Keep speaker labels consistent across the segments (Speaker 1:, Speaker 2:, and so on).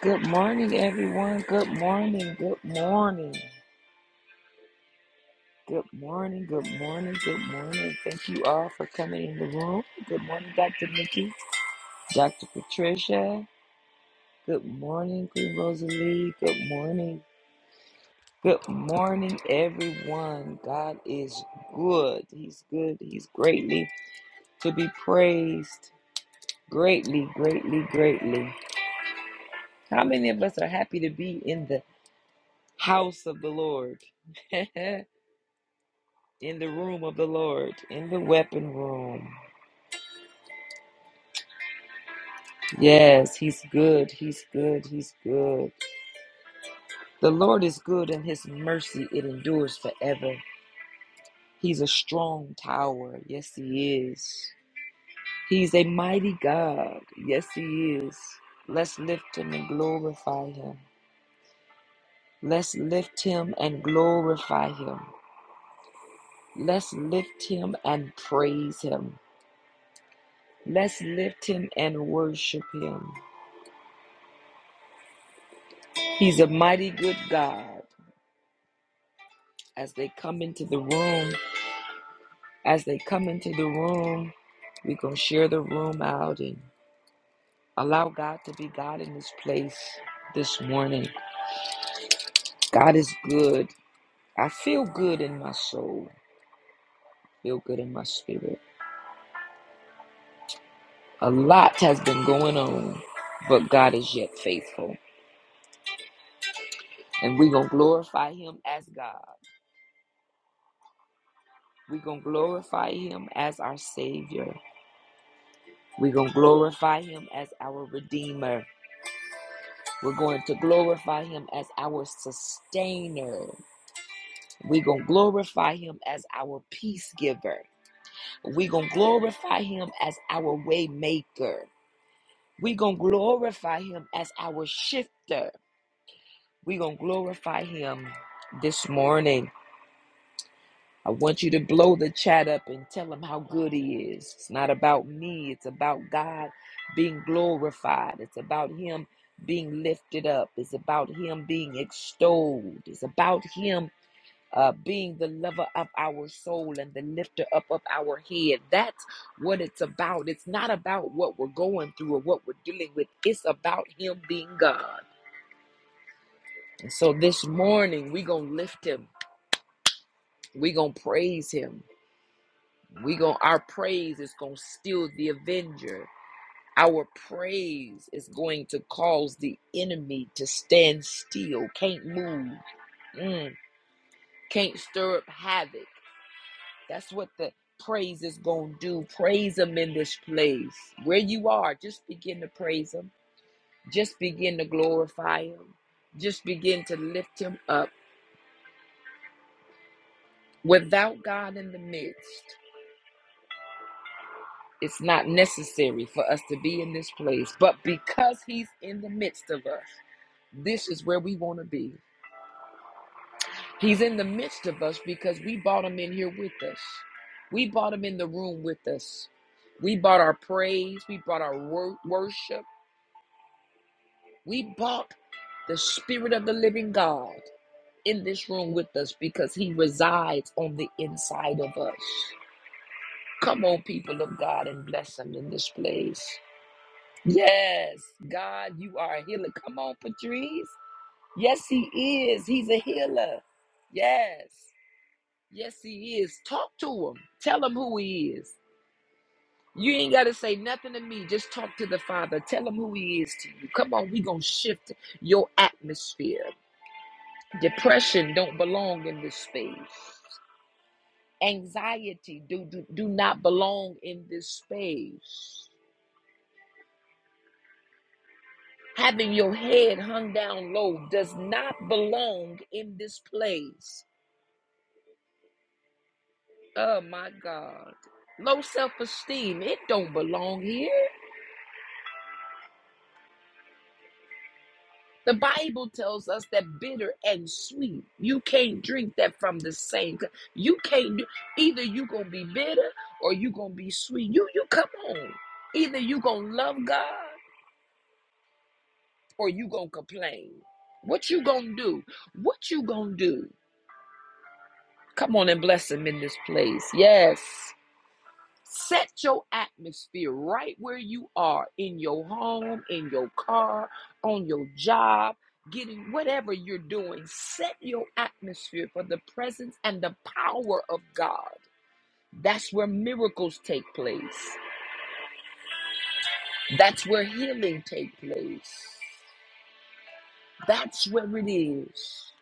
Speaker 1: Good morning, everyone. Good morning. Good morning. Good morning. Good morning. Good morning. Thank you all for coming in the room. Good morning, Dr. Nikki, Dr. Patricia. Good morning, Queen Rosalie. Good morning. Good morning, everyone. God is good. He's good. He's greatly to be praised. Greatly, greatly, greatly. How many of us are happy to be in the house of the Lord? in the room of the Lord, in the weapon room. Yes, he's good, he's good, he's good. The Lord is good and his mercy it endures forever. He's a strong tower. Yes, he is. He's a mighty God. Yes, he is. Let's lift him and glorify him. Let's lift him and glorify him. Let's lift him and praise him. Let's lift him and worship him. He's a mighty good God. As they come into the room, as they come into the room, we're going to share the room out and allow God to be God in this place this morning. God is good. I feel good in my soul, feel good in my spirit. A lot has been going on, but God is yet faithful. And we're going to glorify Him as God. We're going to glorify Him as our Savior. We're going to glorify Him as our Redeemer. We're going to glorify him as our sustainer. We're going to glorify him as our peace giver. We're going to glorify him as our way maker. We're going to glorify him as our shifter. We're going to glorify him this morning. I want you to blow the chat up and tell him how good he is. It's not about me, it's about God being glorified, it's about him being lifted up, it's about him being extolled, it's about him uh, being the lover of our soul and the lifter up of our head. That's what it's about. It's not about what we're going through or what we're dealing with, it's about Him being God. And so this morning, we're going to lift Him, we're going to praise Him. We going to our praise is going to steal the avenger. Our praise is going to cause the enemy to stand still, can't move, mm, can't stir up havoc. That's what the praise is going to do. Praise Him in this place. Where you are, just begin to praise Him. Just begin to glorify Him. Just begin to lift Him up. Without God in the midst, it's not necessary for us to be in this place. But because He's in the midst of us, this is where we want to be. He's in the midst of us because we brought him in here with us. We brought him in the room with us. We brought our praise. We brought our wor- worship. We bought the Spirit of the living God in this room with us because He resides on the inside of us. Come on, people of God, and bless Him in this place. Yes, God, you are a healer. Come on, Patrice. Yes, He is. He's a healer. Yes, yes, He is. Talk to Him. Tell Him who He is. You ain't got to say nothing to me. Just talk to the Father. Tell Him who He is to you. Come on, we going to shift your atmosphere. Depression don't belong in this space. Anxiety do, do, do not belong in this space. Having your head hung down low does not belong in this place. Oh my God. Low self esteem, it don't belong here. The Bible tells us that bitter and sweet, you can't drink that from the same. cup. You can't do either you gonna be bitter or you gonna be sweet. You you come on. Either you gonna love God or you gonna complain? What you gonna do? What you gonna do? Come on and bless him in this place. Yes. Set your atmosphere right where you are in your home, in your car, on your job, getting whatever you're doing. Set your atmosphere for the presence and the power of God. That's where miracles take place. That's where healing take place. That's where it is.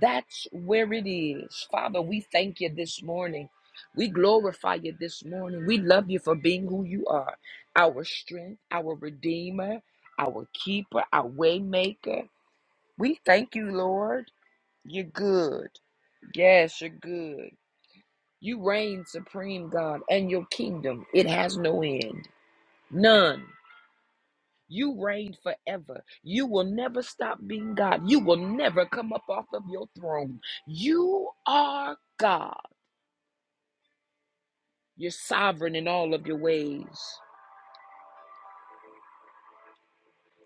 Speaker 1: That's where it is. Father, we thank you this morning. We glorify you this morning. We love you for being who you are our strength, our redeemer, our keeper, our waymaker. We thank you, Lord. You're good. Yes, you're good. You reign supreme, God, and your kingdom, it has no end. None. You reign forever. You will never stop being God. You will never come up off of your throne. You are God. You're sovereign in all of your ways.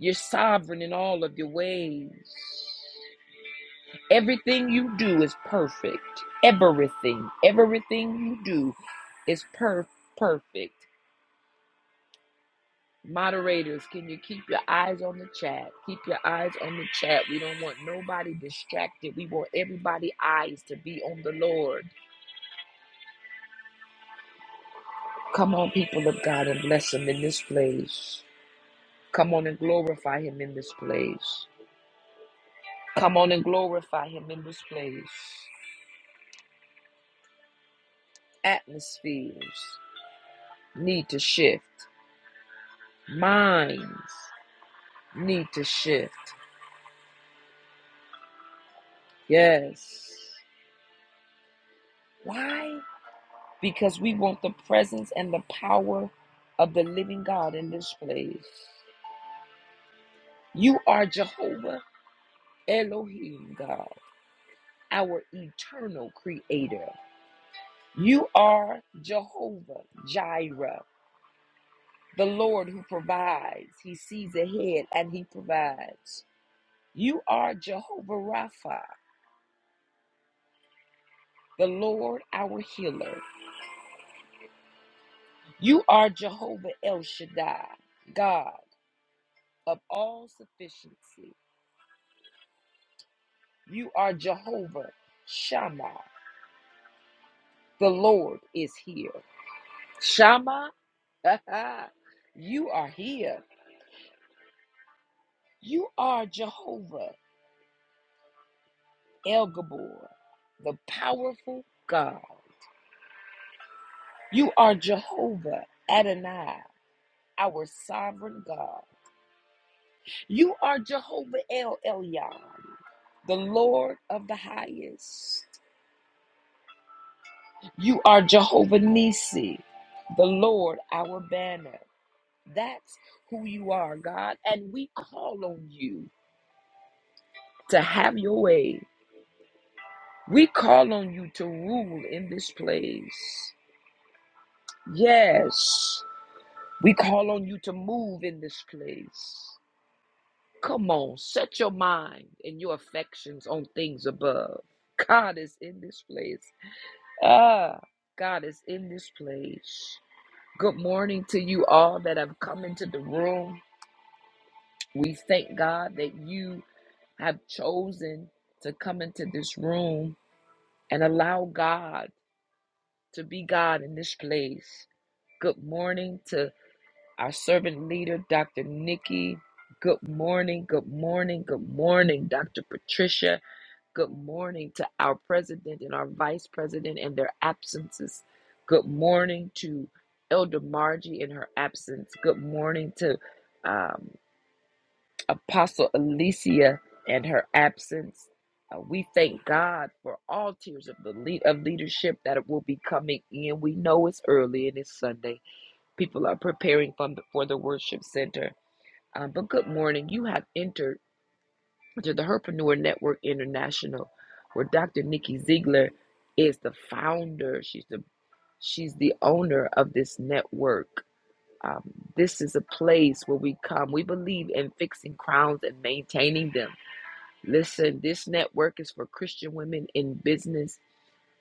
Speaker 1: You're sovereign in all of your ways. Everything you do is perfect. Everything. Everything you do is per- perfect. Moderators, can you keep your eyes on the chat? Keep your eyes on the chat. We don't want nobody distracted. We want everybody's eyes to be on the Lord. Come on, people of God, and bless Him in this place. Come on and glorify Him in this place. Come on and glorify Him in this place. Atmospheres need to shift, minds need to shift. Yes. Why? because we want the presence and the power of the living God in this place. You are Jehovah Elohim, God, our eternal creator. You are Jehovah Jireh, the Lord who provides. He sees ahead and he provides. You are Jehovah Rapha, the Lord our healer. You are Jehovah El Shaddai, God of all sufficiency. You are Jehovah Shammah. The Lord is here. Shammah, you are here. You are Jehovah El Gabor, the powerful God. You are Jehovah Adonai, our sovereign God. You are Jehovah El Elyon, the Lord of the highest. You are Jehovah Nisi, the Lord our banner. That's who you are, God. And we call on you to have your way. We call on you to rule in this place. Yes, we call on you to move in this place. Come on, set your mind and your affections on things above. God is in this place. Ah, God is in this place. Good morning to you all that have come into the room. We thank God that you have chosen to come into this room and allow God to be God in this place. Good morning to our servant leader, Dr. Nikki. Good morning, good morning, good morning, Dr. Patricia. Good morning to our president and our vice president and their absences. Good morning to Elder Margie in her absence. Good morning to um, Apostle Alicia and her absence. Uh, we thank God for all tiers of the lead of leadership that will be coming in. We know it's early and it's Sunday. People are preparing from the, for the worship center. Um, but good morning. You have entered to the Herpreneur Network International, where Dr. Nikki Ziegler is the founder. She's the she's the owner of this network. Um, this is a place where we come. We believe in fixing crowns and maintaining them. Listen, this network is for Christian women in business.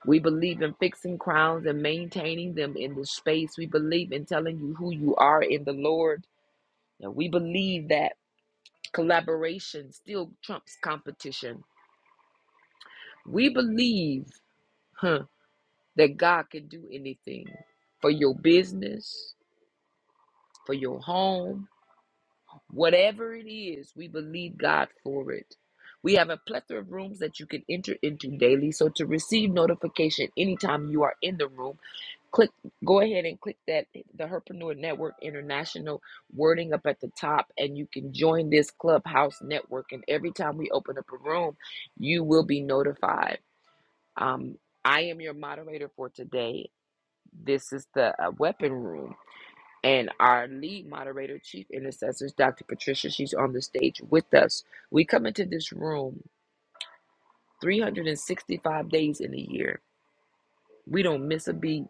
Speaker 1: We believe in fixing crowns and maintaining them in the space. We believe in telling you who you are in the Lord. And we believe that collaboration still trumps competition. We believe huh, that God can do anything for your business, for your home, Whatever it is, we believe God for it. We have a plethora of rooms that you can enter into daily. So to receive notification anytime you are in the room, click go ahead and click that the Herpreneur Network International wording up at the top and you can join this clubhouse network. And every time we open up a room, you will be notified. Um, I am your moderator for today. This is the uh, weapon room and our lead moderator, Chief Intercessors, Dr. Patricia, she's on the stage with us. We come into this room 365 days in a year. We don't miss a beat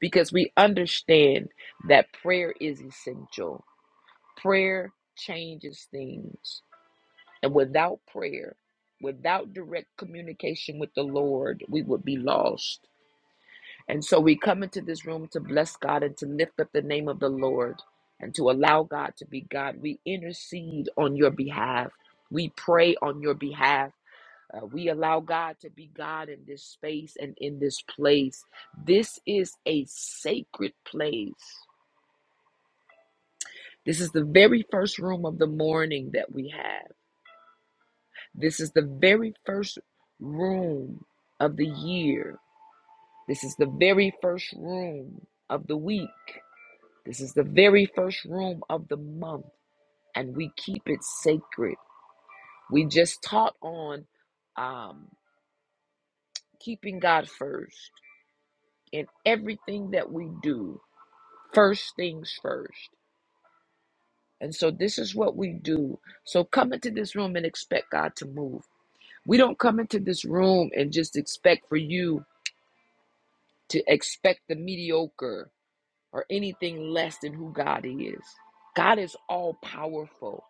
Speaker 1: because we understand that prayer is essential. Prayer changes things. And without prayer, without direct communication with the Lord, we would be lost. And so we come into this room to bless God and to lift up the name of the Lord and to allow God to be God. We intercede on your behalf, we pray on your behalf. Uh, we allow God to be God in this space and in this place. This is a sacred place. This is the very first room of the morning that we have. This is the very first room of the year. This is the very first room of the week. This is the very first room of the month, and we keep it sacred. We just taught on um, keeping God first in everything that we do, first things first. And so, this is what we do. So, come into this room and expect God to move. We don't come into this room and just expect for you to expect the mediocre or anything less than who God is. God is all powerful.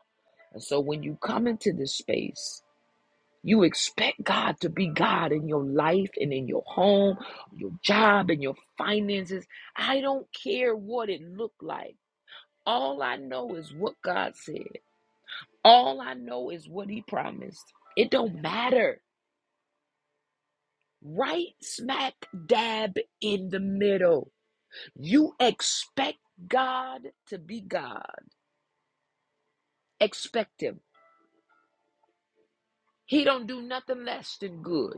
Speaker 1: And so, when you come into this space, You expect God to be God in your life and in your home, your job, and your finances. I don't care what it looked like. All I know is what God said. All I know is what He promised. It don't matter. Right smack dab in the middle. You expect God to be God. Expect Him. He don't do nothing less than good.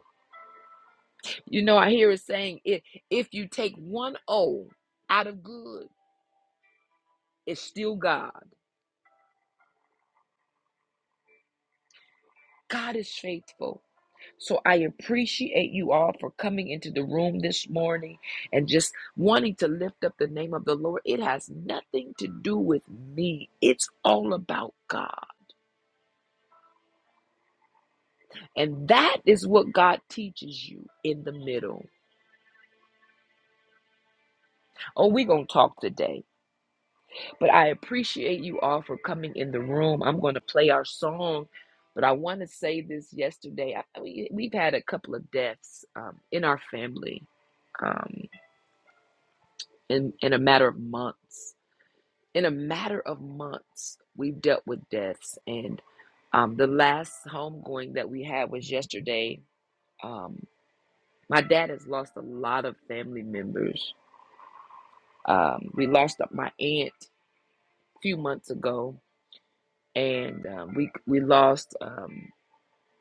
Speaker 1: You know, I hear it saying, if if you take one O out of good Is still God. God is faithful. So I appreciate you all for coming into the room this morning and just wanting to lift up the name of the Lord. It has nothing to do with me, it's all about God. And that is what God teaches you in the middle. Oh, we're going to talk today. But I appreciate you all for coming in the room. I'm going to play our song. But I want to say this yesterday. I, we, we've had a couple of deaths um, in our family. Um, in in a matter of months. In a matter of months, we've dealt with deaths, and um, the last homegoing that we had was yesterday. Um, my dad has lost a lot of family members. Um, we lost my aunt a few months ago, and um, we we lost um,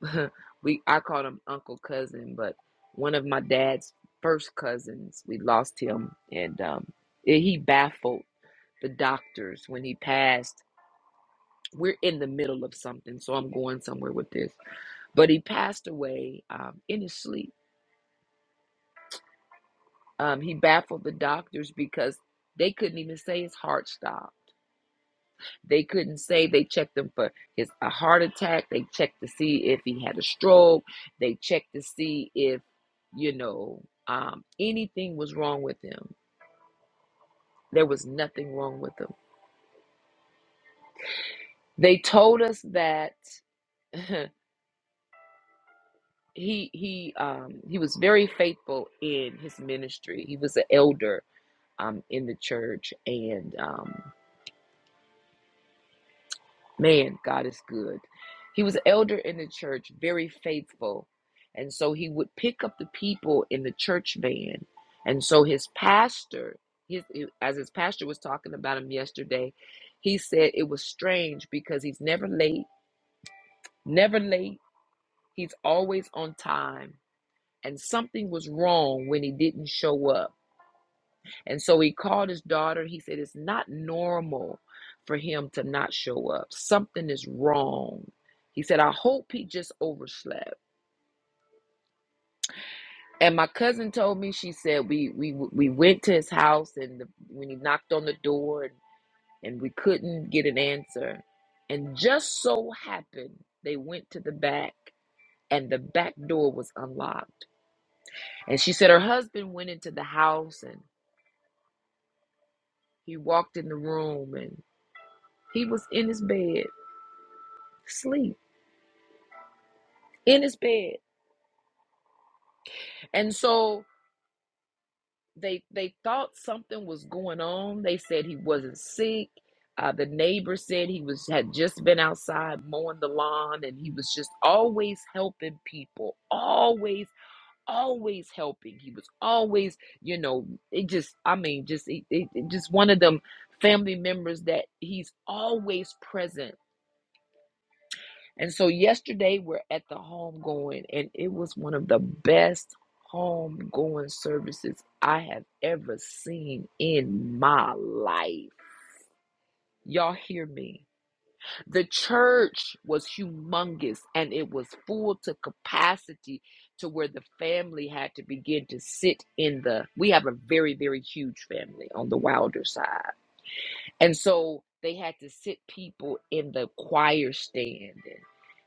Speaker 1: we I called him uncle cousin, but one of my dad's first cousins. We lost him, and um, he baffled the doctors when he passed we're in the middle of something, so I'm going somewhere with this. But he passed away um, in his sleep. Um, he baffled the doctors because they couldn't even say his heart stopped. They couldn't say they checked him for his a heart attack. They checked to see if he had a stroke. They checked to see if you know um, anything was wrong with him. There was nothing wrong with him. They told us that he he um he was very faithful in his ministry. He was an elder um in the church and um man, God is good. He was elder in the church, very faithful. And so he would pick up the people in the church van. And so his pastor, his as his pastor was talking about him yesterday, he said it was strange because he's never late, never late. He's always on time. And something was wrong when he didn't show up And so he called his daughter. He said, It's not normal for him to not show up. Something is wrong. He said, I hope he just overslept. And my cousin told me, she said, we we we went to his house and the, when he knocked on the door and, and we couldn't get an answer. And just so happened they went to the back and the back door was unlocked. And she said her husband went into the house and he walked in the room and he was in his bed, asleep. in his bed. And so they they thought something was going on. They said he wasn't sick. Uh, the neighbor said he was had just been outside mowing the lawn, and he was just always helping people, always, always helping. He was always, you know, it just, I mean, just, it, it, it just one of them family members that he's always present And so yesterday we're at the home going, and it was one of the best home going services I have ever seen in my life. Y'all hear me? The church was humongous and it was full to capacity to where the family had to begin to sit in the. We have a very, very huge family on the Wilder side. And so they had to sit people in the choir stand and,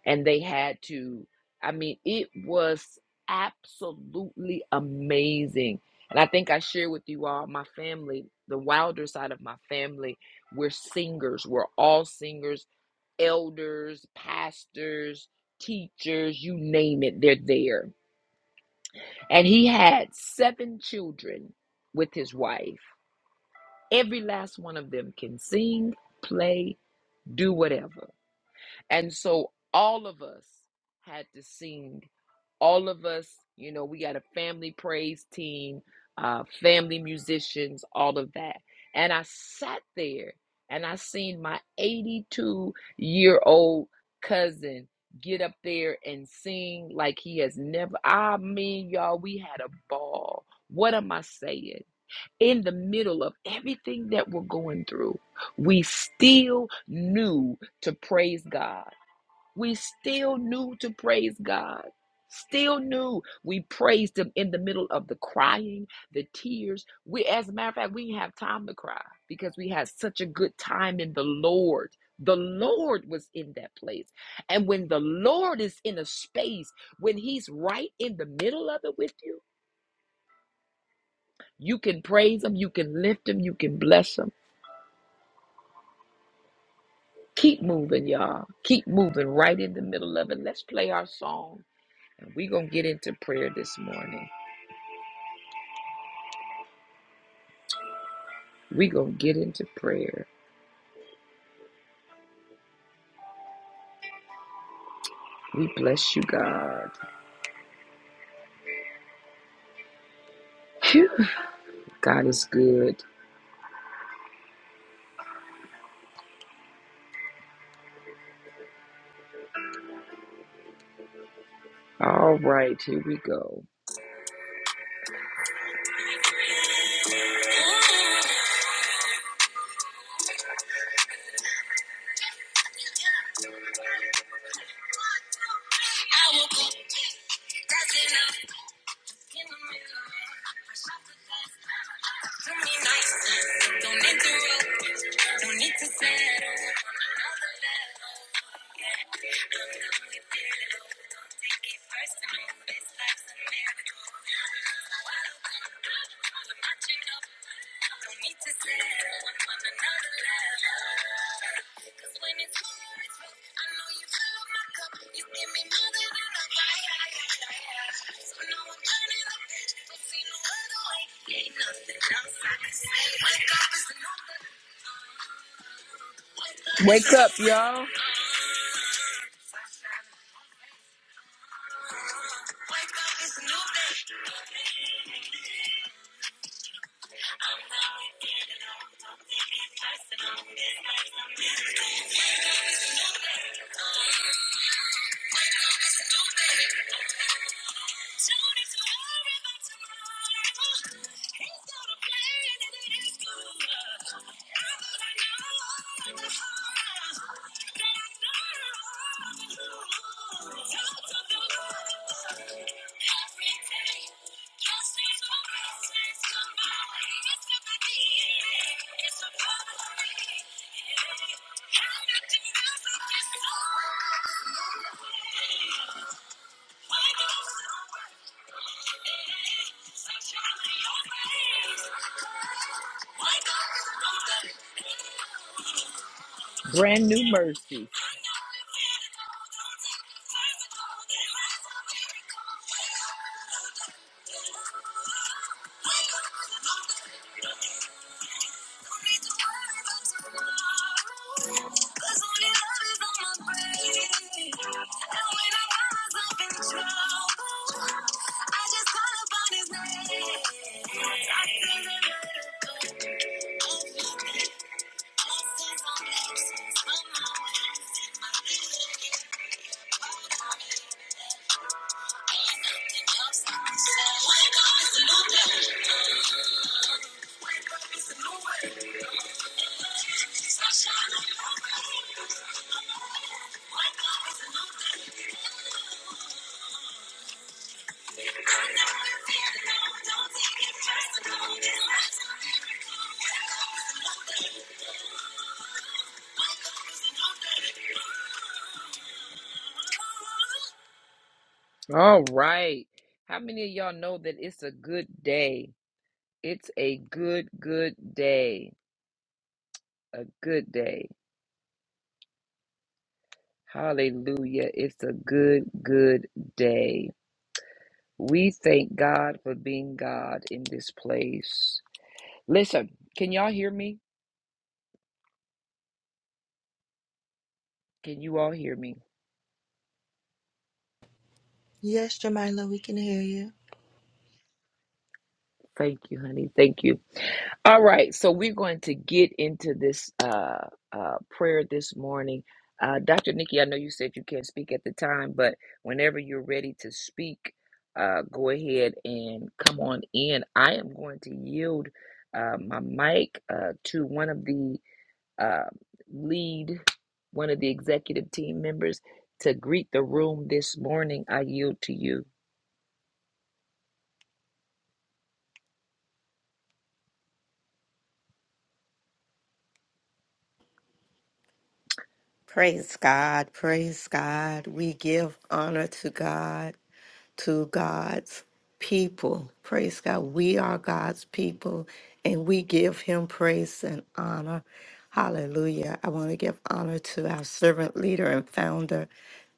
Speaker 1: and they had to, I mean, it was absolutely amazing. And I think I shared with you all my family, the wilder side of my family, we're singers. We're all singers, elders, pastors, teachers, you name it, they're there. And he had seven children with his wife. Every last one of them can sing, play, do whatever. And so all of us had to sing. All of us, you know, we got a family praise team, uh, family musicians, all of that. And I sat there and I seen my 82 year old cousin get up there and sing like he has never. I mean, y'all, we had a ball. What am I saying? in the middle of everything that we're going through, we still knew to praise God. We still knew to praise God. Still knew we praised Him in the middle of the crying, the tears. We, as a matter of fact, we didn't have time to cry because we had such a good time in the Lord. The Lord was in that place. And when the Lord is in a space, when He's right in the middle of it with you, you can praise Him, you can lift Him, you can bless Him Keep moving, y'all. Keep moving right in the middle of it. Let's play our song. And we're going to get into prayer this morning. We're going to get into prayer. We bless you, God. Phew, God is good. All right, here we go. Don't interrupt. Don't need to settle. On another level. Yeah. I'm not with it. Don't take it personal. This life's a miracle. So I don't come up. I'm matching up. Wake up, y'all. Brand new mercy. All right. How many of y'all know that it's a good day? It's a good, good day. A good day. Hallelujah. It's a good, good day. We thank God for being God in this place. Listen, can y'all hear me? Can you all hear me?
Speaker 2: Yes, Jamila, we can hear you.
Speaker 1: Thank you, honey. Thank you. All right. So we're going to get into this uh, uh, prayer this morning. Uh, Dr. Nikki, I know you said you can't speak at the time, but whenever you're ready to speak, uh, go ahead and come on in. I am going to yield uh, my mic uh, to one of the um, lead one of the executive team members to greet the room this morning. I yield to you.
Speaker 3: Praise God. Praise God. We give honor to God, to God's people. Praise God. We are God's people and we give him praise and honor. Hallelujah. I want to give honor to our servant leader and founder,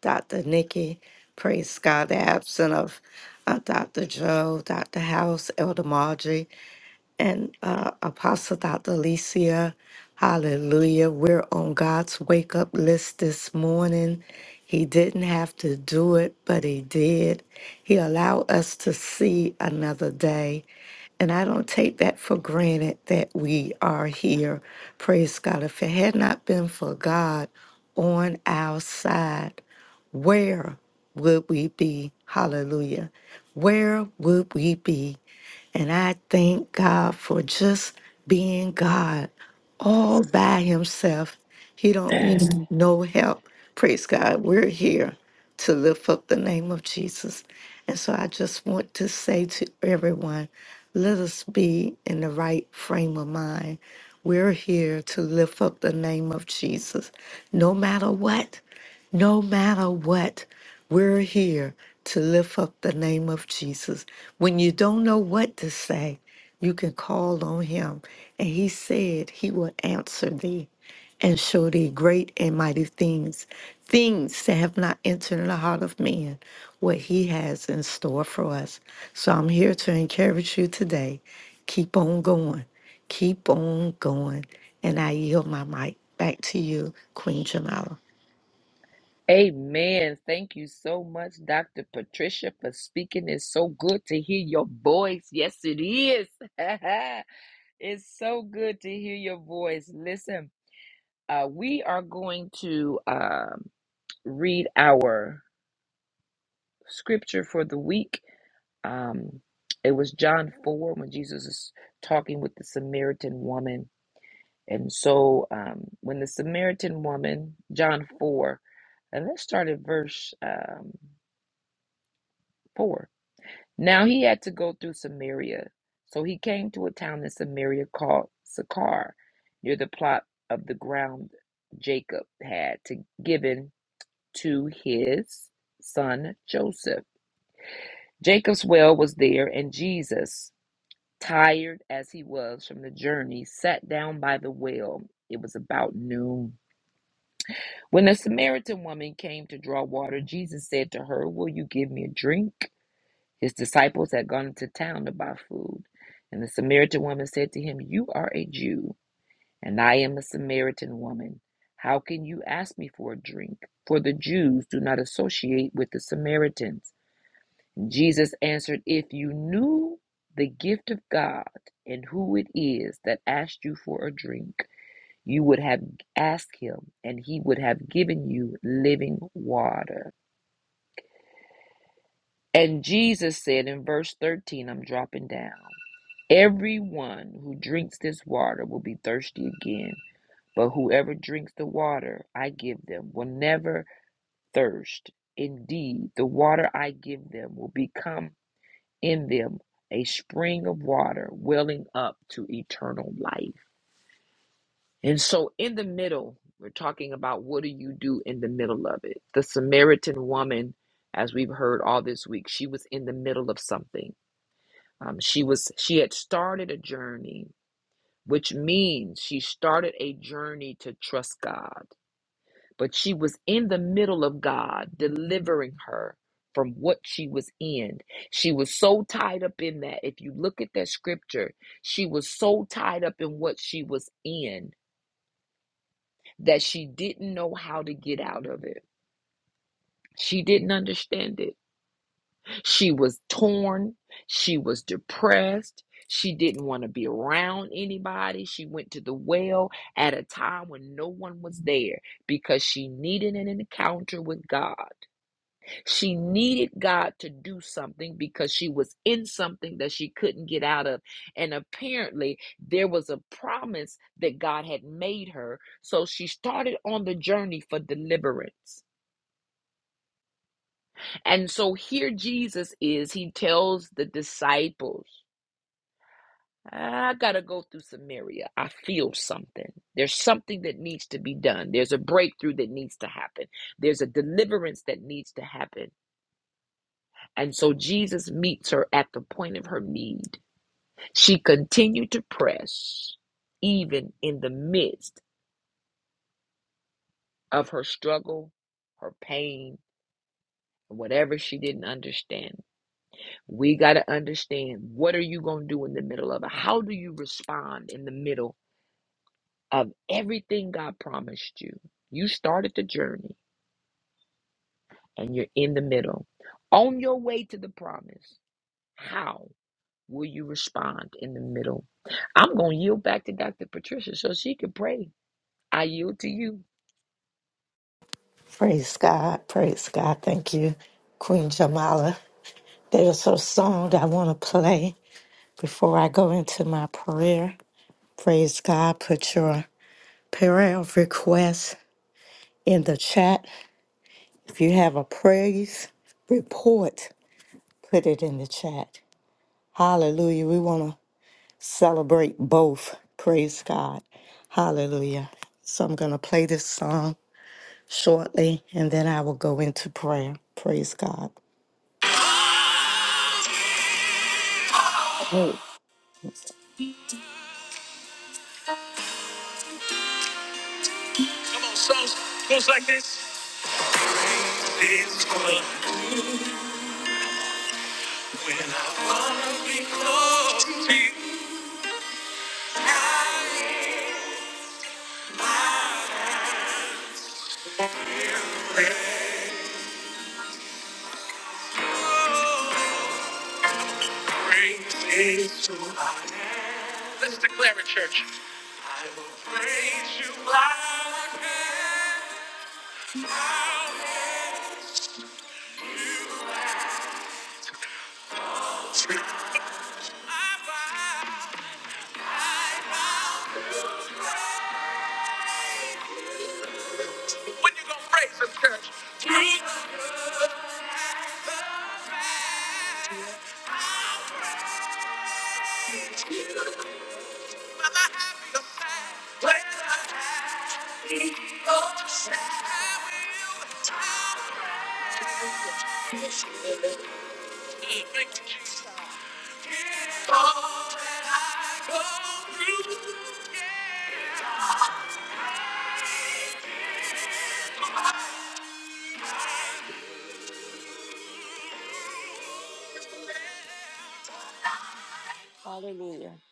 Speaker 3: Dr. Nikki. Praise God. The absent of uh, Dr. Joe, Dr. House, Elder Marjorie and uh, Apostle Dr. Alicia. Hallelujah. We're on God's wake up list this morning. He didn't have to do it, but He did. He allowed us to see another day. And I don't take that for granted that we are here. Praise God. If it had not been for God on our side, where would we be? Hallelujah. Where would we be? And I thank God for just being God all by himself. He don't need Mhm. no help. Praise God. We're here to lift up the name of Jesus. And so I just want to say to everyone, let us be in the right frame of mind. We're here to lift up the name of Jesus. No matter what, no matter what, we're here to lift up the name of Jesus. When you don't know what to say, you can call on him, and he said he will answer thee and show thee great and mighty things, things that have not entered in the heart of man, what he has in store for us. So I'm here to encourage you today. Keep on going. Keep on going. And I yield my mic back to you, Queen Jamala.
Speaker 1: Amen. Thank you so much, Dr. Patricia, for speaking. It's so good to hear your voice. Yes, it is. it's so good to hear your voice. Listen, uh, we are going to um, read our scripture for the week. Um, it was John 4 when Jesus is talking with the Samaritan woman And so um, when the Samaritan woman, John 4, and let's start at verse um, 4. Now he had to go through Samaria. So he came to a town in Samaria called Sychar, near the plot of the ground Jacob had to, given to his son Joseph. Jacob's well was there, and Jesus, tired as he was from the journey, sat down by the well. It was about noon. When the Samaritan woman came to draw water, Jesus said to her, Will you give me a drink? His disciples had gone into town to buy food. And the Samaritan woman said to him, You are a Jew, and I am a Samaritan woman. How can you ask me for a drink? For the Jews do not associate with the Samaritans. Jesus answered, If you knew the gift of God and who it is that asked you for a drink, you would have asked him, and he would have given you living water. And Jesus said in verse 13, I'm dropping down, everyone who drinks this water will be thirsty again, but whoever drinks the water I give them will never thirst. Indeed, the water I give them will become in them a spring of water welling up to eternal life. And so, in the middle, we're talking about what do you do in the middle of it? The Samaritan woman, as we've heard all this week, she was in the middle of something. Um, she was she had started a journey, which means she started a journey to trust God. But she was in the middle of God delivering her from what she was in. She was so tied up in that. If you look at that scripture, she was so tied up in what she was in that she didn't know how to get out of it. She didn't understand it. She was torn. She was depressed. She didn't want to be around anybody. She went to the well at a time when no one was there because she needed an encounter with God. She needed God to do something because she was in something that she couldn't get out of. And apparently, there was a promise that God had made her. So she started on the journey for deliverance. And so here Jesus is, he tells the disciples, I got to go through Samaria. I feel something. There's something that needs to be done. There's a breakthrough that needs to happen. There's a deliverance that needs to happen And so Jesus meets her at the point of her need. She continued to press, even in the midst of her struggle, her pain, whatever she didn't understand. We got to understand what are you going to do in the middle of it? How do you respond in the middle of everything God promised you? You started the journey and you're in the middle. On your way to the promise, how? Will you respond in the middle? I'm going to yield back to Dr. Patricia so she can pray. I yield to you.
Speaker 3: Praise God. Praise God. Thank you, Queen Jamala. There's a song I want to play. Before I go into my prayer, praise God, put your prayer request in the chat. If you have a praise report, put it in the chat. Hallelujah. We want to celebrate both. Praise God. Hallelujah. So I'm going to play this song shortly and then I will go into prayer. Praise God. Come on, songs goes like this. It's good when I wanna be close to you. Praise is who I am. Let's declare it, church. I will praise you like When you gonna praise him, church? Through the- Whether happy or sad, whether happy or sad, I will. Thank you, Jesus. It's all that I go through, yeah.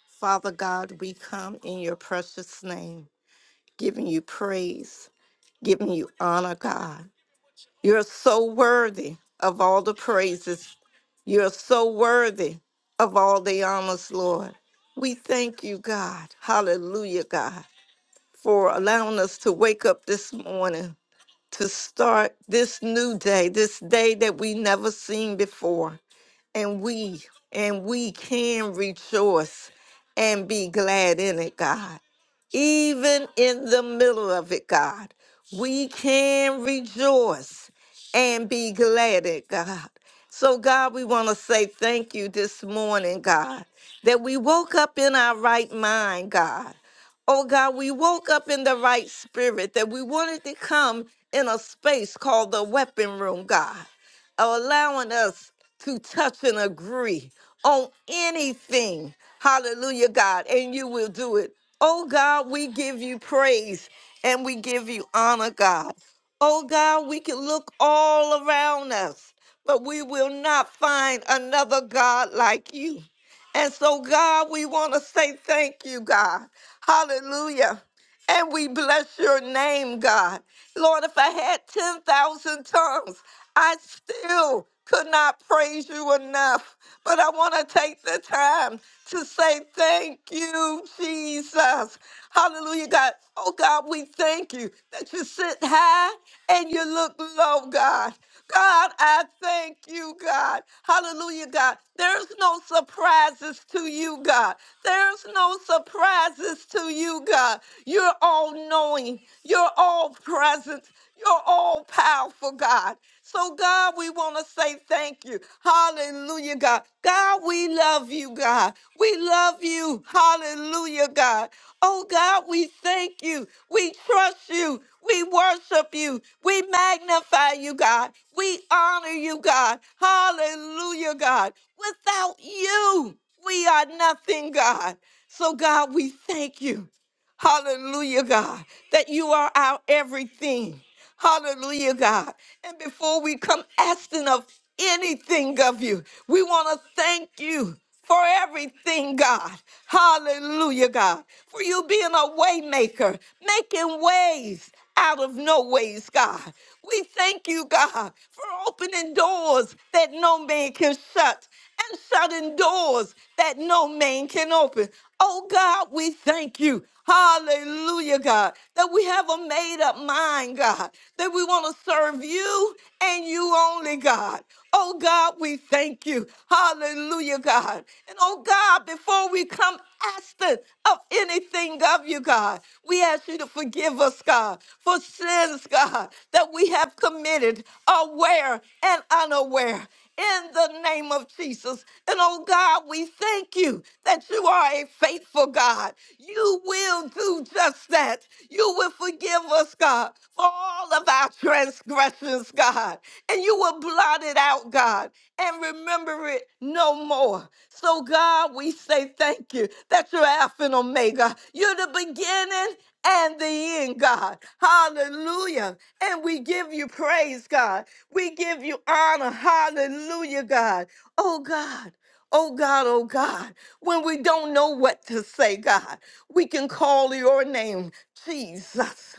Speaker 3: Father God, we come in your precious name, giving you praise. giving you honor, God. You're so worthy of all the praises. You're so worthy of all the honors, Lord. We thank you, God. Hallelujah, God, for allowing us to wake up this morning to start this new day, this day that we never seen before. And we, and we can rejoice and be glad in it, God even in the middle of it, God. We can rejoice and be glad at God. So, God, we want to say thank you this morning, God, that we woke up in our right mind, God. Oh, God, we woke up in the right spirit, that we wanted to come in a space called the weapon room, God of allowing us to touch and agree on anything. Hallelujah, God. And you will do it. Oh, God, we give you praise and we give you honor, God. Oh, God, we can look all around us, but we will not find another God like you. And so, God, we want to say thank you, God. Hallelujah. And we bless your name, God. Lord, if I had 10,000 tongues, I still could not praise you enough. But I want to take the time to say thank you, Jesus. Hallelujah, God. Oh, God, we thank you that you sit high and you look low, God. God, I thank you, God. Hallelujah, God. There's no surprises to you, God. There's no surprises to you, God. You're all knowing, you're all present. You're all powerful, God. So, God, we want to say thank you. Hallelujah, God. God, we love you, God. We love you. Hallelujah, God. Oh, God, we thank you. We trust you. We worship you. We magnify you, God. We honor you, God. Hallelujah, God. Without you, we are nothing, God. So, God, we thank you. Hallelujah, God, that you are our everything. Hallelujah, God. And before we come asking of anything of you, we want to thank you for everything, God. Hallelujah, God. For you being a waymaker, making ways out of no ways, God. We thank you, God, for opening doors that no man can shut and shutting doors that no man can open. Oh God, we thank you. Hallelujah, God, that we have a made up mind, God, that we want to serve you and you only, God. Oh God, we thank you. Hallelujah, God. And oh God, before we come asking of anything of you, God, we ask you to forgive us, God, for sins, God, that that we have committed, aware and unaware. In the name of Jesus. And oh God, we thank you that you are a faithful God. You will do just that. You will forgive us, God, for all of our transgressions, God. And you will blot it out, God and remember it no more. So, God, we say thank you that you're Alpha and Omega. You're the beginning and the end, God. Hallelujah. And we give you praise, God. We give you honor. Hallelujah, God. Oh, God. Oh God, oh God, when we don't know what to say, God, we can call your name, Jesus.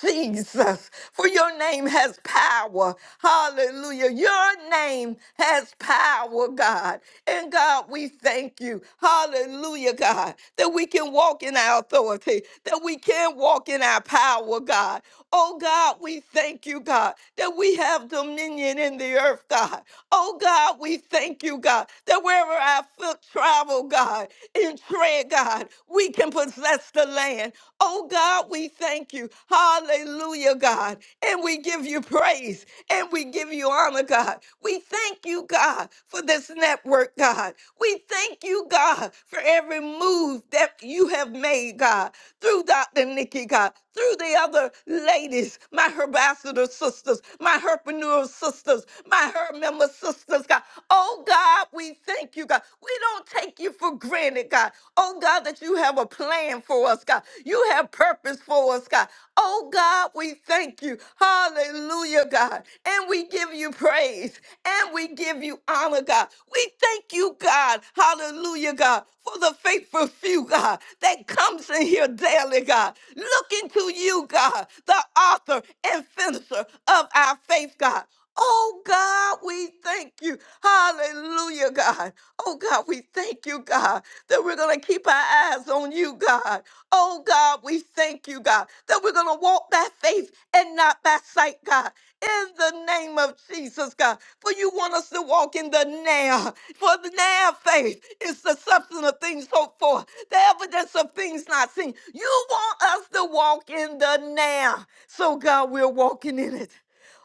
Speaker 3: Jesus, for your name has power. Hallelujah. Your name has power, God. And God, we thank you. Hallelujah, God, that we can walk in our authority, that we can walk in our power, God. Oh, God, we thank you, God, that we have dominion in the earth, God. Oh, God, we thank you, God, that wherever our foot travel, God, in tread, God, we can possess. Bless the land. Oh God, we thank you. Hallelujah, God. And we give you praise and we give you honor, God. We thank you, God, for this network, God. We thank you, God, for every move that you have made, God, through Dr. Nikki, God, through the other ladies, my herbassador sisters, my herpreneur sisters, my herb member sisters, God. Oh, God, we thank you, God. We don't take you for granted, God. Oh, God, that you have a plan for us, God. You have purpose for us, God. Oh, God, we thank you. Hallelujah, God. And we give you praise and we give you honor, God. We thank you, God. Hallelujah, God, for the faithful few, God, that comes in here daily, God. Looking to you, God, the author and finisher of our faith, God. Oh God, we thank you. Hallelujah, God. Oh God, we thank you, God, that we're going to keep our eyes on you, God. Oh God, we thank you, God, that we're going to walk by faith and not by sight, God. In the name of Jesus, God. For you want us to walk in the now. For the now faith is the substance of things hoped for, the evidence of things not seen. You want us to walk in the now. So, God, we're walking in it.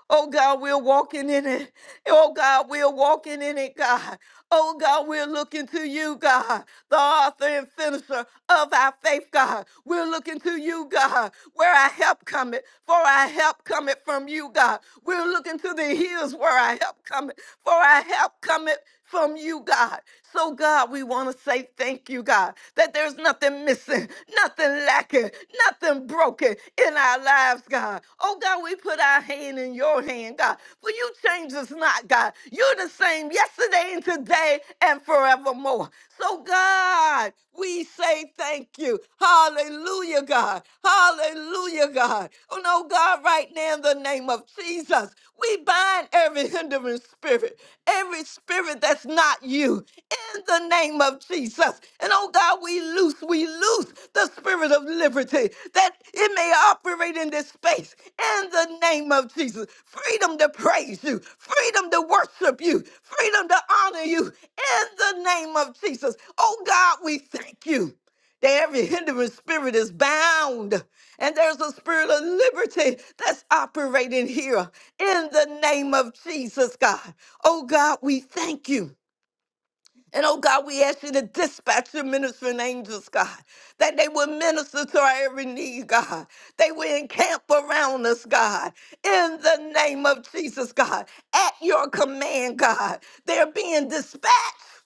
Speaker 3: Oh God, we're walking in it. Oh God, we're walking in it, God. Oh God, we're looking to you, God, the author and finisher of our faith, God. We're looking to you, God, where our help cometh, for our help cometh from you, God. We're looking to the hills where our help cometh, for our help cometh from you, God. So, God, we want to say thank you, God, that there's nothing missing, nothing lacking, nothing broken walking in our lives, God. Oh, God, we put our hand in your hand, God. For you change us not, God. You're the same yesterday and today and forevermore. So, God, we say thank you. Hallelujah, God. Hallelujah, God. Oh, no, God, right now in the name of Jesus, we bind every hindering spirit, every spirit that's not you in the name of Jesus. And oh God, we loose, we loose the spirit of liberty that it may operate in this space in the name of Jesus. Freedom to praise you, freedom to worship you, freedom to honor you in the name of Jesus. Oh God, we thank you that every hindering spirit is bound. And there's a spirit of liberty that's operating here in the name of Jesus, God. Oh, God, we thank you. And oh God, we ask you to dispatch your ministering angels, God, that they will minister to our every need, God. They will encamp around us, God, in the name of Jesus, God, at your command, God. They're being dispatched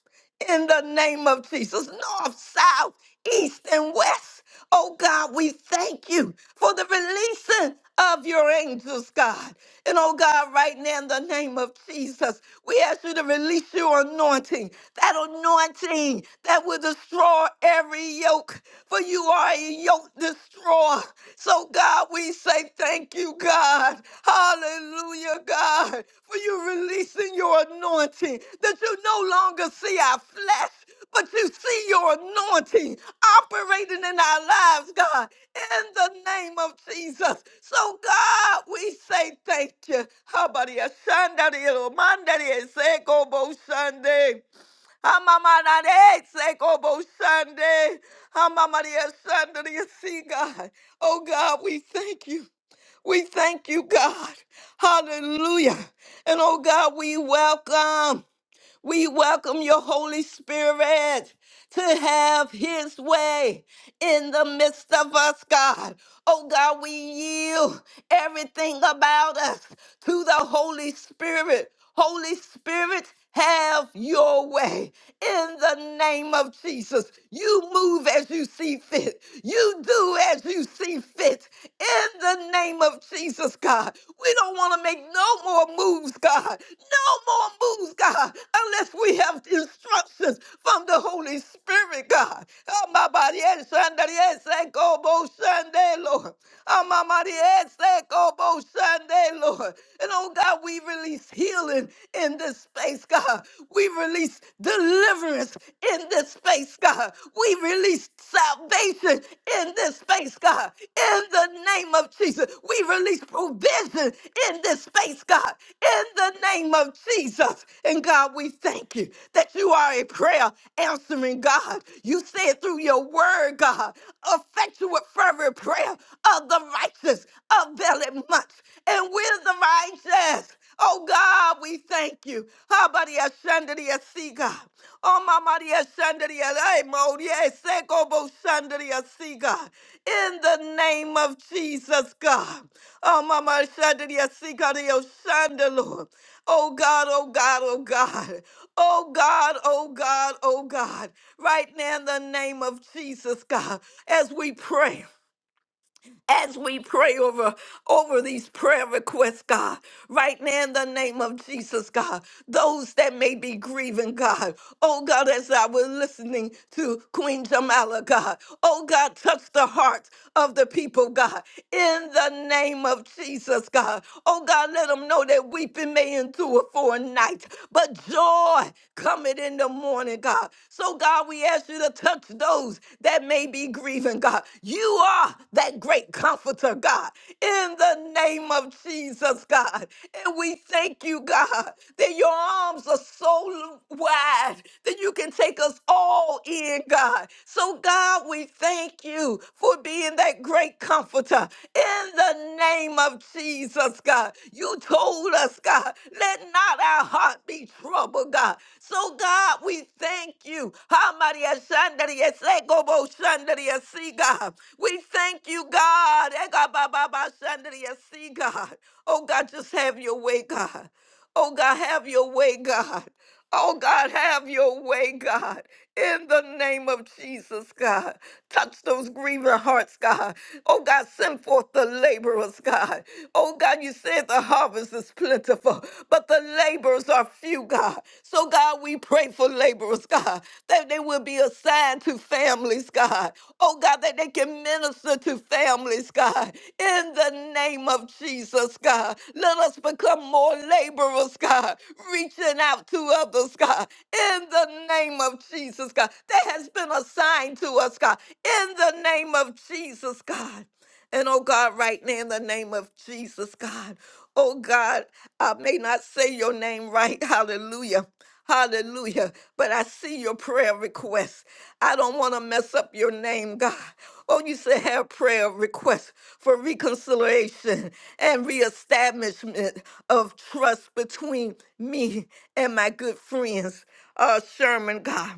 Speaker 3: in the name of Jesus. North, south, east, and west. Oh God, we thank you for the releasing of your angels, God. And oh God, right now in the name of Jesus, we ask you to release your anointing, that anointing that will destroy every yoke, for you are a yoke destroyer. So God, we say thank you, God. Hallelujah, God, for you releasing your anointing that you no longer see our flesh, but you see your anointing operating in our lives, God, in the name of Jesus. So, God, we say thank you. Habari Sunday. Amamarare, Sekobo Sunday. Amamaria Sunday, see God. Oh God, we thank you. We thank you, God. Hallelujah. And oh God, we welcome. We welcome your Holy Spirit to have his way in the midst of us, God. Oh God, we yield everything about us to the Holy Spirit. Holy Spirit, have your way in the name of Jesus. You move as you see fit. You do as you see fit in the name of of Jesus, God. We don't want to make no more moves, God. No more moves, God, unless we have instructions from the Holy Spirit, God. Oh, my body, yes, Sunday, yes, thank God, both Sunday, Lord. Oh, my body, yes, thank God, both Sunday, Lord. And oh, God, we release healing in this space, God. We release deliverance in this space, God. God. We release salvation in this space, God. In the name of Jesus, we release provision in this space, God. In the name of Jesus. And God, we thank you that you are a prayer answering God. You said through your word, God, effectual fervent prayer of the righteous availeth much. And we're the righteous. Oh God, we thank you. Habari ashandari asi God. Oh mama ashandari alai mori eseko bo shandari God. In the name of Jesus God. Oh mama ashandari asi God yo shanda Lord. Oh God, oh God, oh God. Oh God, oh God, oh God. Right now in the name of Jesus God, as we pray as we pray over over these prayer requests, God. Right now, in the name of Jesus, God, those that may be grieving, God. Oh God, as I was listening to Queen Jamala, God. Oh God, touch the hearts of the people, God. In the name of Jesus, God. Oh God, let them know that weeping may endure for a night, but joy cometh in the morning, God. So God, we ask you you to touch those that may be grieving, God. You are that great comforter, God, in the name of Jesus, God. And we thank you, God, that your arms are so wide that you can take us all in, God. So, God, we thank you for being that great comforter in the name of Jesus, God. You told us, God, let not our heart not be troubled, God. So, God, we thank you. Hamaria shandaria sekobo shandaria si, God. We thank you, God. Ega ba ba ba shandaria si, God. Oh, God, just have your way, God. Oh, God, have your way, God. Oh God, have your way, God, in the name of Jesus, God. Touch those grieving hearts, God. Oh God, send forth the laborers, God. Oh God, you said the harvest is plentiful, but the laborers are few, God. So God, we pray for laborers, God, that they will be assigned to families, God oh God, that they can minister to families, God, in the name of Jesus, God. Let us become more laborers, God, reaching out to others, God, in the name of Jesus, God, that has been assigned to us, God, in the name of Jesus, God. And oh God, right now in the name of Jesus, God, oh God, I may not say your name right. Hallelujah. Hallelujah. But I see your prayer request. I don't want to mess up your name, God. Oh, you said have prayer requests for reconciliation and reestablishment of trust between me and my good friends, uh, Sherman, God.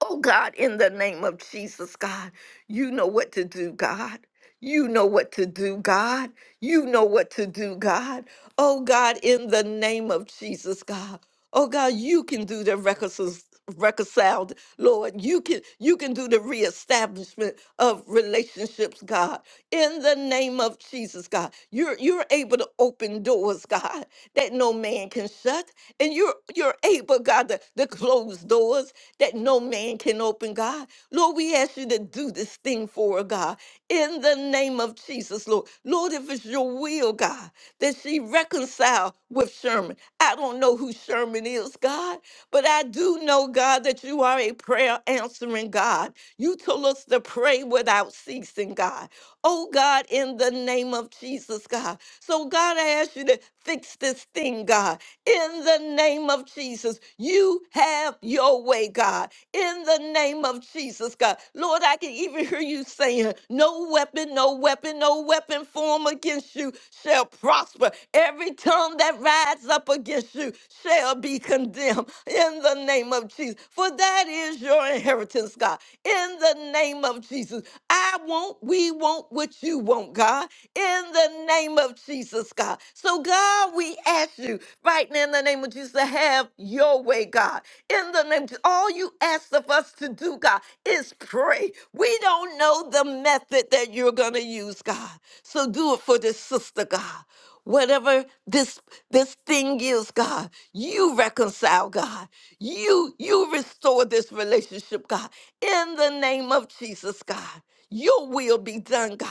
Speaker 3: Oh God, in the name of Jesus, God, you know what to do, God. You know what to do, God. You know what to do, God. Oh God, in the name of Jesus, God. Oh God, you can do the reconcil- reconciled, Lord. You can you can do the reestablishment of relationships, God. In the name of Jesus, God. You're you're able to open doors, God, that no man can shut. And you're you're able, God, to, to close doors that no man can open, God. Lord, we ask you to do this thing for her, God. In the name of Jesus, Lord. Lord, if it's your will, God, that she reconcile with Sherman. I don't know who Sherman is, God, but I do know, God, that you are a prayer answering God. You told us to pray without ceasing, God. Oh God, in the name of Jesus, God. So, God, I ask you to fix this thing, God. In the name of Jesus, you have your way, God. In the name of Jesus, God. Lord, I can even hear you saying, No weapon, no weapon, no weapon form against you shall prosper. Every tongue that rises up against you shall be condemned. In the name of Jesus. For that is your inheritance, God. In the name of Jesus. Jesus. I want, we want what you want, God, in the name of Jesus, God. So, God, we ask you right now in the name of Jesus to have your way, God. In the name of Jesus, all you ask of us to do, God, is pray. We don't know the method that you're going to use, God. So, do it for this sister, God. Whatever this this thing is, God, you reconcile, God. You you restore this relationship, God. In the name of Jesus, God, your will be done, God.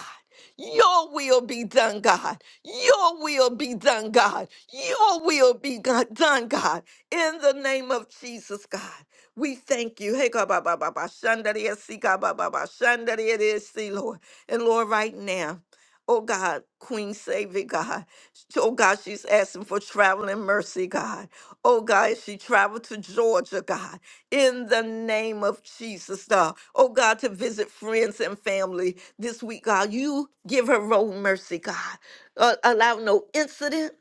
Speaker 3: Your will be done, God. Your will be done, God. Your will be go- done, God. In the name of Jesus, God, we thank you. Hey, God, ba, ba, ba, ba, shanda, de, si, God, ba, ba, ba, shanda, de, de, si, Lord. And Lord, right now, oh God, Queen Savior, God, oh God, she's asking for traveling mercy, God. Oh God, as she traveled to Georgia, God in the name of Jesus, God. Oh, God, to visit friends and family this week, God. You give her road mercy, God. Uh, allow no incident,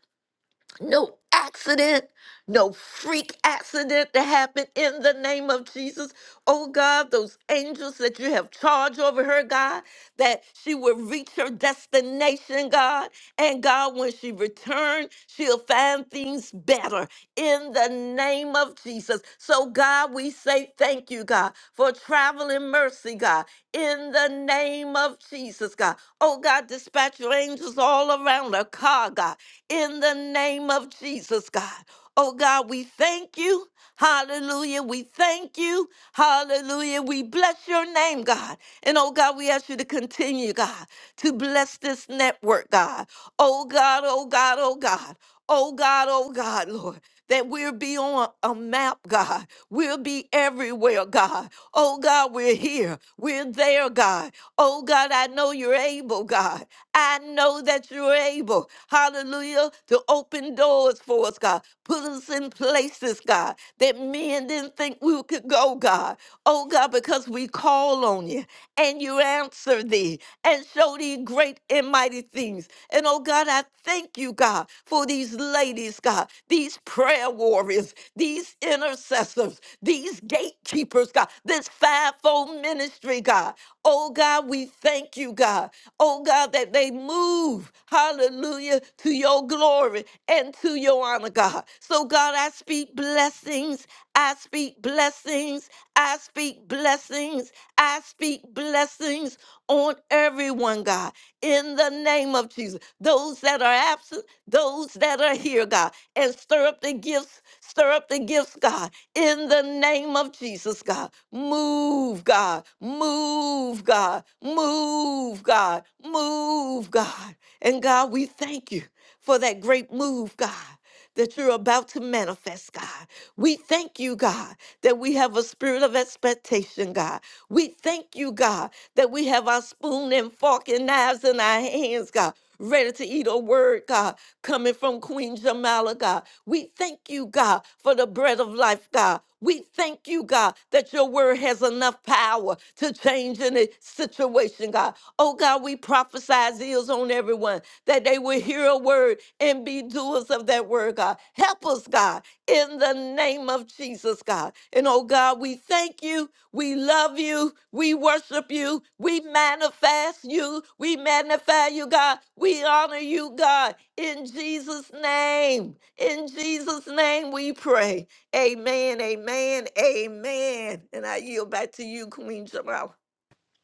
Speaker 3: no accident, no freak accident to happen in the name of Jesus. Oh, God, those angels that you have charge over her, God, that she will reach her destination, God. And God, when she returns, she'll find things better in the name of Jesus. So, God, we say thank you, God, for traveling mercy, God, in the name of Jesus, God. Oh, God, dispatch your angels all around our car, God, in the name of Jesus, God. Oh, God, we thank you. Hallelujah. We thank you. Hallelujah. We bless your name, God. And oh, God, we ask you to continue, God, to bless this network, God. Oh, God, oh, God, oh, God. Oh God, oh God, Lord, that we'll be on a map, God. We'll be everywhere, God. Oh God, we're here. We're there, God. Oh God, I know you're able, God. I know that you're able, hallelujah, to open doors for us, God. Put us in places, God, that men didn't think we could go, God. Oh God, because we call on you and you answer thee and show thee great and mighty mighty things. And oh God, I thank you, God, for these ladies, God, these prayer warriors, these intercessors, these gatekeepers, God, this fivefold ministry, God. Oh God, we thank you, God. Oh God, that they move, hallelujah, to your glory and to your honor, God. So God, I speak blessings. I speak blessings. I speak blessings. I speak blessings on everyone, God, in the name of Jesus. Those that are absent, those that are here, God, and stir up the gifts, stir up the gifts, God, in the name of Jesus, God. Move, God, move, God, move, God, move, God. And God, we thank you for that great move, God that you're about to manifest, God. We thank you, God, that we have a spirit of expectation, God. We thank you, God, that we have our spoon and fork and knives in our hands, God. Ready to eat a word, God, coming from Queen Jamala, God. We. We thank you, God, for the bread of life, God. We thank you, God, that your word has enough power to change any situation, God. Oh, God, we prophesy zeals on everyone that they will hear a word and be doers of that word, God. Help us, God, in the name of Jesus, God. And oh, God, we thank you we love you. We worship you. We manifest you. We magnify you, God. We honor you, God. In Jesus' name. In Jesus' name we pray. Amen. Amen. Amen. And I yield back to you, Queen Jamal.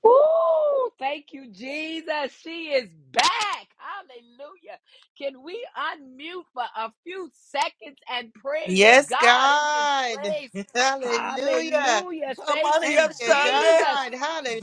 Speaker 1: Ooh, thank you, Jesus. She is back. Hallelujah. Can we unmute for a few seconds and praise
Speaker 2: Yes,
Speaker 1: God in this
Speaker 2: God.
Speaker 1: place?
Speaker 2: Hallelujah.
Speaker 1: Hallelujah. Thank
Speaker 3: Somebody
Speaker 2: Thank
Speaker 1: you,
Speaker 3: up
Speaker 2: you,
Speaker 3: Sunday.
Speaker 1: Jesus.
Speaker 2: God.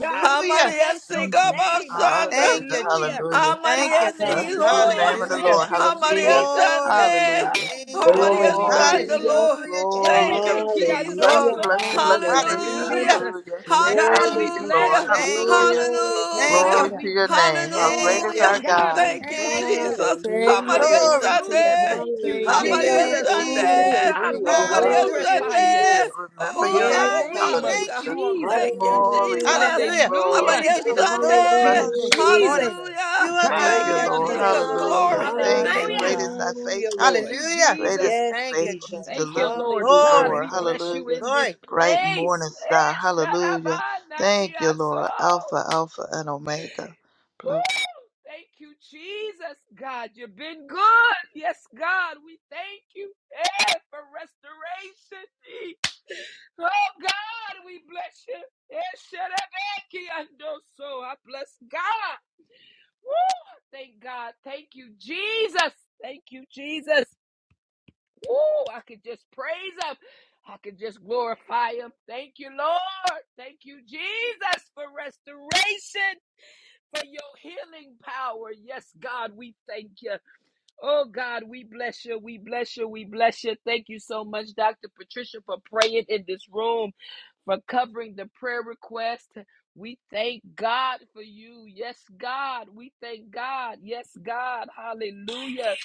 Speaker 1: God, we
Speaker 3: Somebody
Speaker 1: bless your
Speaker 3: up
Speaker 1: name.
Speaker 3: Sunday.
Speaker 2: Thank
Speaker 4: Hallelujah,
Speaker 2: you,
Speaker 1: Hallelujah.
Speaker 2: Jesus.
Speaker 4: hallelujah.
Speaker 2: Thank
Speaker 3: Amaria
Speaker 2: you,
Speaker 1: Hallelujah.
Speaker 2: God.
Speaker 3: see,
Speaker 4: Blessed be the
Speaker 3: Lord.
Speaker 4: name of the
Speaker 1: Thank
Speaker 2: Hallelujah.
Speaker 4: Lord.
Speaker 1: you,
Speaker 3: Amaria
Speaker 4: Hallelujah,
Speaker 1: Jesus.
Speaker 2: Glory to
Speaker 3: Sunday.
Speaker 4: hallelujah.
Speaker 2: your
Speaker 1: Oh
Speaker 2: name, God.
Speaker 3: Amaria
Speaker 5: Glory,
Speaker 1: God, we
Speaker 4: Glory,
Speaker 3: Sunday,
Speaker 1: bless you.
Speaker 5: hallelujah,
Speaker 3: Lord.
Speaker 2: Hallelujah,
Speaker 4: glory,
Speaker 3: Thank
Speaker 2: Jesus.
Speaker 3: you,
Speaker 4: hallelujah. Bless
Speaker 3: Jesus.
Speaker 4: you,
Speaker 5: hallelujah,
Speaker 1: Erebekiandoso.
Speaker 2: Glory,
Speaker 4: bless you,
Speaker 2: God.
Speaker 4: bless you,
Speaker 1: Thank
Speaker 4: bless
Speaker 1: you,
Speaker 4: you.
Speaker 5: hallelujah.
Speaker 2: Hallelujah.
Speaker 3: Hallelujah.
Speaker 1: Jesus.
Speaker 4: Hallelujah.
Speaker 2: Thank you,
Speaker 1: God,
Speaker 4: Thank
Speaker 5: Glory
Speaker 1: we
Speaker 2: Jesus.
Speaker 4: you,
Speaker 5: to
Speaker 4: Lord.
Speaker 1: bless
Speaker 5: God,
Speaker 3: Hallelujah.
Speaker 1: you.
Speaker 2: Thank you,
Speaker 4: Hallelujah.
Speaker 5: glory
Speaker 2: Jesus.
Speaker 5: to
Speaker 2: Thank you,
Speaker 1: God,
Speaker 4: Glory
Speaker 3: Hallelujah.
Speaker 5: God.
Speaker 2: God.
Speaker 4: to
Speaker 1: we
Speaker 4: your
Speaker 1: bless
Speaker 4: name.
Speaker 1: you.
Speaker 4: How
Speaker 5: Yes,
Speaker 4: great
Speaker 2: Thank
Speaker 4: is
Speaker 2: you.
Speaker 5: Lord
Speaker 4: our
Speaker 2: Je-
Speaker 3: Hallelujah.
Speaker 1: God,
Speaker 4: God.
Speaker 5: Jesus.
Speaker 1: we
Speaker 3: Thank you,
Speaker 2: Thank
Speaker 1: bless
Speaker 2: you, God.
Speaker 1: you.
Speaker 3: Jesus.
Speaker 4: Thank
Speaker 5: Hallelujah,
Speaker 4: you,
Speaker 3: Amaria
Speaker 4: Lord.
Speaker 2: Glory to your
Speaker 1: Hallelujah.
Speaker 3: Sunday.
Speaker 2: name.
Speaker 1: Thank you,
Speaker 2: God.
Speaker 4: Thank you, Lord.
Speaker 5: hallelujah,
Speaker 3: Amaria
Speaker 2: Hallelujah,
Speaker 1: Jesus.
Speaker 4: Thank you,
Speaker 2: Jesus.
Speaker 4: thank you,
Speaker 3: Sunday.
Speaker 1: God,
Speaker 4: thank
Speaker 5: hallelujah.
Speaker 1: we
Speaker 3: Oh,
Speaker 4: you.
Speaker 3: Maria
Speaker 5: Glory,
Speaker 2: Hallelujah,
Speaker 4: Hallelujah.
Speaker 1: glorify
Speaker 5: glory,
Speaker 1: you
Speaker 2: Jesus.
Speaker 5: glory.
Speaker 3: Sunday. Oh,
Speaker 4: Remember
Speaker 2: Oh
Speaker 1: in
Speaker 4: your
Speaker 1: the
Speaker 3: God.
Speaker 5: Yes,
Speaker 2: God,
Speaker 4: name.
Speaker 3: Oh,
Speaker 2: we
Speaker 3: God.
Speaker 1: name
Speaker 3: Oh,
Speaker 1: of
Speaker 5: Father.
Speaker 2: thank
Speaker 3: God.
Speaker 4: Hallelujah.
Speaker 2: you on this
Speaker 1: Jesus.
Speaker 3: Thank you,
Speaker 2: morning.
Speaker 4: Glory,
Speaker 3: Jesus.
Speaker 5: Hallelujah.
Speaker 2: Hallelujah.
Speaker 3: Oh, Mama,
Speaker 4: glory,
Speaker 1: Hallelujah.
Speaker 2: We give
Speaker 3: yes,
Speaker 2: you
Speaker 5: Oh,
Speaker 2: the
Speaker 4: hallelujah.
Speaker 1: Thank
Speaker 2: glory
Speaker 3: Sunday.
Speaker 1: you,
Speaker 4: Blessed,
Speaker 2: on this
Speaker 5: hallelujah,
Speaker 4: blessed, blessed.
Speaker 1: Jesus.
Speaker 2: morning.
Speaker 5: Jesus.
Speaker 2: You
Speaker 3: Hallelujah.
Speaker 2: are
Speaker 1: God,
Speaker 4: Thank
Speaker 5: Oh,
Speaker 3: Thank
Speaker 4: you,
Speaker 1: we
Speaker 3: you,
Speaker 2: God,
Speaker 5: bless
Speaker 1: love
Speaker 2: you
Speaker 4: Lord.
Speaker 5: the
Speaker 1: you.
Speaker 2: are
Speaker 5: name of
Speaker 3: Jesus.
Speaker 5: the
Speaker 2: God,
Speaker 5: Lord.
Speaker 2: you
Speaker 4: Hallelujah.
Speaker 2: are
Speaker 3: Glory.
Speaker 2: God,
Speaker 4: Thank you.
Speaker 2: you
Speaker 1: Hallelujah.
Speaker 3: Thank
Speaker 2: are
Speaker 3: you.
Speaker 4: Great is
Speaker 2: God.
Speaker 4: thy
Speaker 5: Hallelujah,
Speaker 1: Thank
Speaker 4: faithfulness.
Speaker 5: Lord.
Speaker 1: you,
Speaker 2: Hallelujah.
Speaker 4: Great is
Speaker 1: Jesus.
Speaker 5: Yes,
Speaker 4: thy
Speaker 2: Thank you,
Speaker 5: Jesus.
Speaker 4: faithfulness.
Speaker 2: Jesus.
Speaker 1: Thank you,
Speaker 4: Deliver and
Speaker 1: Lord
Speaker 5: Hallelujah.
Speaker 1: God.
Speaker 2: Glory,
Speaker 4: restore.
Speaker 1: We
Speaker 2: glory,
Speaker 1: bless
Speaker 2: glory,
Speaker 1: you
Speaker 4: Hallelujah.
Speaker 1: in this
Speaker 2: glory.
Speaker 4: Bright
Speaker 1: place.
Speaker 4: morning star.
Speaker 1: Eh,
Speaker 4: Hallelujah. Thank you,
Speaker 1: shadabanadiaso.
Speaker 4: Lord. Alpha, Alpha, and Omega.
Speaker 1: Woo!
Speaker 4: Bless
Speaker 1: Thank you, Jesus, God. You've been good. Yes, God. We thank you eh, for restoration. Oh, God, we bless you. Eh, shadabakiandoso. I bless God. Woo! Thank God. Thank you, Jesus. Thank you, Jesus. Woo! I could just praise him. I could just glorify him. Thank you, Lord. Thank you, Jesus, for restoration, for your healing power. Yes, God, we thank you. Oh, God, we bless you. We bless you. We bless you. Thank you so much, Dr. Patricia, for praying in this room, for covering the prayer request. We thank God for you. Yes, God. We thank God. Yes, God. Hallelujah.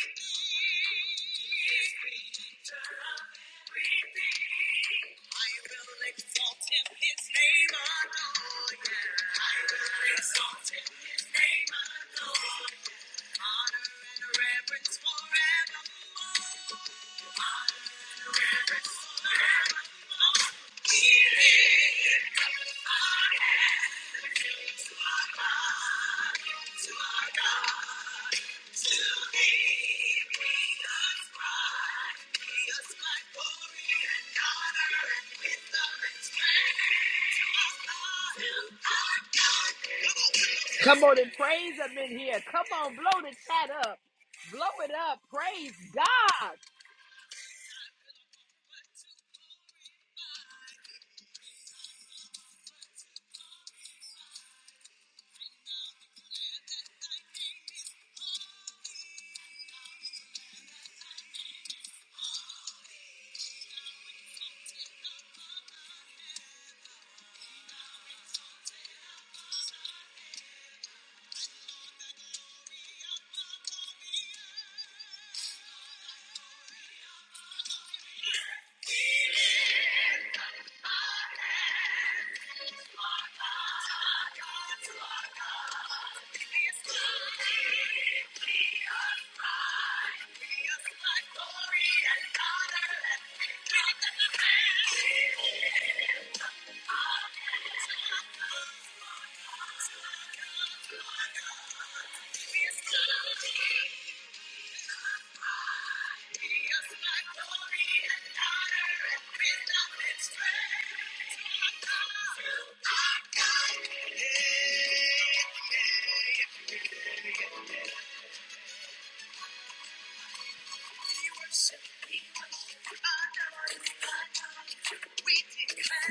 Speaker 1: Forevermore. Come on and praise him in here. Come on, blow the chat up. Blow it up. Praise God.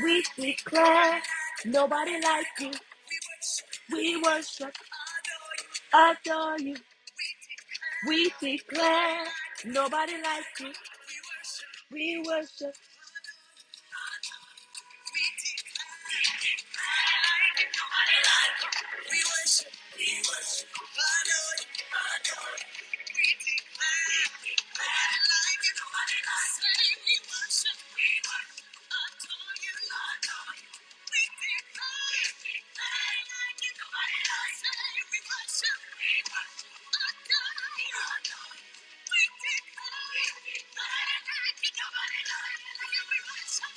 Speaker 1: We declare nobody like you. We worship, adore you. We declare nobody like you. We worship. We worship, we worship, adore you, adore you. We declare, we declare, like nobody like we worship, we worship, adore you, adore you. We declare, we declare, like nobody like we worship, we worship, adore you, adore you. We declare, we declare, like you nobody like you.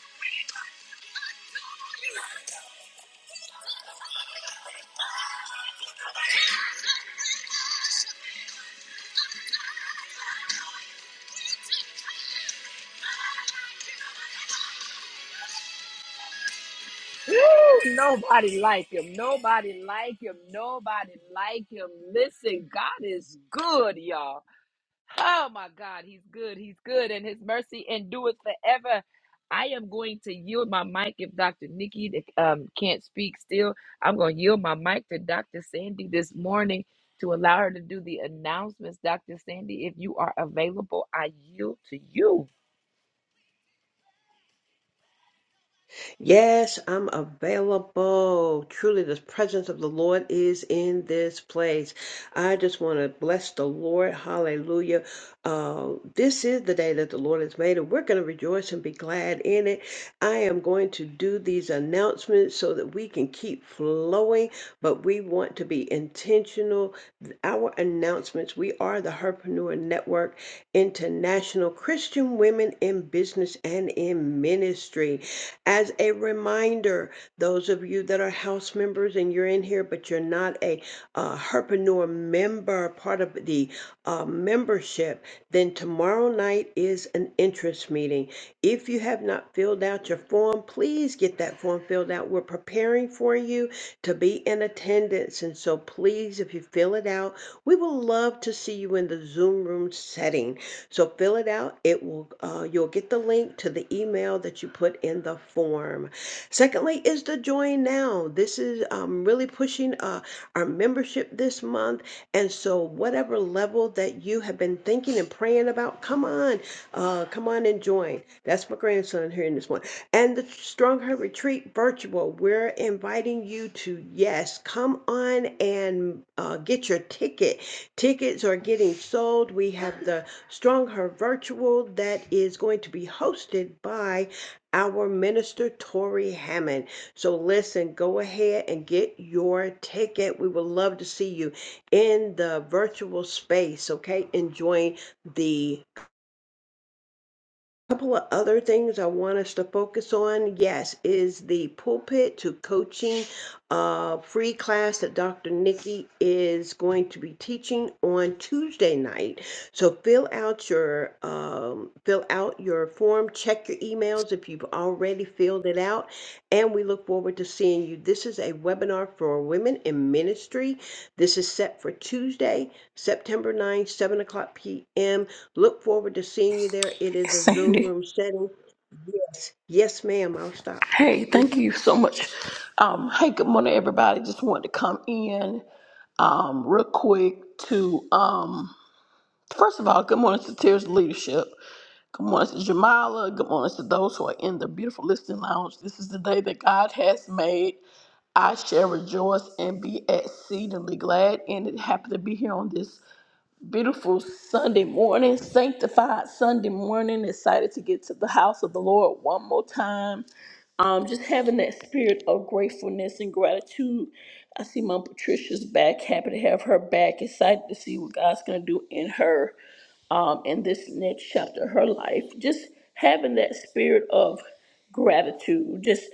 Speaker 1: Nobody like him. Nobody like him. Nobody like him. Listen, God is good, y'all. Oh my God, He's good. He's good, and His mercy endures forever. I am going to yield my mic if Dr. Nikki um, can't speak still. I'm going to yield my mic to Dr. Sandy this morning to allow her to do the announcements. Dr. Sandy, if you are available, I yield to you.
Speaker 5: Yes, I'm available. Truly, the presence of the Lord is in this place. I just want to bless the Lord. Hallelujah. Uh, this is the day that the Lord has made, and we're going to rejoice and be glad in it. I am going to do these announcements so that we can keep flowing, but we want to be intentional. Our announcements we are the Herpreneur Network International Christian Women in Business and in Ministry. As a reminder, those of you that are house members and you're in here, but you're not a uh, herpreneur member, part of the uh, membership, then tomorrow night is an interest meeting. If you have not filled out your form, please get that form filled out. We're preparing for you to be in attendance. And so please, if you fill it out, we will love to see you in the Zoom room setting. So fill it out. It will uh, you'll get the link to the email that you put in the form. Secondly, is the join now. This is um, really pushing uh, our membership this month, and so whatever level that you have been thinking and praying about, come on, uh, come on and join. That's my grandson here in this one. And the Strong Heart Retreat virtual, we're inviting you to yes, come on and uh, get your ticket. Tickets are getting sold. We have the Strong Her Virtual that is going to be hosted by our minister, Tori Hammond. So listen, go ahead and get your ticket. We would love to see you in the virtual space, okay? Enjoying the Couple of other things I want us to focus on, yes, is the pulpit to coaching uh, free class that Dr. Nikki is going to be teaching on Tuesday night. So fill out your um, fill out your form, check your emails if you've already filled it out, and we look forward to seeing you. This is a webinar for women in ministry. This is set for Tuesday, September 9, 7 o'clock p.m. Look forward to seeing you there. It is
Speaker 6: It's
Speaker 5: a Zoom
Speaker 6: Sandy.
Speaker 5: room setting. Yes, yes, ma'am. I'll stop.
Speaker 6: Hey, thank
Speaker 5: hmm
Speaker 6: you so much. Um, hey, good morning, everybody. Just wanted to come in um, real quick to um, first of all, good morning to Tears Leadership. Good morning to Jamila. Good morning to those who are in the beautiful listening lounge. This is the day that God has made. I shall rejoice and be exceedingly glad. And it happened to be here on this beautiful Sunday morning, sanctified Sunday morning. Excited to get to the house of the Lord one more time. Um, just having that spirit of gratefulness and gratitude. I see Mom Patricia's back. Happy to have her back. Excited to see what God's gonna do in her um, in this next chapter of her life, just having that spirit of gratitude, just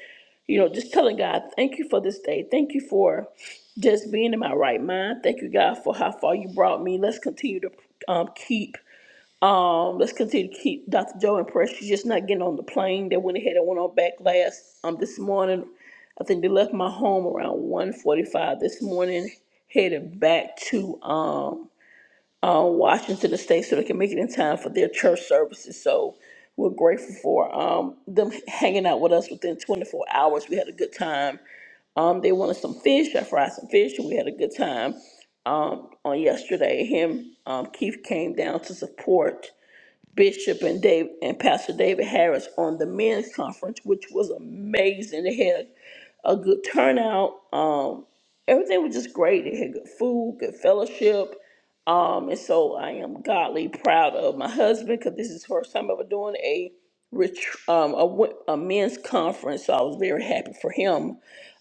Speaker 6: you know, just telling God, thank you for this day. Thank you for just being in my right mind. Thank you, God, for how far you brought me. Let's continue to um, keep, um, let's continue to keep Dr. Joe in prayer. She's just not getting on the plane. They went ahead and went on back last um, this morning. I think they left my home around one forty-five this morning, headed back to um, uh, Washington State so they can make it in time for their church services. So we're grateful for um, them hanging out with us within 24 hours. We had a good time. Um, they wanted some fish. I fried some fish, and we had a good time um, on yesterday. Him, um, Keith came down to support Bishop and Dave and Pastor David Harris on the men's conference, which was amazing. They had a good turnout. Um, everything was just great. They had good food, good fellowship. Um, and so I am godly proud of my husband because this is the first time ever doing a ret- um, a, wo- a men's conference. So I was very happy for him.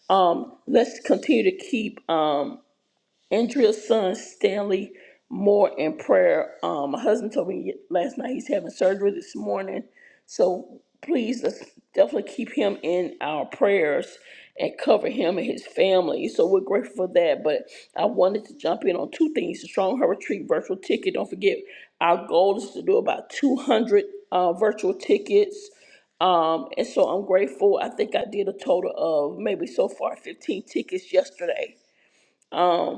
Speaker 6: Um, let's continue to keep um, Andrea's son Stanley Moore in prayer. Um, my husband told me last night he's having surgery this morning, so please let's definitely keep him in our prayers and cover him and his family. So we're grateful for that. But I wanted to jump in on two things: the Strong Retreat virtual ticket. Don't forget, our goal is to do about 200 uh, virtual tickets. Um, and so I'm grateful. I think I did a total of maybe so far 15 tickets yesterday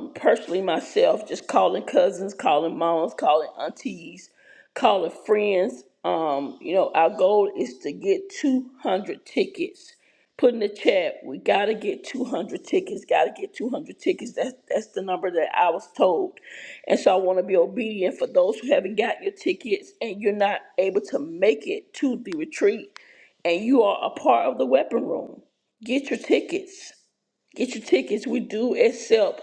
Speaker 6: um, personally myself, just calling cousins, calling moms, calling aunties, calling friends. Um, you know, our goal is to get 200 tickets. Put in the chat, we gotta get 200 tickets, gotta get 200 tickets. That's, that's the number that I was told. And so I wanna be obedient for those who haven't got your tickets and you're not able to make it to the retreat and you are a part of the weapon room. Get your tickets Get your tickets. We do accept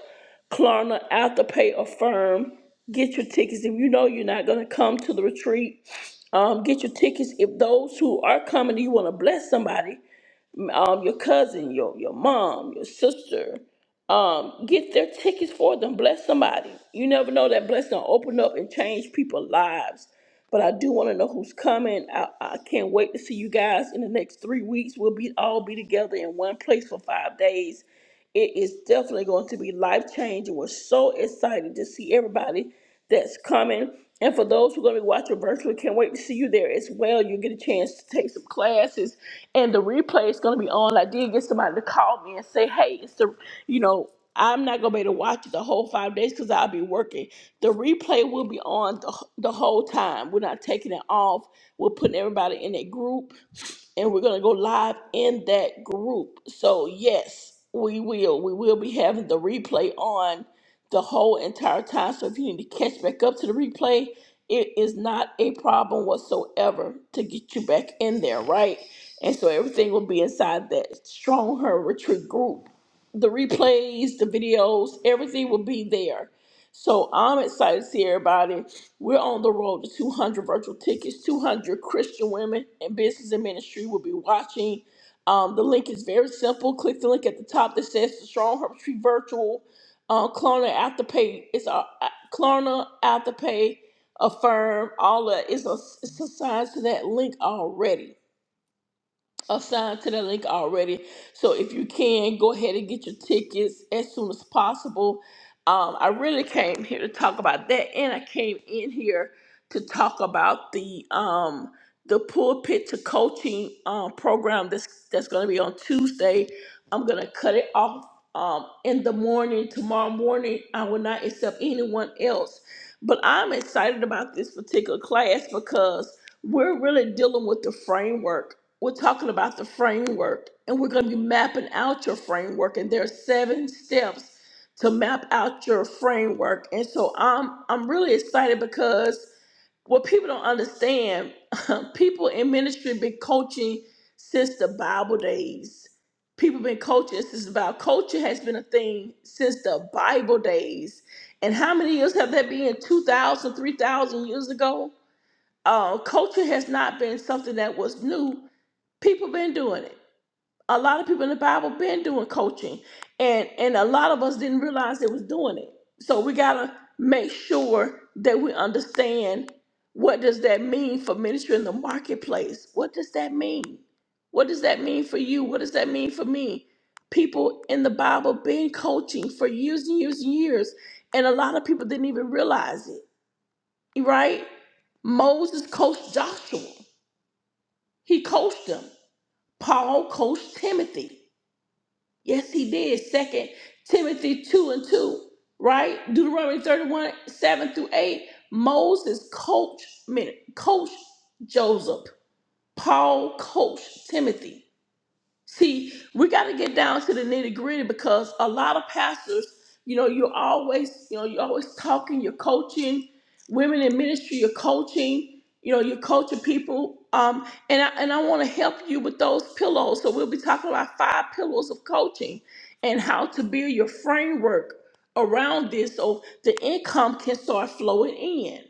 Speaker 6: Klarna, Afterpay, Affirm. Get your tickets if you know you're not going to come to the retreat. Um, get your tickets if those who are coming, you want to bless somebody, um, your cousin, your your mom, your sister. Um, get their tickets for them. Bless somebody. You never know that blessing will open up and change people's lives. But I do want to know who's coming. I, I can't wait to see you guys in the next three weeks. We'll be all be together in one place for five days it is definitely going to be life changing. We're so excited to see everybody that's coming. And for those who are going to be watching virtually, can't wait to see you there as well. You get a chance to take some classes, and the replay is going to be on. I did get somebody to call me and say, "Hey, it's the, you know, I'm not going to be able to watch it the whole five days because I'll be working. The replay will be on the, the whole time. We're not taking it off. We're putting everybody in a group and we're going to go live in that group. So, yes, we will. We will be having the replay on the whole entire time. So, if you need to catch back up to the replay, it is not a problem whatsoever to get you back in there, right? And so, everything will be inside that Strong Her Retreat group. The replays, the videos, everything will be there. So, I'm excited to see everybody. We're on the road to 200 virtual tickets. 200 Christian women in business and ministry will be watching. Um, the link is very simple. Click the link at the top that says the Strong Herb Tree Virtual uh, Klarna Afterpay. It's a uh, Klarna Afterpay Affirm. All that is a, it's assigned to that link already assigned to the link already. So if you can, go ahead and get your tickets as soon as possible. Um, I really came here to talk about that, and I came in here to talk about the um, the pulpit to coaching um, program that's that's going to be on Tuesday. I'm going to cut it off um, in the morning tomorrow morning. I will not accept anyone else, but I'm excited about this particular class because we're really dealing with the framework we're talking about the framework and we're going to be mapping out your framework and there are seven steps to map out your framework and so i'm i'm really excited because what people don't understand people in ministry been coaching since the bible days people been coaching since about culture has been a thing since the bible days and how many years have that been 2000, 3000 years ago uh, culture has not been something that was new people been doing it a lot of people in the bible been doing coaching and and a lot of us didn't realize they was doing it so we gotta make sure that we understand what does that mean for ministry in the marketplace what does that mean what does that mean for you what does that mean for me people in the bible been coaching for years and years and years and a lot of people didn't even realize it right moses coached joshua he coached him Paul coached Timothy. Yes, he did. Second Timothy 2 and 2, right? Deuteronomy 31, 7 through 8. Moses coached, coached Joseph. Paul coached Timothy. See, we got to get down to the nitty gritty because a lot of pastors, you know, you're always, you know, you're always talking, you're coaching women in ministry, you're coaching, you know, you're coaching people. Um, and I, and I want to help you with those pillows. So we'll be talking about five pillows of coaching and how to build your framework around this so the income can start flowing in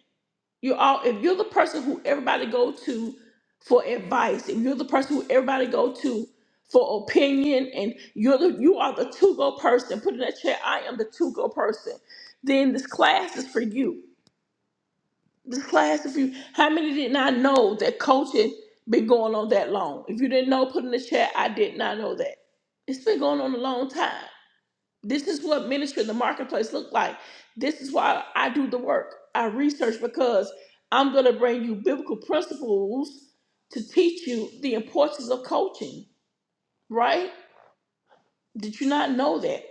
Speaker 6: you all if you're the person who everybody go to for advice, if you're the person who everybody go to for opinion, and you're the you are the to go person, put in that chat, I am the to go person, then this class is for you. This class is for you. How many did not know that coaching been going on that long? If you didn't know, put in the chat, I did not know that. It's been going on a long time. This is what ministry in the marketplace look like. This is why I do the work. I research because I'm going to bring you biblical principles to teach you the importance of coaching, right? Did you not know that?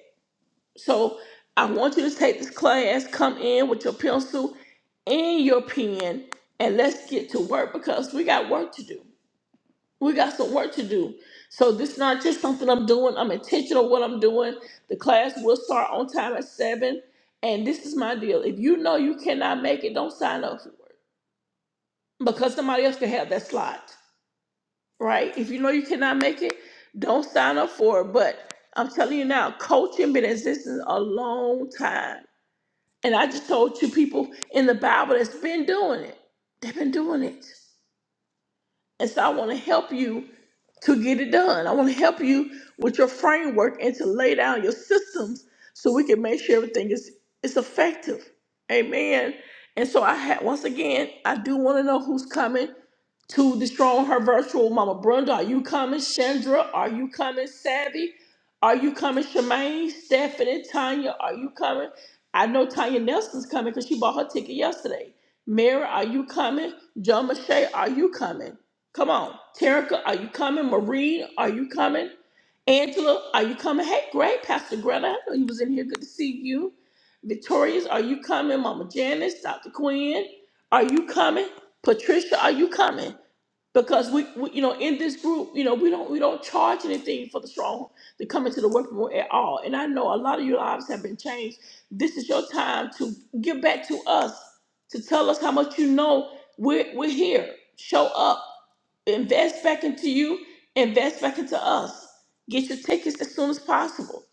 Speaker 6: So I want you to take this class, come in with your pencil and your pen, and let's get to work because we got work to do. We got some work to do. So this is not just something I'm doing. I'm intentional what I'm doing. The class will start on time at seven. And this is my deal. If you know you cannot make it, don't sign up for it. Because somebody else can have that slot. Right? If you know you cannot make it, don't sign up for it. But I'm telling you now, coaching been existing a long time. And I just told you people in the Bible that's been doing it. They've been doing it. And so I want to help you to get it done. I want to help you with your framework and to lay down your systems so we can make sure everything is, is effective. Amen. And so I had once again, I do want to know who's coming to the strong her virtual mama. Brenda, are you coming? Chandra, are you coming? Savvy, are you coming? Shemaine, Stephanie, Tanya, are you coming? I know Tanya Nelson's coming because she bought her ticket yesterday. Mary, are you coming? John Mache, are you coming? Come on. Terica, are you coming? Marie, are you coming? Angela, are you coming? Hey, great. Pastor Greta, I know you was in here. Good to see you. Victorious, are you coming? Mama Janice, Dr. Quinn, are you coming? Patricia, are you coming? Because we, we, you know, in this group, you know, we don't we don't charge anything for the strong to come into the working room at all. And I know a lot of your lives have been changed. This is your time to give back to us, to tell us how much you know we're we're here. Show up invest back into you, invest back into us. Get your tickets as soon as possible.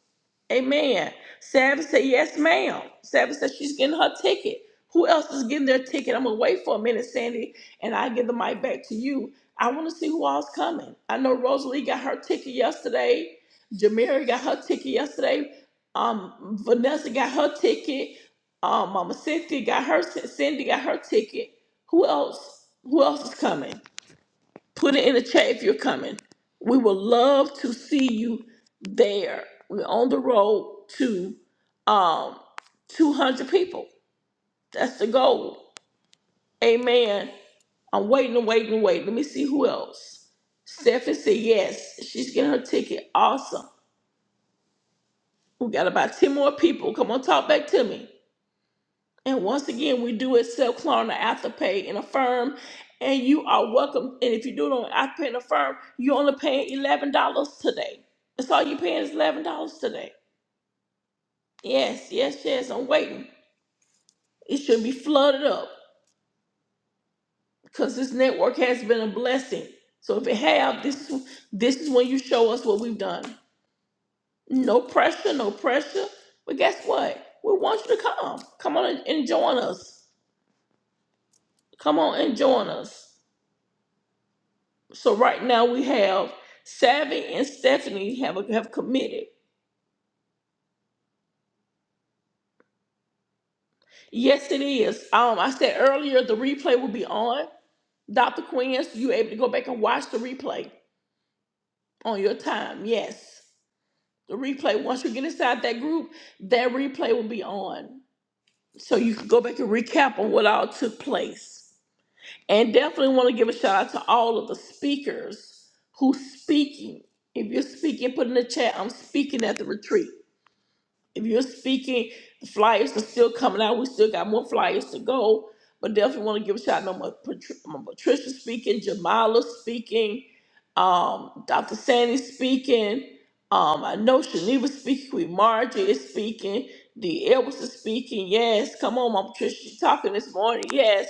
Speaker 6: Amen. Savage said, Yes, ma'am. Savage said she's getting her ticket. Who else is getting their ticket? I'm going to wait for a minute, Sandy, and I give the mic back to you. I want to see who all's coming. I know Rosalie got her ticket yesterday. Jamira got her ticket yesterday. Um, Vanessa got her ticket. Um, Mama Cynthia got her. Cindy got her ticket. Who else? Who else is coming? Put it in the chat if you're coming. We would love to see you there. We're on the road to um, 200 people. That's the goal. Amen. I'm waiting and waiting and waiting. Let me see who else. Stephanie said yes. She's getting her ticket. Awesome. We got about 10 more people. Come on, talk back to me. And once again, we do accept Klarna Afterpay and Affirm, and you are welcome. And if you do it on Afterpay and Affirm, you're only paying eleven dollars today. That's all you're paying is eleven dollars today. Yes, yes, yes. I'm waiting. It should be flooded up because this network has been a blessing. So if it have, this is this is when you show us what we've done. No pressure, no pressure. But guess what? We want you to come. Come on and and join us. Come on and join us. So right now we have Savvy and Stephanie have have committed. Yes, it is. Um, I said earlier the replay will be on. Dr. Quinn, so you're able to go back and watch the replay on your time. Yes. The replay, once you get inside that group, that replay will be on. So you can go back and recap on what all took place. And definitely want to give a shout out to all of the speakers who's speaking. If you're speaking, put in the chat, I'm speaking at the retreat. if you're speaking, the flyers are still coming out. We still got more flyers to go. But definitely want to give a shout out. Mama Patri- Mama Patricia speaking, Jamala speaking, um, Dr. Sandy speaking. Um, I know Shaniva speaking, Queen Margie is speaking, D. Edwards is speaking. Yes, come on, Mama Patricia, you talking this morning. Yes,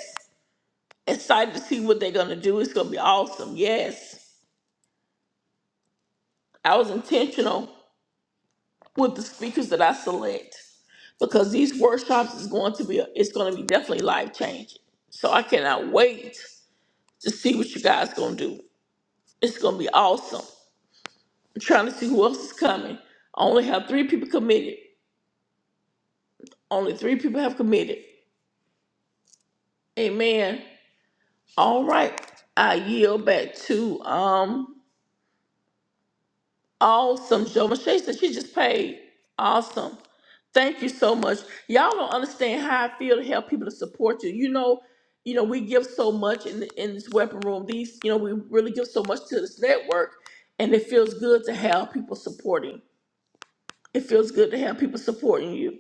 Speaker 6: excited to see what they're gonna do. It's gonna be awesome. Yes, I was intentional. with the speakers that I select because these workshops is going to be it's going to be definitely life changing. So I cannot wait to see what you guys going to do. It's going to be awesome. I'm trying to see who else is coming. I only have 3 people committed. Only 3 people have committed. Amen. All right. I yield back to um Awesome, Joe. Michelle said she just paid. Awesome. Thank you so much. Y'all don't understand how I feel to help people to support you. You know, you know, we give so much in in this weapon room. These, you know, we really give so much to this network, and it feels good to have people supporting. It feels good to have people supporting you.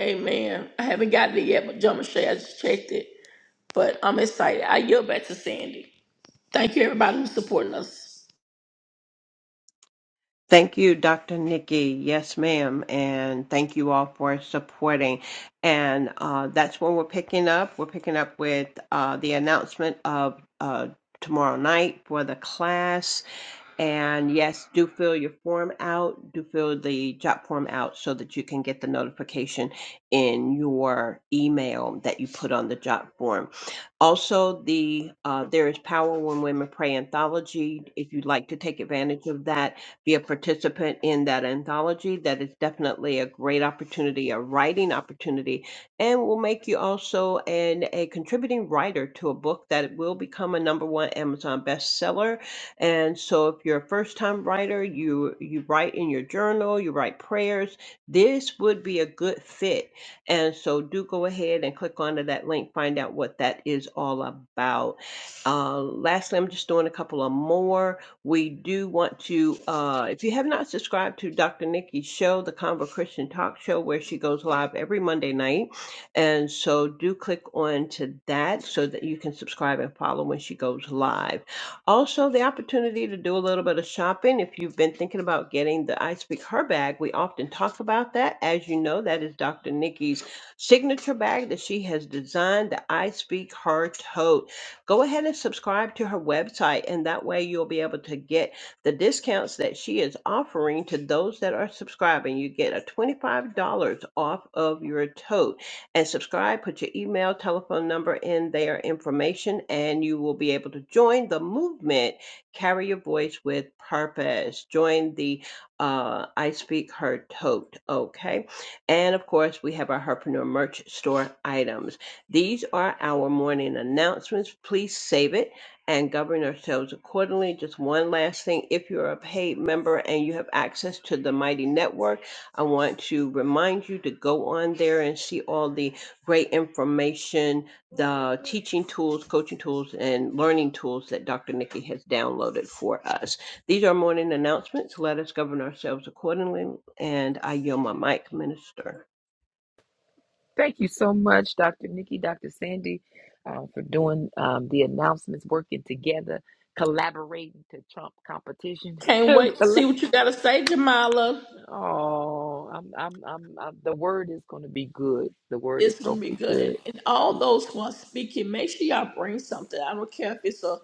Speaker 6: Amen. I haven't got it yet, but Joe Michelle, I just checked it. But I'm excited. I yield back to Sandy. Thank you, everybody who's supporting us.
Speaker 5: Thank you, Dr. Nikki. Yes, ma'am. And thank you all for supporting. And uh, that's when we're picking up. We're picking up with uh, the announcement of uh, tomorrow night for the class. And yes, do fill your form out, do fill the job form out so that you can get the notification in your email that you put on the job form. Also, the uh, There is Power When Women Pray anthology. If you'd like to take advantage of that, be a participant in that anthology. That is definitely a great opportunity, a writing opportunity, and will make you also an, a contributing writer to a book that will become a number one Amazon bestseller and so if you're a first time writer, you you write in your journal, you write prayers, this would be a good fit. And so do go ahead and click onto that link, find out what that is all about. Uh, lastly, I'm just doing a couple of more. We do want to, uh, if you have not subscribed to Dr. Nikki's show, the Convo Christian Talk Show, where she goes live every Monday night, and so do click on to that so that you can subscribe and follow when she goes live. Also, the opportunity to do a little bit of shopping. If you've been thinking about getting the I Speak Her bag, we often talk about that. As you know, that is Dr. Nikki's signature bag that she has designed, the I Speak Her tote. Go ahead and subscribe to her website, and that way you'll be able to get the discounts that she is offering to those that are subscribing. You get a $25 off of your tote and subscribe. Put your email, telephone number in their information, and you will be able to join the movement. Carry your voice with purpose. Join the uh, I Speak Her tote. Okay. And of course, we have our Herpreneur merch store items. These are our morning announcements. Please save it and govern ourselves accordingly. Just one last thing if you're a paid member and you have access to the Mighty Network, I want to remind you to go on there and see all the great information, the teaching tools, coaching tools, and learning tools that Dr. Nikki has downloaded for us. These are morning announcements. Let us govern ourselves accordingly. And I yield my mic, Minister.
Speaker 1: Thank you so much, Dr. Nikki, Dr. Sandy, uh, for doing um, the announcements, working together, collaborating to trump competition.
Speaker 6: Can't wait to see
Speaker 1: Colla-
Speaker 6: what you got to say, Jamila.
Speaker 1: oh, I'm, I'm, I'm, I'm, the word is going to be good. The word is
Speaker 6: It's gonna
Speaker 1: going to
Speaker 6: be
Speaker 1: be
Speaker 6: good.
Speaker 1: good.
Speaker 6: And all those who are speaking, make sure y'all bring something. I don't care if it's a,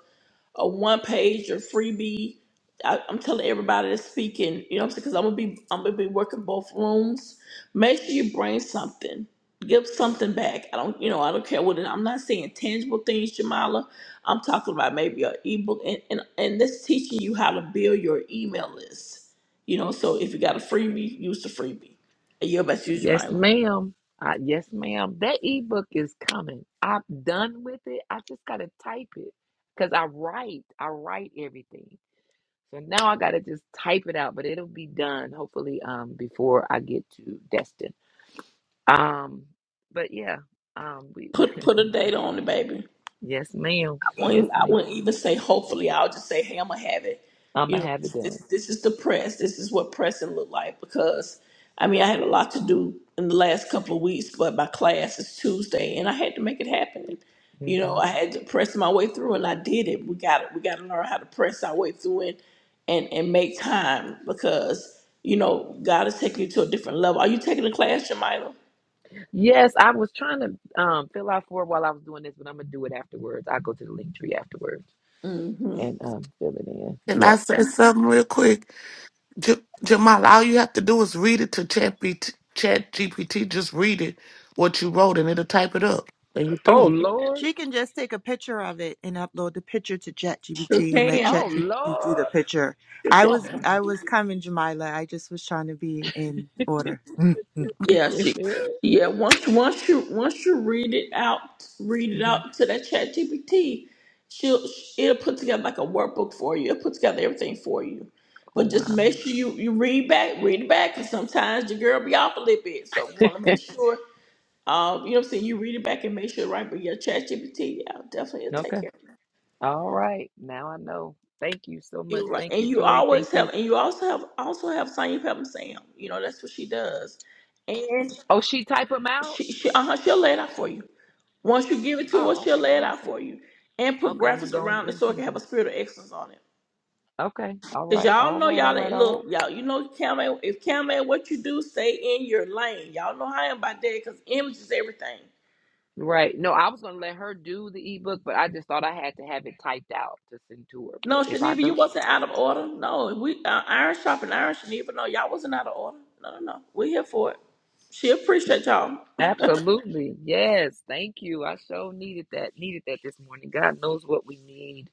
Speaker 6: a one page or freebie. I, I'm telling everybody that's speaking, you know what I'm saying? Because I'm gonna be I'm gonna be working both rooms. Make sure you bring something. Give something back. I don't, you know, I don't care what it. I'm not saying tangible things, Jamala. I'm talking about maybe an ebook, and and and this teaching you how to build your email list. You know, so if you got a freebie, use the freebie. You're best use
Speaker 1: Yes,
Speaker 6: Jamila.
Speaker 1: ma'am. Uh, yes, ma'am. That ebook is coming. I'm done with it. I just got to type it because I write. I write everything. So now I gotta just type it out, but it'll be done hopefully um before I get to Destin. Um, but yeah, um, we
Speaker 6: Put put a date on it, baby.
Speaker 1: yes ma'am,
Speaker 6: I will
Speaker 1: yes
Speaker 6: not I
Speaker 1: ma'am.
Speaker 6: wouldn't even say hopefully. I'll just say, hey, I'm gonna have it. You
Speaker 1: I'ma
Speaker 6: know,
Speaker 1: have it
Speaker 6: this this,
Speaker 1: done.
Speaker 6: this is the press. This is what pressing look like because I mean I had a lot to do in the last couple of weeks, but my class is Tuesday and I had to make it happen. And, you know,
Speaker 1: hmm
Speaker 6: I had to press my way through and I did it. We got to We gotta learn how to press our way through and and, and make time because you know, God is taking you to a different level. Are you taking a class, Jamila?
Speaker 1: Yes, I was trying to um fill out for it while I was doing this, but I'm gonna do it afterwards. I'll go to the link tree afterwards
Speaker 6: Mm-hmm.
Speaker 1: and um fill it in.
Speaker 7: Can I
Speaker 1: Yep.
Speaker 7: say something real quick? J- Jamal, all you have to do is read it to Chat, B- T, Chat GPT. Just read it, what you wrote, and it'll type it up. And you
Speaker 1: Oh
Speaker 7: through.
Speaker 1: Lord.
Speaker 2: She can just take a picture of it and upload the picture to
Speaker 6: Sure
Speaker 2: ChatGPT and let
Speaker 6: can.
Speaker 1: Oh
Speaker 2: ChatGPT do the
Speaker 1: Lord.
Speaker 2: picture.
Speaker 6: Sure
Speaker 2: I was
Speaker 6: can.
Speaker 2: I
Speaker 1: Oh
Speaker 2: was coming, Jamila. I just was trying to be in order.
Speaker 6: Yeah, she.
Speaker 1: hmm
Speaker 6: Yeah, once once you once you read it out, read it out to that Chat GPT, she'll it'll put together like a workbook for you. It'll put together everything for you.
Speaker 1: Oh
Speaker 6: But just
Speaker 1: wow.
Speaker 6: make sure you you read back, read it back, because sometimes your girl be off a little bit. So we want to make sure, um, you know, what I'm saying you read it back and make sure it's right. But yeah, Chat GPT, yeah, definitely it'll
Speaker 1: okay.
Speaker 6: take care of
Speaker 1: All right. Now I know. Thank you so
Speaker 6: it.
Speaker 1: much.
Speaker 6: You're right.
Speaker 1: Thank
Speaker 6: And
Speaker 1: you,
Speaker 6: you
Speaker 1: Tori.
Speaker 6: always
Speaker 1: Thank
Speaker 6: have,
Speaker 1: you.
Speaker 6: and you also have also have Sonya Pepper Sam. You know that's what she does. and.
Speaker 1: Oh, she type them out?
Speaker 6: She, she, uh-huh, she'll lay it out for you. Once you give it to her,
Speaker 1: Oh,
Speaker 6: she'll
Speaker 1: okay.
Speaker 6: lay
Speaker 1: Well,
Speaker 6: it
Speaker 1: I'm
Speaker 6: out
Speaker 1: saying.
Speaker 6: for you and put
Speaker 1: Okay, I'm gonna
Speaker 6: graphics
Speaker 1: go on
Speaker 6: around it
Speaker 1: and
Speaker 6: so it can
Speaker 1: send
Speaker 6: have
Speaker 1: you.
Speaker 6: a spirit of excellence on it.
Speaker 1: Okay. All
Speaker 6: Cause
Speaker 1: right.
Speaker 6: y'all
Speaker 1: All
Speaker 6: know
Speaker 1: right. All
Speaker 6: y'all
Speaker 1: right.
Speaker 6: ain't
Speaker 1: All right.
Speaker 6: look y'all. You know Cam ain't, if Cam ain't what you do, stay in your lane. Y'all know how I am about that. Cause image is everything.
Speaker 1: Right. No, I was gonna let her do the ebook, but I just thought I had to have it typed out to send to her. But
Speaker 6: No,
Speaker 1: if I
Speaker 6: Shaniva, you
Speaker 1: don't,
Speaker 6: wasn't out of order. No, we uh, iron shop and iron Shaniva. No, y'all wasn't out of order. No, no, no. We're here for it. She appreciate y'all.
Speaker 1: absolutely. Yes. Thank you. I so needed that. Needed that this morning. God knows what we need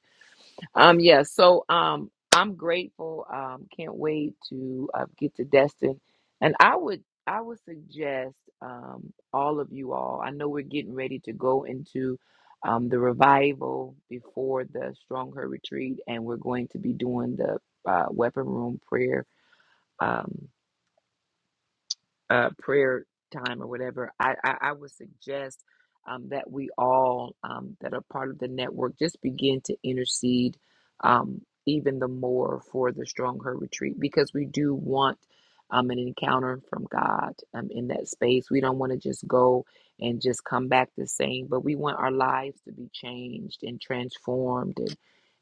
Speaker 1: Um, yeah, so um, I'm grateful. Um, can't wait to uh, get to Destin, and I would I would suggest um, all of you all. I know we're getting ready to go into um, the revival before the Strong Her retreat, and we're going to be doing the uh, weapon room prayer. Um, uh, prayer time or whatever, I, I, I would suggest um, that we all um, that are part of the network just begin to intercede um, even the more for the Strong Her Retreat because we do want um, an encounter from God um, in that space. We don't want to just go and just come back the same, but we want our lives to be changed and transformed and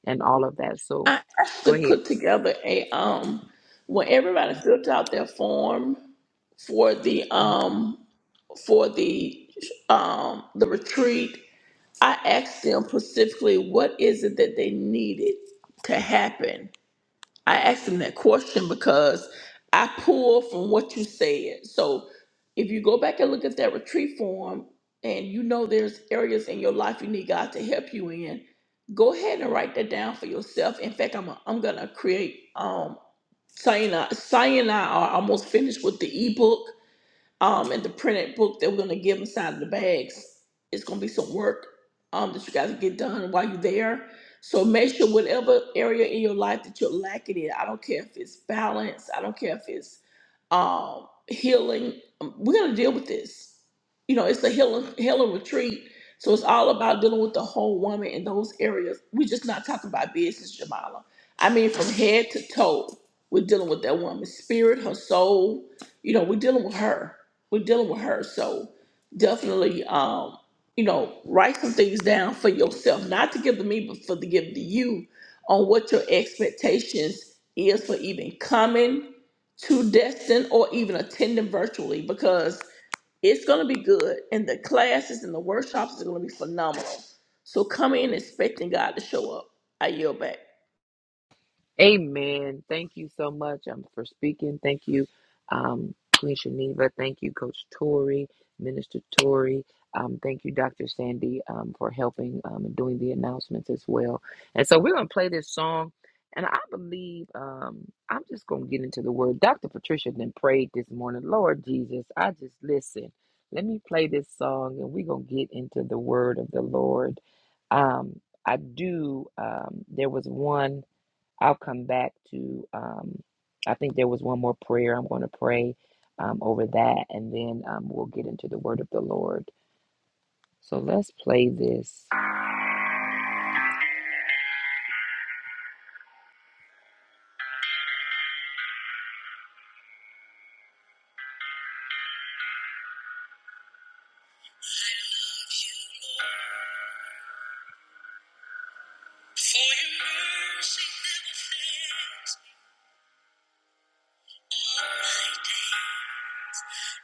Speaker 1: and all of that. So
Speaker 6: I
Speaker 1: go
Speaker 6: actually
Speaker 1: ahead.
Speaker 6: put together a um when everybody filled out their form. for the um for the um the retreat I asked them specifically what is it that they needed to happen. I asked them that question because I pulled from what you said. So if you go back and look at that retreat form and you know there's areas in your life you need God to help you in, go ahead and write that down for yourself. In fact, I'm i am i gonna create um Saying I, Saying I are almost finished with the ebook um, and the printed book that we're gonna give inside of the bags. It's gonna be some work um, that you guys get done while you're there. So make sure whatever area in your life that you're lacking in, I don't care if it's balance, I don't care if it's um, healing. um, We're gonna deal with this. You know, it's a healing healing retreat. So it's all about dealing with the whole woman in those areas. We're just not talking about business, Jamala. I mean, from head to toe, we're dealing with that woman's spirit, her soul. You know, we're dealing with her we're dealing with her. So definitely, um, you know, write some things down for yourself, not to give to me, but for to give to you on what your expectations is for even coming to Destin or even attending virtually because it's going to be good and the classes and the workshops are going to be phenomenal. So come in expecting God to show up. I yield back.
Speaker 1: Amen. Thank you so much um, for speaking. Thank you, um, Queen Shaniva. Thank you, Coach Tori, Minister Tori. Um, thank you, Dr. Sandy, um, for helping um, and doing the announcements as well. And so we're going to play this song. And I believe um, I'm just going to get into the word. Dr. Patricia then prayed this morning, Lord Jesus, I just listen. Let me play this song and we're going to get into the word of the Lord. Um, I do. Um, there was one. I'll come back to, um, I think there was one more prayer. I'm going to pray um, over that and then um, we'll get into the word of the Lord. So let's play this. For your mercy,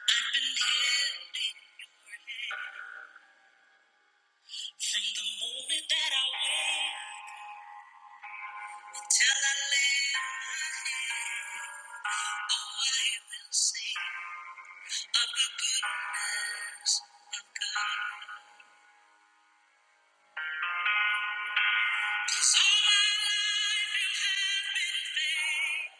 Speaker 1: I've been held from the moment that I wake until I lay my head. Oh, I will sing of the goodness of my life. You have been faithful.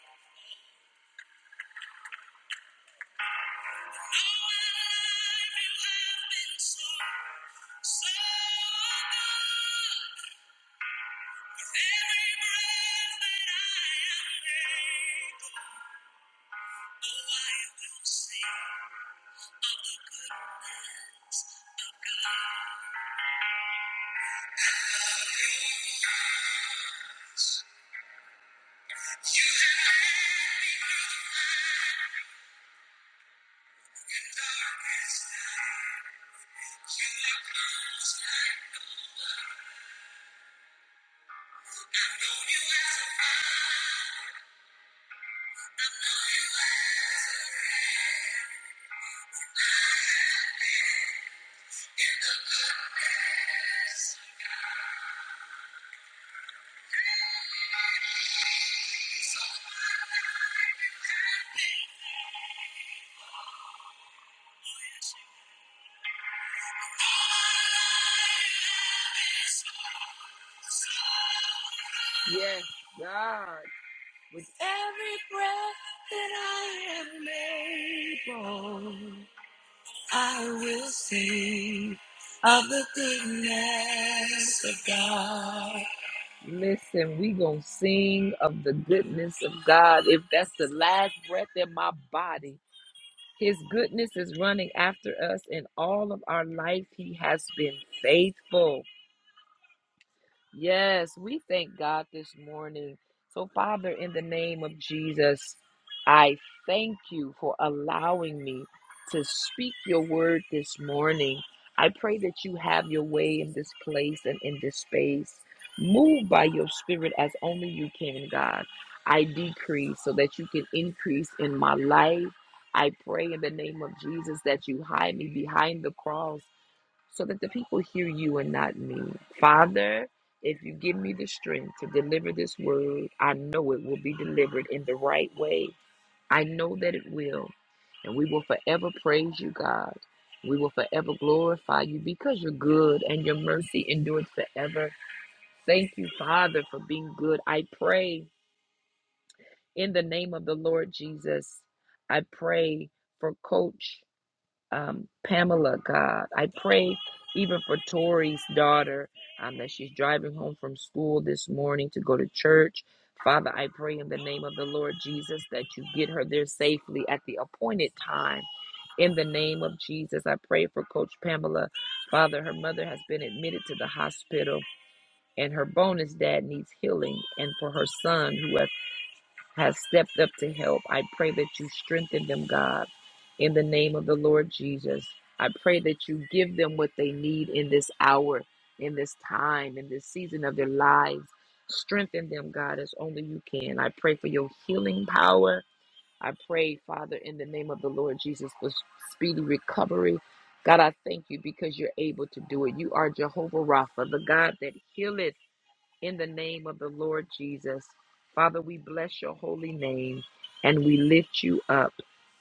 Speaker 1: Yes, God, with every breath that I am able, I will sing of the goodness of God. Listen, we gonna sing of the goodness of God. If that's the last breath in my body, His goodness is running after us in all of our life. He has been faithful. Yes, we thank God this morning. So, Father, in the name of Jesus, I thank you for allowing me to speak your word this morning. I pray that you have your way in this place and in this space. Move by your spirit as only you can, God. I decrease so that you can increase in my life. I pray in the name of Jesus that you hide me behind the cross so that the people hear you and not me. Father, if you give me the strength to deliver this word, I know it will be delivered in the right way. I know that it will. And we will forever praise you, God. We will forever glorify you because you're good and your mercy endures forever. Thank you, Father, for being good. I pray in the name of the Lord Jesus. I pray for Coach um, Pamela, God. I pray even for Tori's daughter um, that she's driving home from school this morning to go to church. Father, I pray in the name of the Lord Jesus that you get her there safely at the appointed time. In the name of Jesus, I pray for Coach Pamela. Father, her mother has been admitted to the hospital, and her bonus dad needs healing. And for her son, who has have stepped up to help. I pray that you strengthen them, God, in the name of the Lord Jesus. I pray that you give them what they need in this hour, in this time, in this season of their lives. Strengthen them, God, as only you can. I pray for your healing power. I pray, Father, in the name of the Lord Jesus, for speedy recovery. God, I thank you because you're able to do it. You are Jehovah Rapha, the God that healeth in the name of the Lord Jesus. Father, we bless your holy name and we lift you up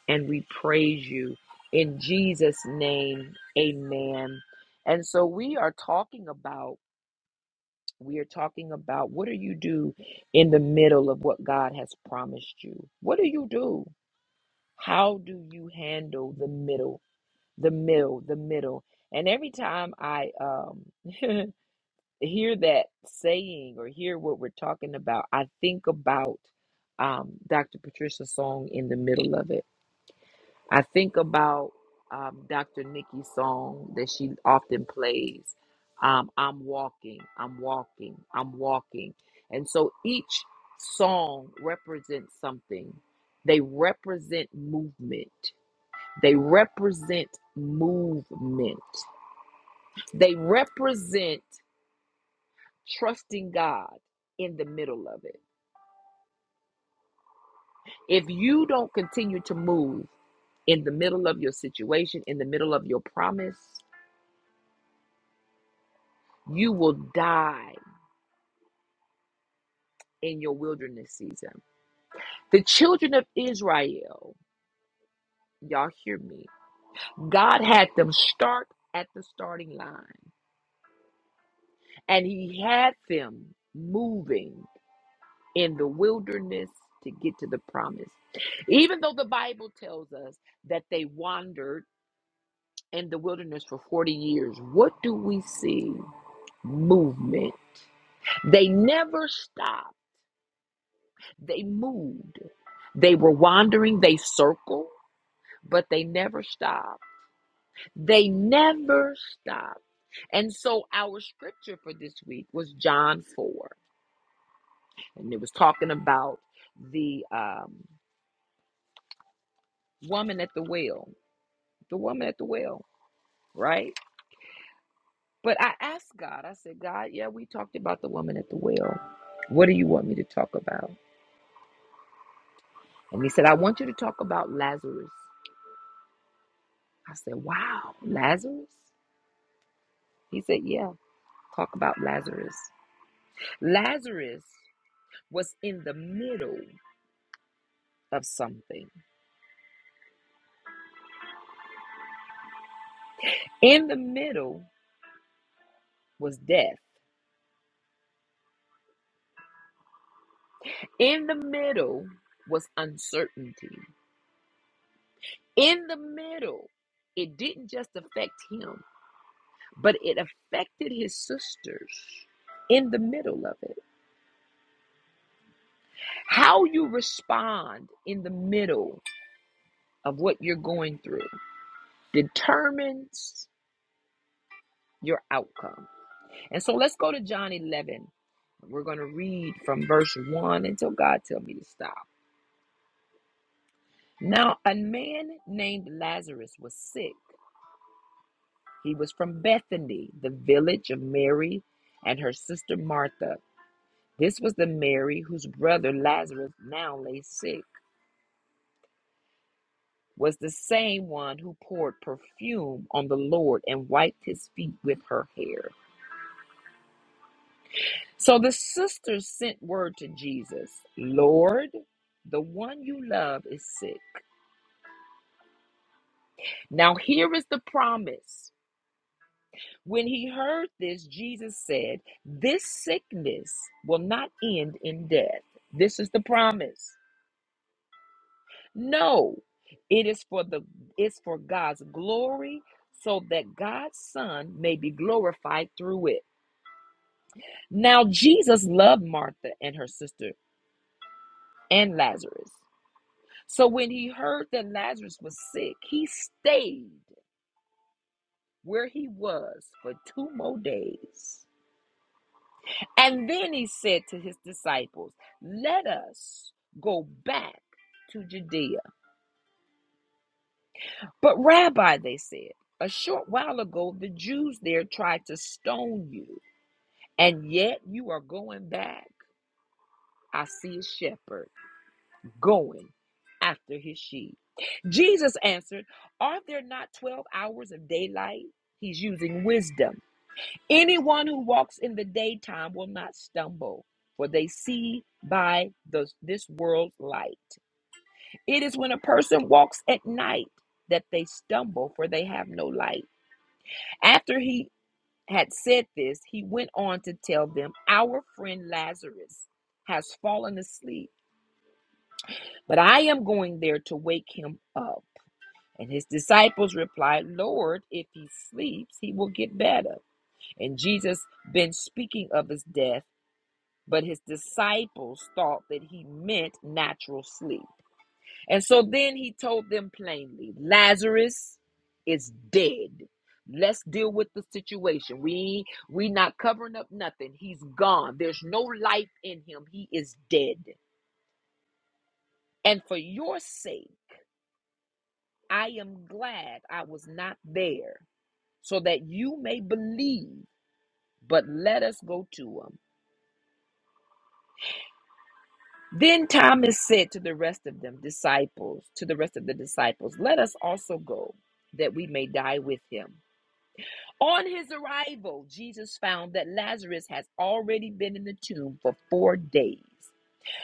Speaker 1: and we praise you in Jesus' name. Amen. And so we are talking about we are talking about what do you do in the middle of what God has promised you? What do you do? How do you handle the middle, the middle, the middle? And every time I um hear that saying or hear what we're talking about, I think about um, Dr. Patricia's song in the middle of it. I think about um, Dr. Nikki's song that she often plays. Um, I'm walking, I'm walking, I'm walking. And so each song represents something. They represent movement. They represent movement. They represent trusting God in the middle of it. If you don't continue to move in the middle of your situation, in the middle of your promise, you will die in your wilderness season. The children of Israel, y'all hear me, God had them start at the starting line and He had them moving in the wilderness to get to the promise. Even though the Bible tells us that they wandered in the wilderness for 40 years, what do we see? Movement. They never stopped. They moved. They were wandering, they circled, but they never stopped. They never stopped. And so our scripture for this week was John 4, and it was talking about the um, woman at the well, the woman at the well, right? But I asked God, I said, God, yeah, we talked about the woman at the well. What do you want me to talk about? And he said, I want you to talk about Lazarus. I said, Wow, Lazarus? He said, Yeah, talk about Lazarus. Lazarus was in the middle of something. In the middle was death. In the middle was uncertainty. In the middle, it didn't just affect him, but it affected his sisters in the middle of it. How you respond in the middle of what you're going through determines your outcome. And so let's go to John 11. We're going to read from verse 1 until God tells me to stop. Now, a man named Lazarus was sick. He was from Bethany, the village of Mary and her sister Martha. This was the Mary whose brother Lazarus now lay sick. Was the same one who poured perfume on the Lord and wiped his feet with her hair. So the sisters sent word to Jesus Lord, the one you love is sick. Now, here is the promise. When he heard this, Jesus said, This sickness will not end in death. This is the promise. No, it is for the it's for God's glory so that God's son may be glorified through it. Now Jesus loved Martha and her sister and Lazarus. So when he heard that Lazarus was sick, he stayed where he was for two more days. And then he said to his disciples, Let us go back to Judea. But, Rabbi, they said, a short while ago the Jews there tried to stone you, and yet you are going back. I see a shepherd going after his sheep. Jesus answered, Are there not 12 hours of daylight? He's using wisdom. Anyone who walks in the daytime will not stumble, for they see by the, this world's light. It is when a person walks at night that they stumble, for they have no light. After he had said this, he went on to tell them, Our friend Lazarus has fallen asleep, but I am going there to wake him up. And his disciples replied, Lord, if he sleeps, he will get better. And Jesus, been speaking of his death, But his disciples thought that he meant natural sleep. And so then he told them plainly Lazarus is dead. Let's deal with the situation. We we not covering up nothing. He's gone. There's no life in him. He is dead. And for your sake, I am glad I was not there so that you may believe. But let us go to him. Then Thomas said to the rest of them, disciples, to the rest of the disciples, let us also go, that we may die with him. On his arrival, Jesus found that Lazarus has already been in the tomb for four days.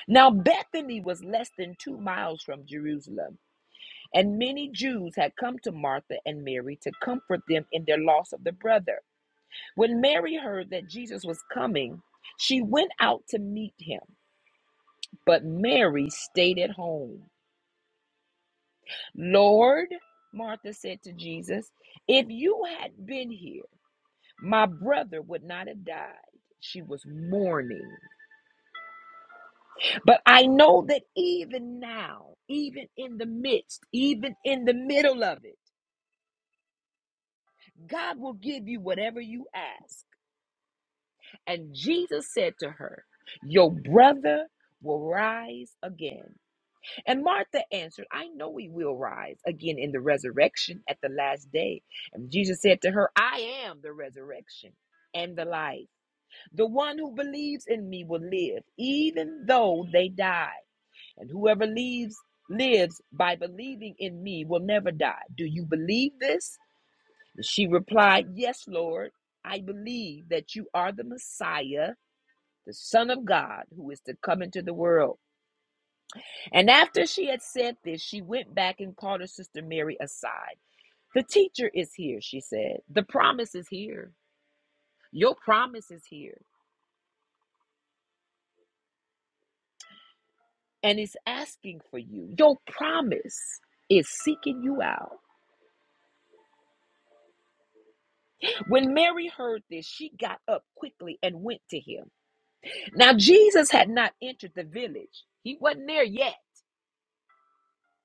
Speaker 1: Now, Bethany was less than two miles from Jerusalem, and many Jews had come to Martha and Mary to comfort them in their loss of the brother. When Mary heard that Jesus was coming, she went out to meet him, but Mary stayed at home. Lord, Martha said to Jesus, if you had been here, my brother would not have died. She was mourning. But I know that even now, even in the midst, even in the middle of it, God will give you whatever you ask. And Jesus said to her, Your brother will rise again. And Martha answered, I know we will rise again in the resurrection at the last day. And Jesus said to her, I am the resurrection and the life. The one who believes in me will live, even though they die. And whoever leaves lives by believing in me will never die. Do you believe this? She replied, Yes, Lord. I believe that you are the Messiah, the Son of God, who is to come into the world. And after she had said this, she went back and called her sister Mary aside. The teacher is here, she said. The promise is here. Your promise is here. And it's asking for you. Your promise is seeking you out. When Mary heard this, she got up quickly and went to him. Now, Jesus had not entered the village, he wasn't there yet.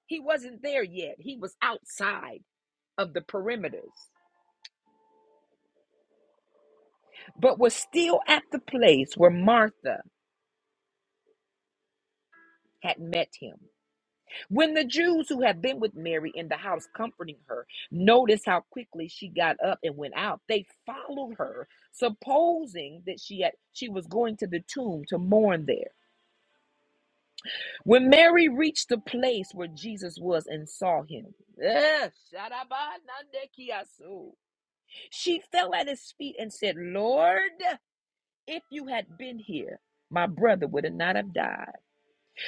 Speaker 1: He wasn't there yet. He was outside of the perimeters, but was still at the place where Martha had met him. When the Jews who had been with Mary in the house comforting her noticed how quickly she got up and went out, they followed her, supposing that she had she was going to the tomb to mourn there. When Mary reached the place where Jesus was and saw him, eh, shadabanandekiasu, she fell at his feet and said, "Lord, if you had been here, my brother would not have died."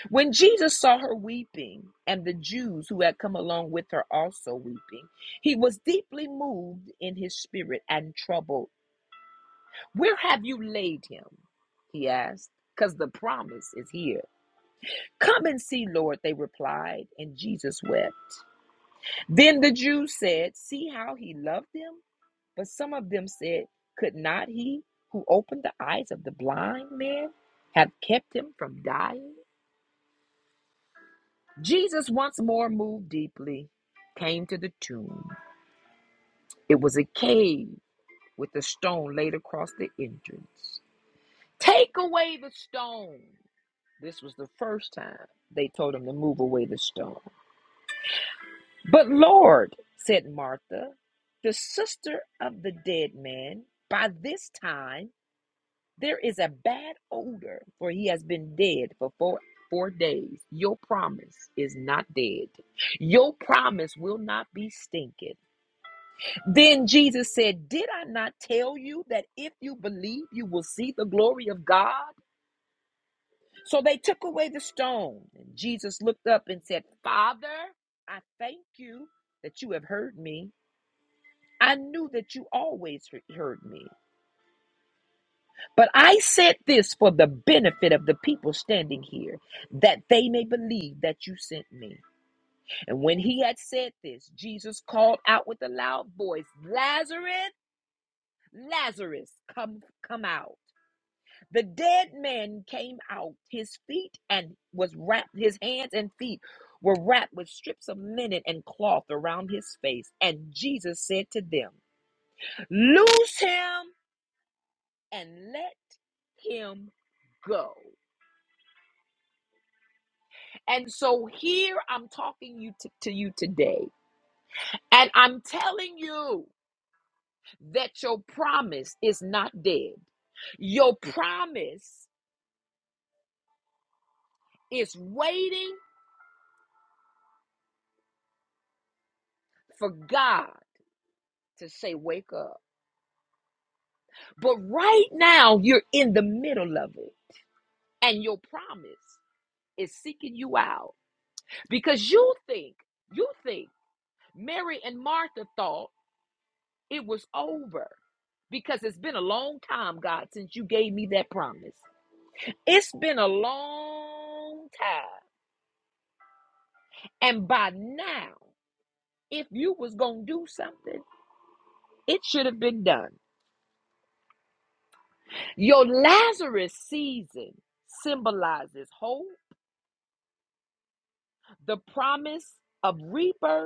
Speaker 1: When Jesus saw her weeping, and the Jews who had come along with her also weeping, he was deeply moved in his spirit and troubled. Where have you laid him? He asked, because the promise is here. Come and see, Lord, they replied, and Jesus wept. Then the Jews said, See how he loved them? But some of them said, Could not he who opened the eyes of the blind man have kept him from dying? Jesus once more moved deeply, came to the tomb. It was a cave with a stone laid across the entrance. Take away the stone. This was the first time they told him to move away the stone. But Lord, said Martha, the sister of the dead man, by this time there is a bad odor, for he has been dead for four, four days. Your promise is not dead. Your promise will not be stinking. Then Jesus said, Did I not tell you that if you believe, you will see the glory of God? So they took away the stone. And Jesus looked up and said, Father, I thank you that you have heard me. I knew that you always he- heard me. But I said this for the benefit of the people standing here, that they may believe that you sent me. And when he had said this, Jesus called out with a loud voice, Lazarus, Lazarus, come come out. The dead man came out, his feet and was wrapped, his hands and feet were wrapped with strips of linen and cloth around his face. And Jesus said to them, Loose him and let him go. And so here I'm talking you to, to you today, and I'm telling you that your promise is not dead. Your promise is waiting for God to say, Wake up. But right now, you're in the middle of it, and your promise is seeking you out because you think, you think Mary and Martha thought it was over because it's been a long time, God, since you gave me that promise. It's been a long time. And by now, if you was going to do something, it should have been done. Your Lazarus season symbolizes hope, the promise of rebirth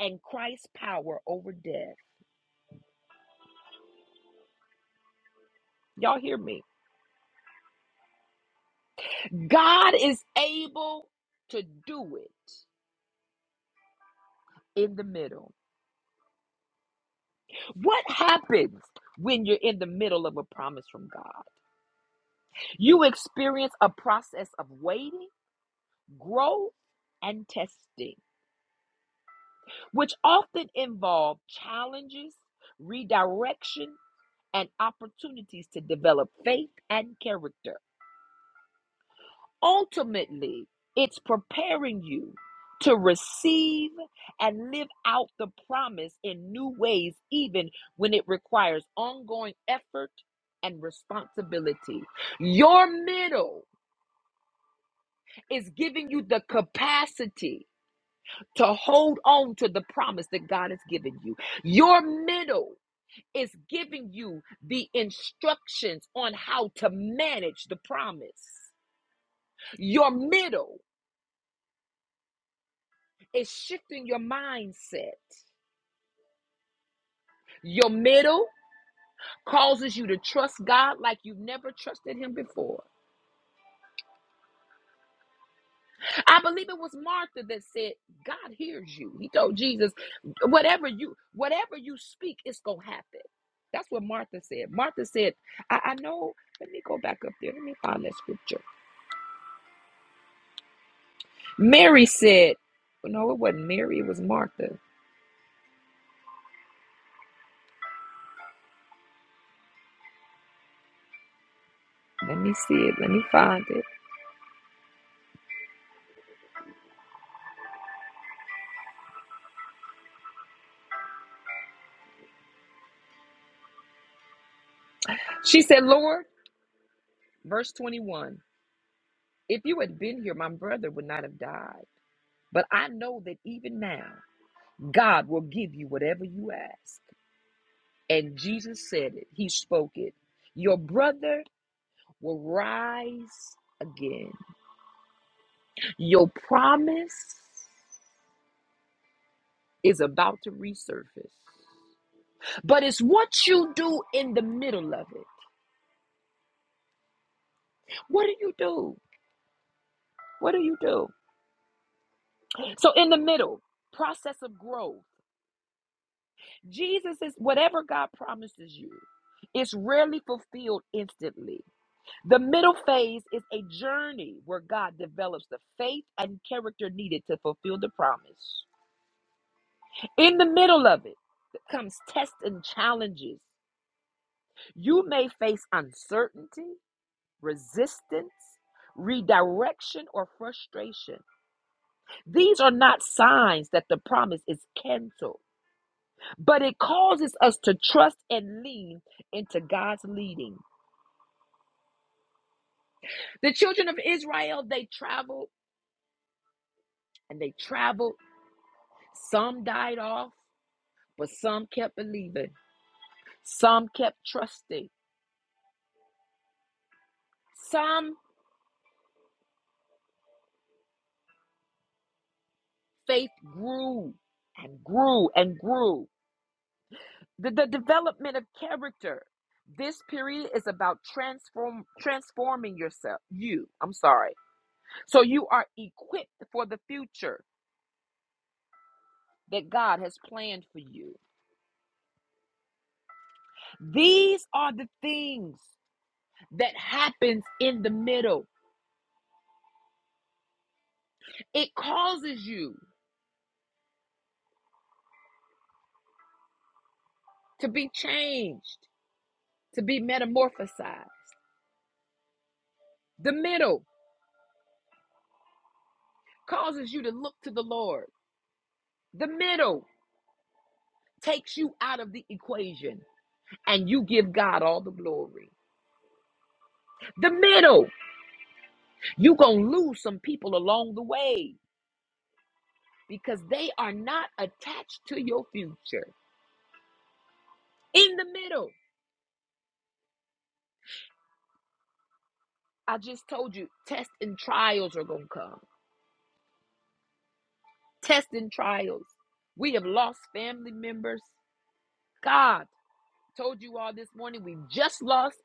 Speaker 1: and Christ's power over death. Y'all hear me? God is able to do it in the middle. What happens when you're in the middle of a promise from God? You experience a process of waiting, growth, and testing, which often involve challenges, redirection, and opportunities to develop faith and character. Ultimately, it's preparing you to receive and live out the promise in new ways, even when it requires ongoing effort and responsibility. Your middle is giving you the capacity to hold on to the promise that God has given you. Your middle is giving you the instructions on how to manage the promise. Your middle It's shifting your mindset. Your middle causes you to trust God like you've never trusted Him before. I believe it was Martha that said, God hears you. He told Jesus, whatever you whatever you speak, it's gonna happen. That's what Martha said. Martha said, I, I know, let me go back up there. Let me find that scripture. Mary said, No, it wasn't Mary, it was Martha. Let me see it. Let me find it. She said, Lord, verse 21. If you had been here, my brother would not have died. But I know that even now, God will give you whatever you ask. And Jesus said it, He spoke it. Your brother will rise again. Your promise is about to resurface. But it's what you do in the middle of it. What do you do? What do you do? So, in the middle, process of growth. Jesus is whatever God promises you, it's rarely fulfilled instantly. The middle phase is a journey where God develops the faith and character needed to fulfill the promise. In the middle of it comes tests and challenges. You may face uncertainty, resistance, redirection, or frustration. These are not signs that the promise is canceled, but it causes us to trust and lean into God's leading. The children of Israel, they traveled and they traveled. Some died off. But some kept believing, some kept trusting, some faith grew and grew and grew. The, the development of character. This period is about transform transforming yourself. You, I'm sorry. So you are equipped for the future that God has planned for you. These are the things that happens in the middle. It causes you to be changed, to be metamorphosized. The middle causes you to look to the Lord. The middle takes you out of the equation and you give God all the glory. The middle, you're going to lose some people along the way because they are not attached to your future. In the middle, I just told you, tests and trials are going to come. Tests and trials. We have lost family members. God told you all this morning, we just lost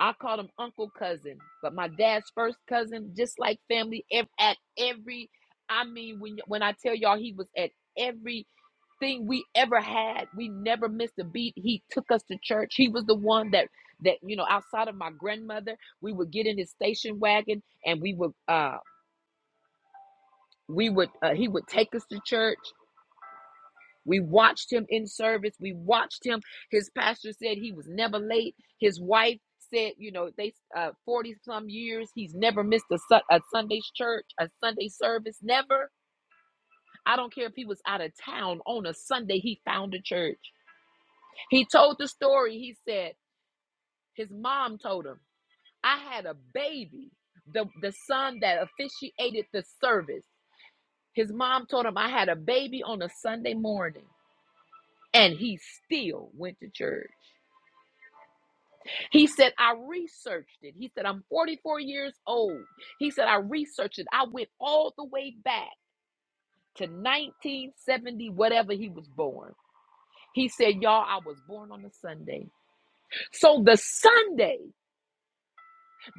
Speaker 1: I call him uncle cousin, but my dad's first cousin, just like family, ev- at every, I mean, when when I tell y'all he was at everything we ever had, we never missed a beat. He took us to church. He was the one that that you know, outside of my grandmother, we would get in his station wagon and we would uh we would uh, he would take us to church. We watched him in service. We watched him. His pastor said he was never late. His wife said, you know, they uh 40 some years, he's never missed a, su- a Sunday's church, a Sunday service, never. I don't care if he was out of town on a Sunday, he found a church. He told the story. He said his mom told him, "I had a baby, the the son that officiated the service. His mom told him I had a baby on a Sunday morning, and he still went to church." He said, I researched it. He said, I'm 44 years old. He said, I researched it. I went all the way back to 1970, whatever he was born. He said, Y'all, I was born on a Sunday. So the Sunday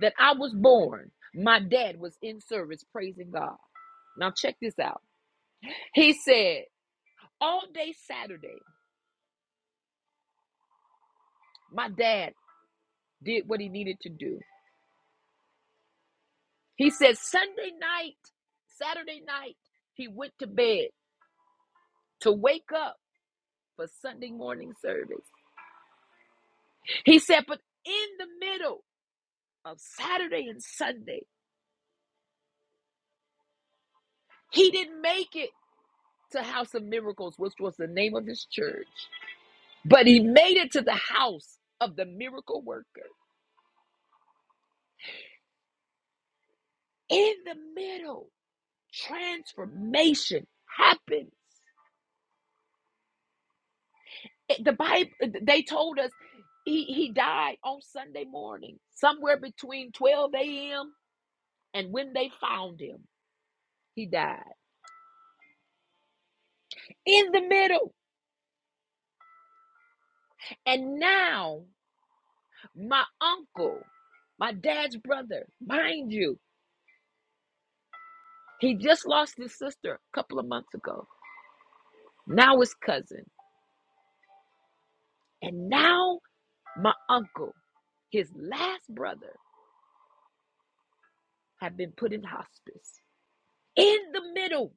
Speaker 1: that I was born, my dad was in service praising God. Now, check this out. He said, All day Saturday, my dad did what he needed to do. He said, Sunday night, Saturday night, he went to bed to wake up for Sunday morning service. He said, but in the middle of Saturday and Sunday, he didn't make it to House of Miracles, which was the name of his church, but he made it to the house of the miracle worker. In the middle, transformation happens. The Bible, they told us he, he died on Sunday morning, somewhere between 12 a.m. and when they found him, he died in the middle. And now My uncle, my dad's brother, mind you, he just lost his sister a couple of months ago. Now his cousin. And now my uncle, his last brother, have been put in hospice. In the middle,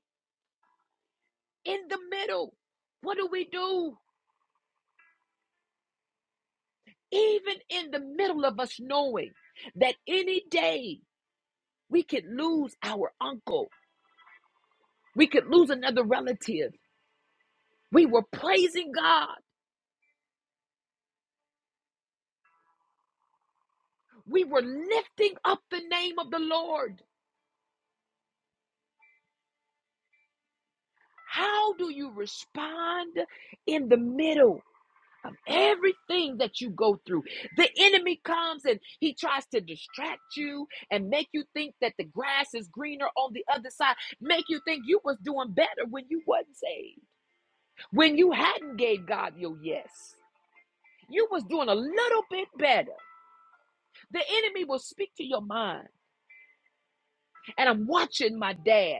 Speaker 1: in the middle. What do we do? Even in the middle of us knowing that any day we could lose our uncle, we could lose another relative. We were praising God. We were lifting up the name of the Lord. How do you respond in the middle of everything that you go through? The enemy comes and he tries to distract you and make you think that the grass is greener on the other side, make you think you was doing better when you wasn't saved, when you hadn't gave God your yes. You was doing a little bit better. The enemy will speak to your mind. And I'm watching my dad.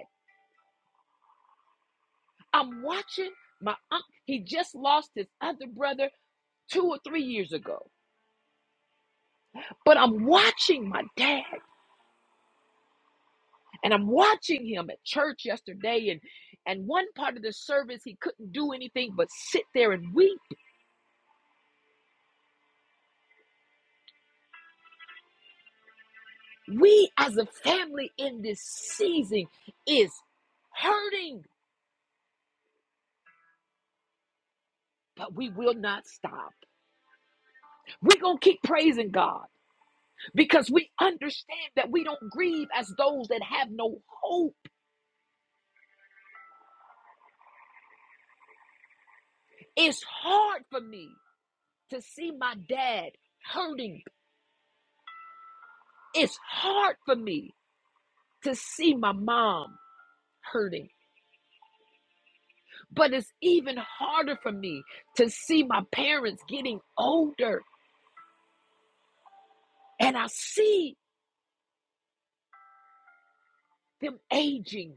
Speaker 1: I'm watching my uncle. He just lost his other brother two or three years ago. But I'm watching my dad and I'm watching him at church yesterday. And, and one part of the service, he couldn't do anything but sit there and weep. We as a family in this season is hurting, but we will not stop. We're going to keep praising God because we understand that we don't grieve as those that have no hope. It's hard for me to see my dad hurting. It's hard for me to see my mom hurting, but it's even harder for me to see my parents getting older and I see them aging.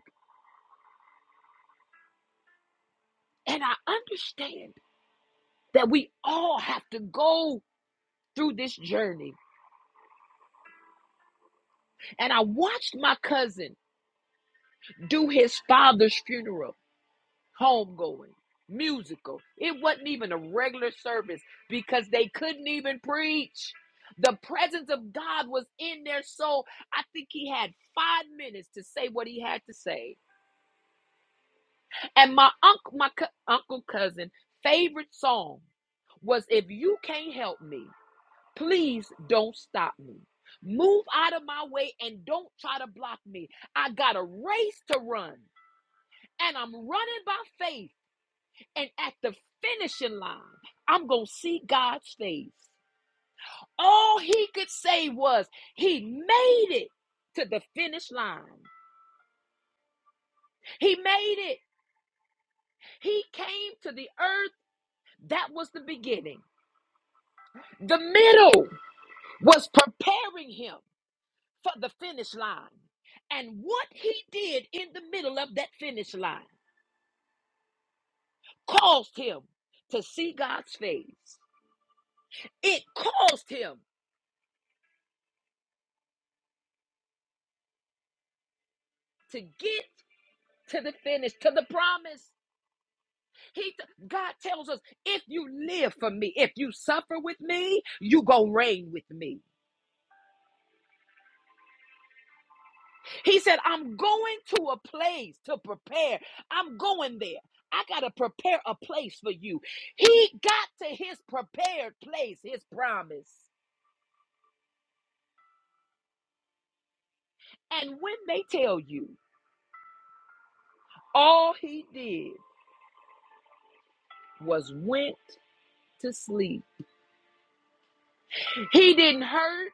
Speaker 1: And I understand that we all have to go through this journey. And I watched my cousin do his father's funeral. homegoing, musical. It wasn't even a regular service because they couldn't even preach. The presence of God was in their soul. I think he had five minutes to say what he had to say. And my uncle, my co- uncle cousin, favorite song was "If You Can't Help Me, Please Don't Stop Me." Move out of my way and don't try to block me. I got a race to run, and I'm running by faith And at the finishing line, I'm going to see God's face. All he could say was, He made it to the finish line. He made it. He came to the earth. That was the beginning. The middle was preparing him for the finish line. And what he did in the middle of that finish line caused him to see God's face. It caused him to get to the finish, to the promise. He God tells us, if you live for me, if you suffer with me, you go reign with me. He said, I'm going to a place to prepare. I'm going there. I got to prepare a place for you. He got to his prepared place, his promise. And when they tell you, all he did was went to sleep. He didn't hurt.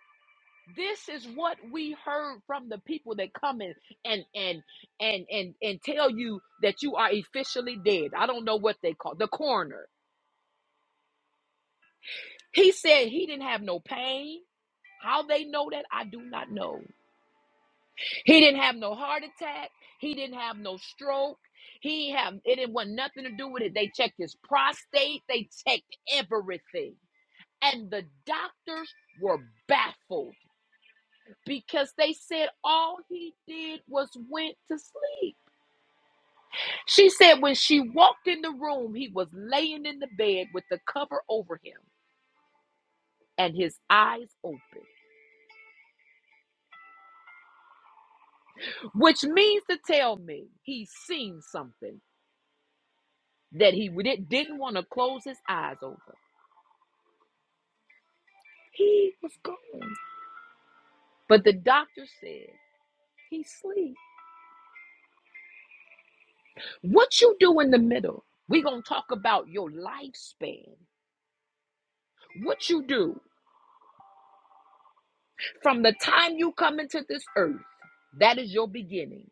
Speaker 1: This is what we heard from the people that come in and and and and and tell you that you are officially dead. I don't know what they call the coroner. He said he didn't have no pain. How they know that, I do not know. He didn't have no heart attack. He didn't have no stroke. He ain't have it didn't want nothing to do with it. They checked his prostate. They checked everything. And the doctors were baffled because they said all he did was went to sleep. She said when she walked in the room, he was laying in the bed with the cover over him and his eyes open, which means to tell me he's seen something that he w- didn't want to close his eyes over. He was gone. But the doctor said he sleep. What you do in the middle? we going to talk about your lifespan. What you do from the time you come into this earth, that is your beginning.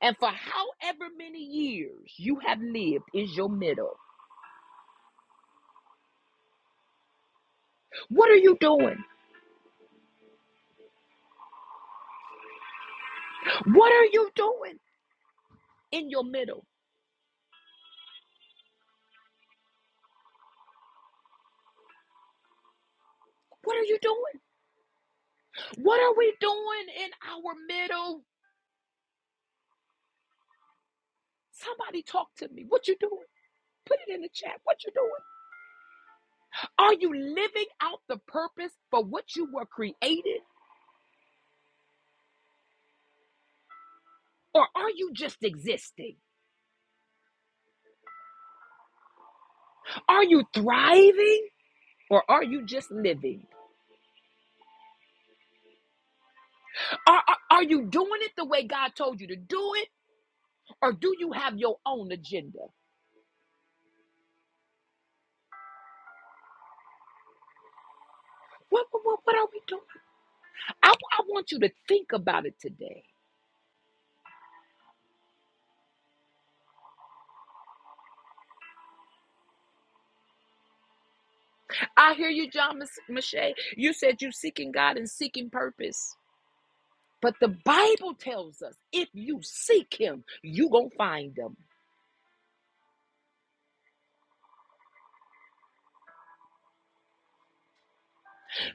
Speaker 1: And for however many years you have lived is your middle. What are you doing? What are you doing in your middle? What are you doing? What are we doing in our middle? Somebody talk to me. What you doing? Put it in the chat. What you doing? Are you living out the purpose for what you were created? Or are you just existing? Are you thriving? Or are you just living? Are, are, are you doing it the way God told you to do it? Or do you have your own agenda? What, what, what, are we doing? I, I want you to think about it today. I hear you, John Mache. You said you seeking God and seeking purpose. But the Bible tells us if you seek him, you going to find him.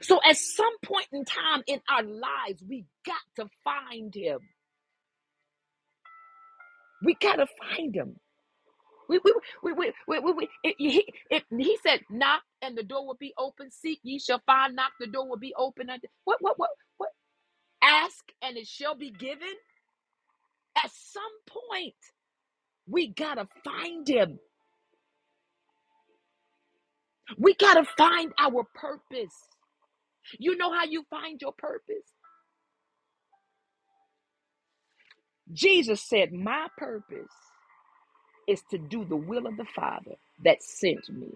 Speaker 1: So at some point in time in our lives, we got to find him. We got to find him. We, we, we, we, we, we, we- it- he, it- he said, knock and the door will be open. Seek ye shall find. Knock, the door will be open. What, what, what, what? Ask and it shall be given At some point, we gotta find him. We gotta find our purpose. You know how you find your purpose? Jesus said, My purpose is to do the will of the Father that sent me.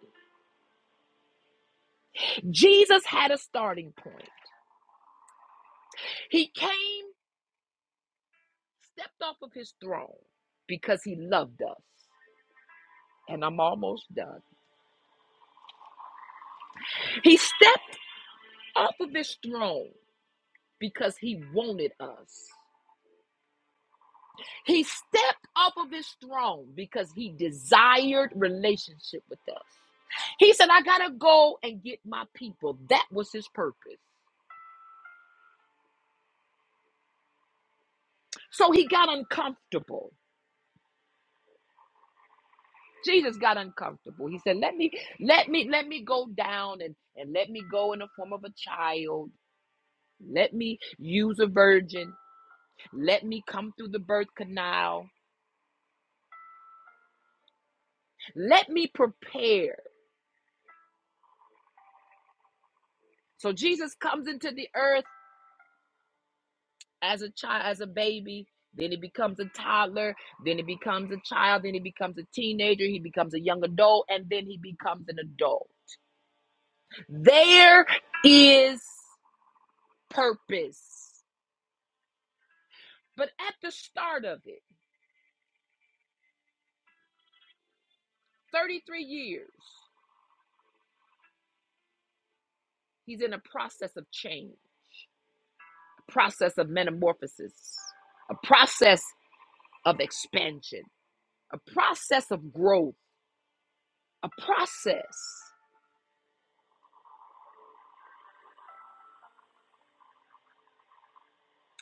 Speaker 1: Jesus had a starting point. He came, stepped off of his throne because he loved us. And I'm almost done. He stepped off of his throne because he wanted us. He stepped off of his throne because he desired relationship with us. He said, I got to go and get my people. That was his purpose. So he got uncomfortable. Jesus got uncomfortable. He said, "Let me let me let me go down and and let me go in the form of a child. Let me use a virgin. Let me come through the birth canal. Let me prepare." So Jesus comes into the earth as a child, as a baby. Then it becomes a toddler. Then it becomes a child. Then he becomes a teenager. He becomes a young adult. And then he becomes an adult. There is purpose. But at the start of it, 33 years, he's in a process of change, a process of metamorphosis, a process of expansion, a process of growth, a process.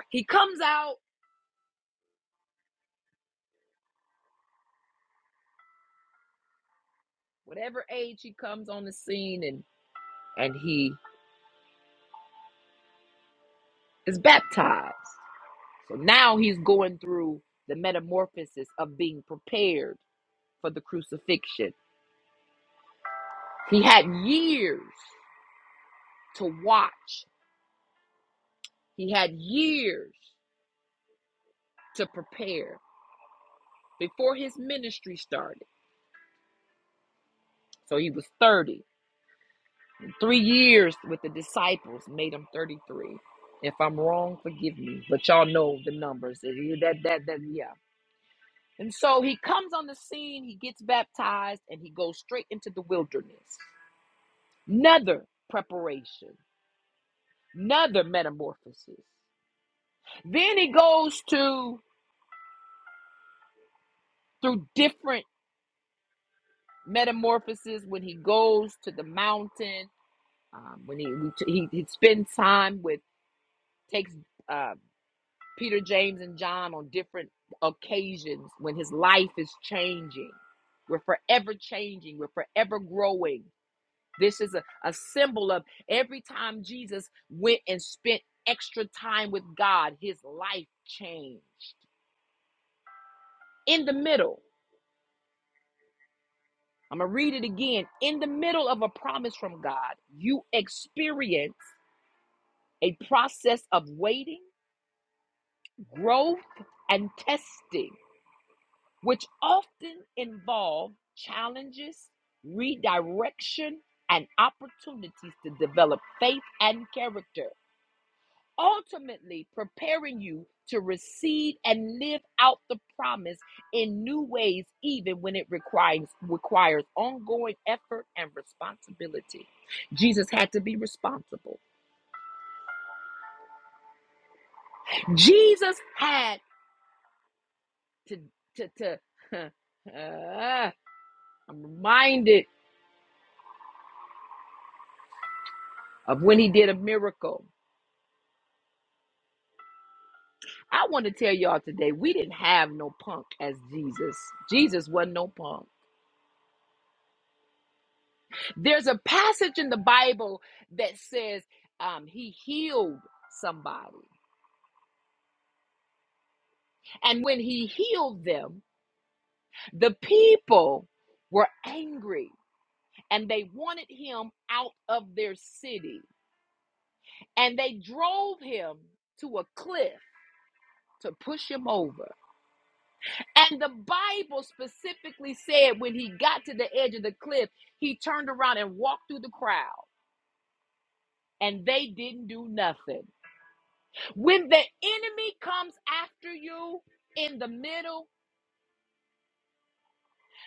Speaker 1: He comes out whatever age he comes on the scene and and he is baptized. So now he's going through the metamorphosis of being prepared for the crucifixion. He had years to watch, he had years to prepare before his ministry started. So he was 30. Three years with the disciples made him 33. If I'm wrong, forgive me. But y'all know the numbers. That, that, that, yeah. And so he comes on the scene, he gets baptized, and he goes straight into the wilderness. Another preparation, another metamorphosis. Then he goes to through different metamorphoses when he goes to the mountain, um, when he, he he spends time with takes uh, Peter, James, and John on different occasions when his life is changing. We're forever changing. We're forever growing. This is a, a symbol of every time Jesus went and spent extra time with God, his life changed. In the middle, I'm going to read it again. In the middle of a promise from God, you experience a process of waiting, growth, and testing, which often involve challenges, redirection, and opportunities to develop faith and character. ultimately preparing you to receive and live out the promise in new ways even when it requires requires ongoing effort and responsibility. Jesus had to be responsible. Jesus had to to to Ah, I'm reminded of when he did a miracle. I want to tell y'all today, we didn't have no punk as Jesus. Jesus wasn't no punk. There's a passage in the Bible that says um, he healed somebody. And when he healed them, the people were angry and they wanted him out of their city. And they drove him to a cliff to push him over. And the Bible specifically said when he got to the edge of the cliff, he turned around and walked through the crowd, and they didn't do nothing. When the enemy comes after you in the middle,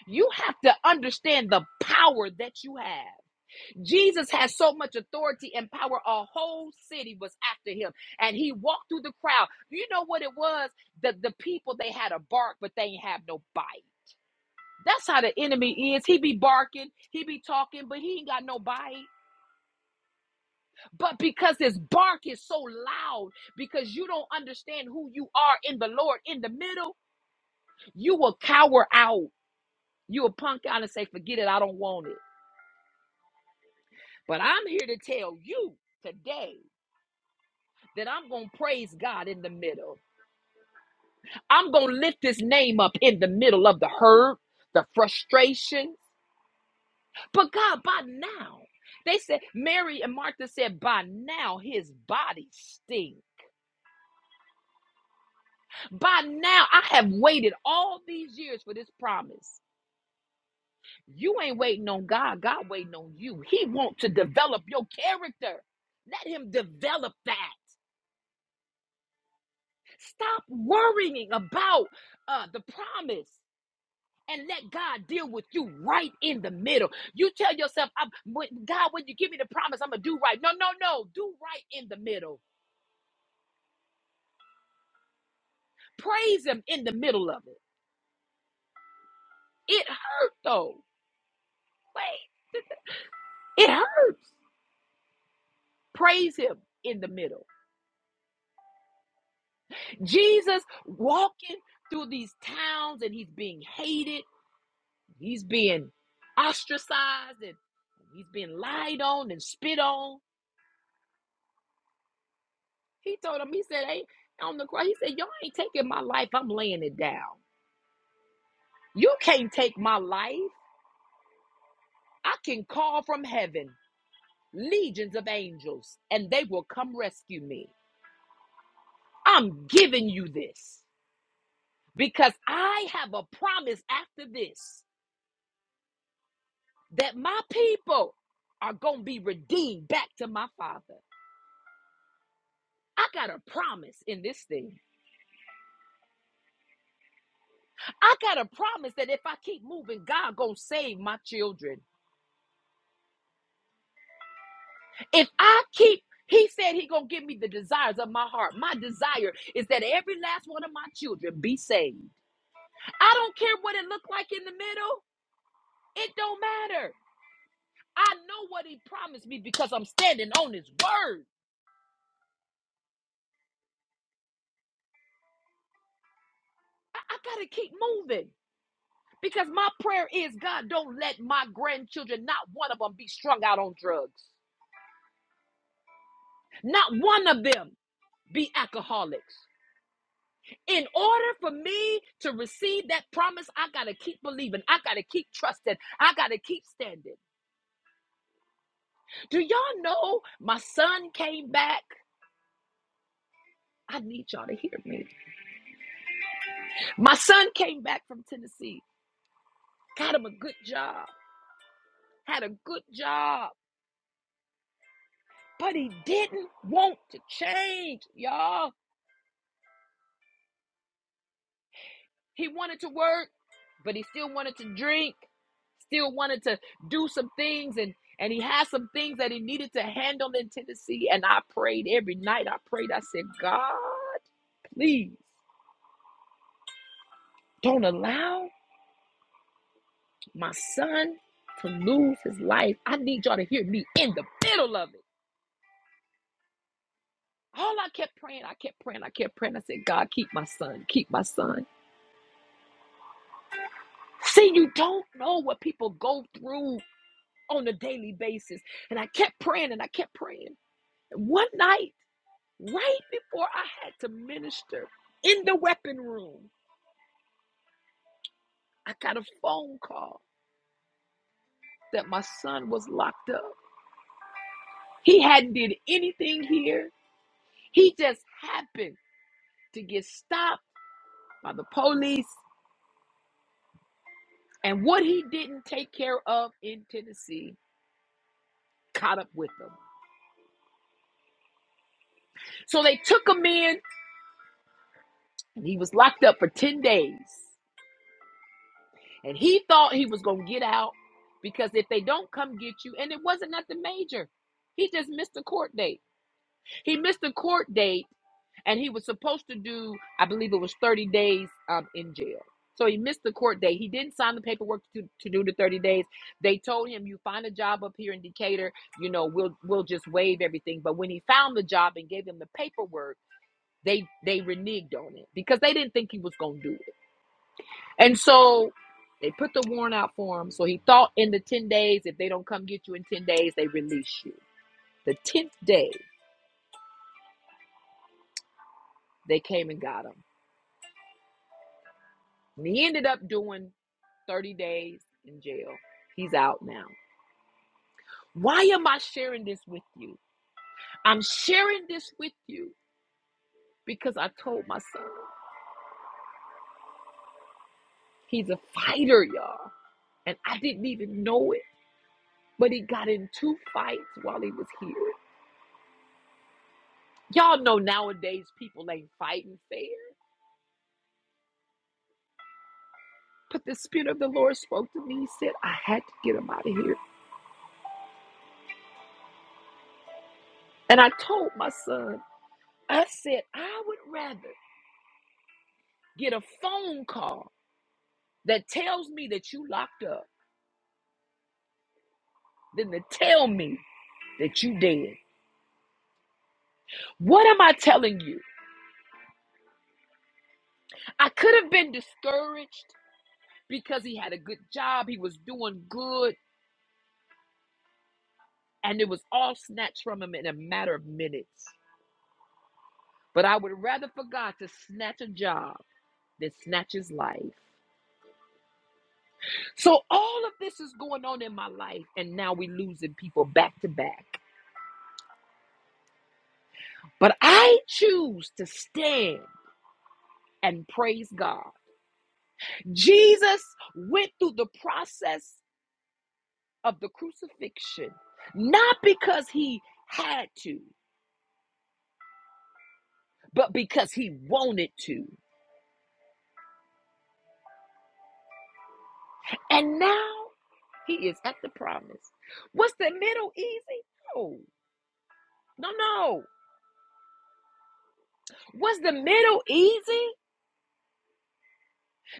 Speaker 1: you have to understand the power that you have. Jesus has so much authority and power. A whole city was after him, and he walked through the crowd. You know what it was? The, the people, they had a bark, but they ain't have no bite. That's how the enemy is. He be barking, he be talking, but he ain't got no bite. But because his bark is so loud, because you don't understand who you are in the Lord in the middle, You will cower out. You will punk out and say, forget it, I don't want it. But I'm here to tell you today that I'm going to praise God in the middle. I'm going to lift his name up in the middle of the hurt, the frustration. But God, by now, they said, Mary and Martha said, by now his body stinks. By now, I have waited all these years for this promise. You ain't waiting on God. God waiting on you. He wants to develop your character. Let him develop that. Stop worrying about uh, the promise and let God deal with you right in the middle. You tell yourself, I'm, God, when you give me the promise, I'm going to do right. No, no, no. Do right in the middle. Praise him in the middle of it. It hurt though. Wait, it hurt. Praise him in the middle. Jesus walking through these towns and he's being hated He's being ostracized and he's being lied on and spit on. He told him, he said, hey, on the cross, he said, y'all ain't taking my life. I'm laying it down. You can't take my life. I can call from heaven legions of angels and they will come rescue me. I'm giving you this because I have a promise after this that my people are going to be redeemed back to my father. I got a promise in this thing. I got a promise that if I keep moving, God gonna save my children. If I keep, He said He gonna give me the desires of my heart. My desire is that every last one of my children be saved. I don't care what it look like in the middle. It don't matter. I know what He promised me because I'm standing on His word. I, I gotta keep moving. Because my prayer is, God, don't let my grandchildren, not one of them, be strung out on drugs. Not one of them be alcoholics. In order for me to receive that promise, I got to keep believing. I got to keep trusting. I got to keep standing. Do y'all know my son came back? I need y'all to hear me. My son came back from Tennessee, got him a good job, had a good job, but he didn't want to change, y'all. He wanted to work, but he still wanted to drink, still wanted to do some things and and he had some things that he needed to handle in Tennessee and I prayed every night. I prayed. I said, "God, please don't allow my son to lose his life. I need y'all to hear me in the middle of it." All I kept praying, I kept praying, I kept praying. I said, "God, keep my son. Keep my son." See, you don't know what people go through on a daily basis. And I kept praying and I kept praying. One night, right before I had to minister in the weapon room, I got a phone call that my son was locked up. He hadn't did anything here. He just happened to get stopped by the police. And what he didn't take care of in Tennessee caught up with him. So they took him in and he was locked up for 10 days. And he thought he was going to get out because if they don't come get you, and it wasn't nothing major, he just missed a court date. He missed the court date and he was supposed to do, I believe it was 30 days um, in jail. So he missed the court date. He didn't sign the paperwork to, to do the 30 days. They told him, you find a job up here in Decatur, you know, we'll we'll just waive everything. But when he found the job and gave him the paperwork, they they reneged on it because they didn't think he was gonna do it. And so they put the warrant out for him. So he thought in the 10 days, if they don't come get you in 10 days, they release you. The 10th day, they came and got him And he ended up doing 30 days in jail. He's out now. Why am I sharing this with you? I'm sharing this with you because I told my son he's a fighter, y'all. And I didn't even know it, but he got in two fights while he was here. Y'all know nowadays people ain't fighting fair. But the Spirit of the Lord spoke to me. He said, I had to get him out of here. And I told my son, I said, I would rather get a phone call that tells me that you locked up than to tell me that you dead. What am I telling you? I could have been discouraged because he had a good job, he was doing good, and it was all snatched from him in a matter of minutes. But I would rather for God to snatch a job than snatch his life. So all of this is going on in my life, and now we're losing people back to back. But I choose to stand and praise God. Jesus went through the process of the crucifixion, not because he had to, but because he wanted to. And now he is at the promise. Was the middle easy? No, no, no. Was the middle easy?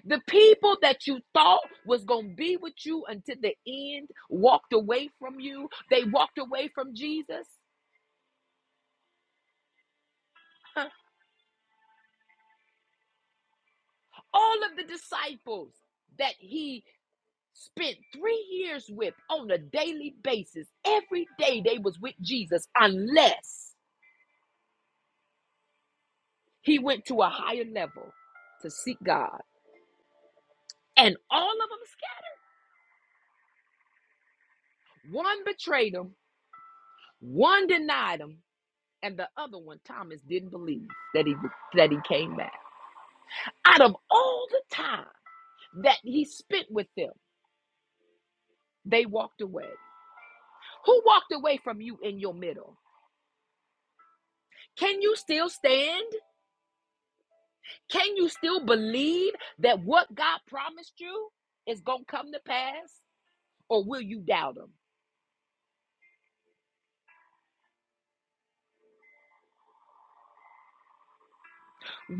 Speaker 1: The people that you thought was going to be with you until the end walked away from you, they walked away from Jesus. All of the disciples that he spent three years with on a daily basis. Every day they was with Jesus unless he went to a higher level to seek God. And all of them scattered. One betrayed him, one denied him, and the other one, Thomas, didn't believe that he that he came back. Out of all the time that he spent with them, they walked away. Who walked away from you in your middle? Can you still stand? Can you still believe that what God promised you is going to come to pass? Or will you doubt Him?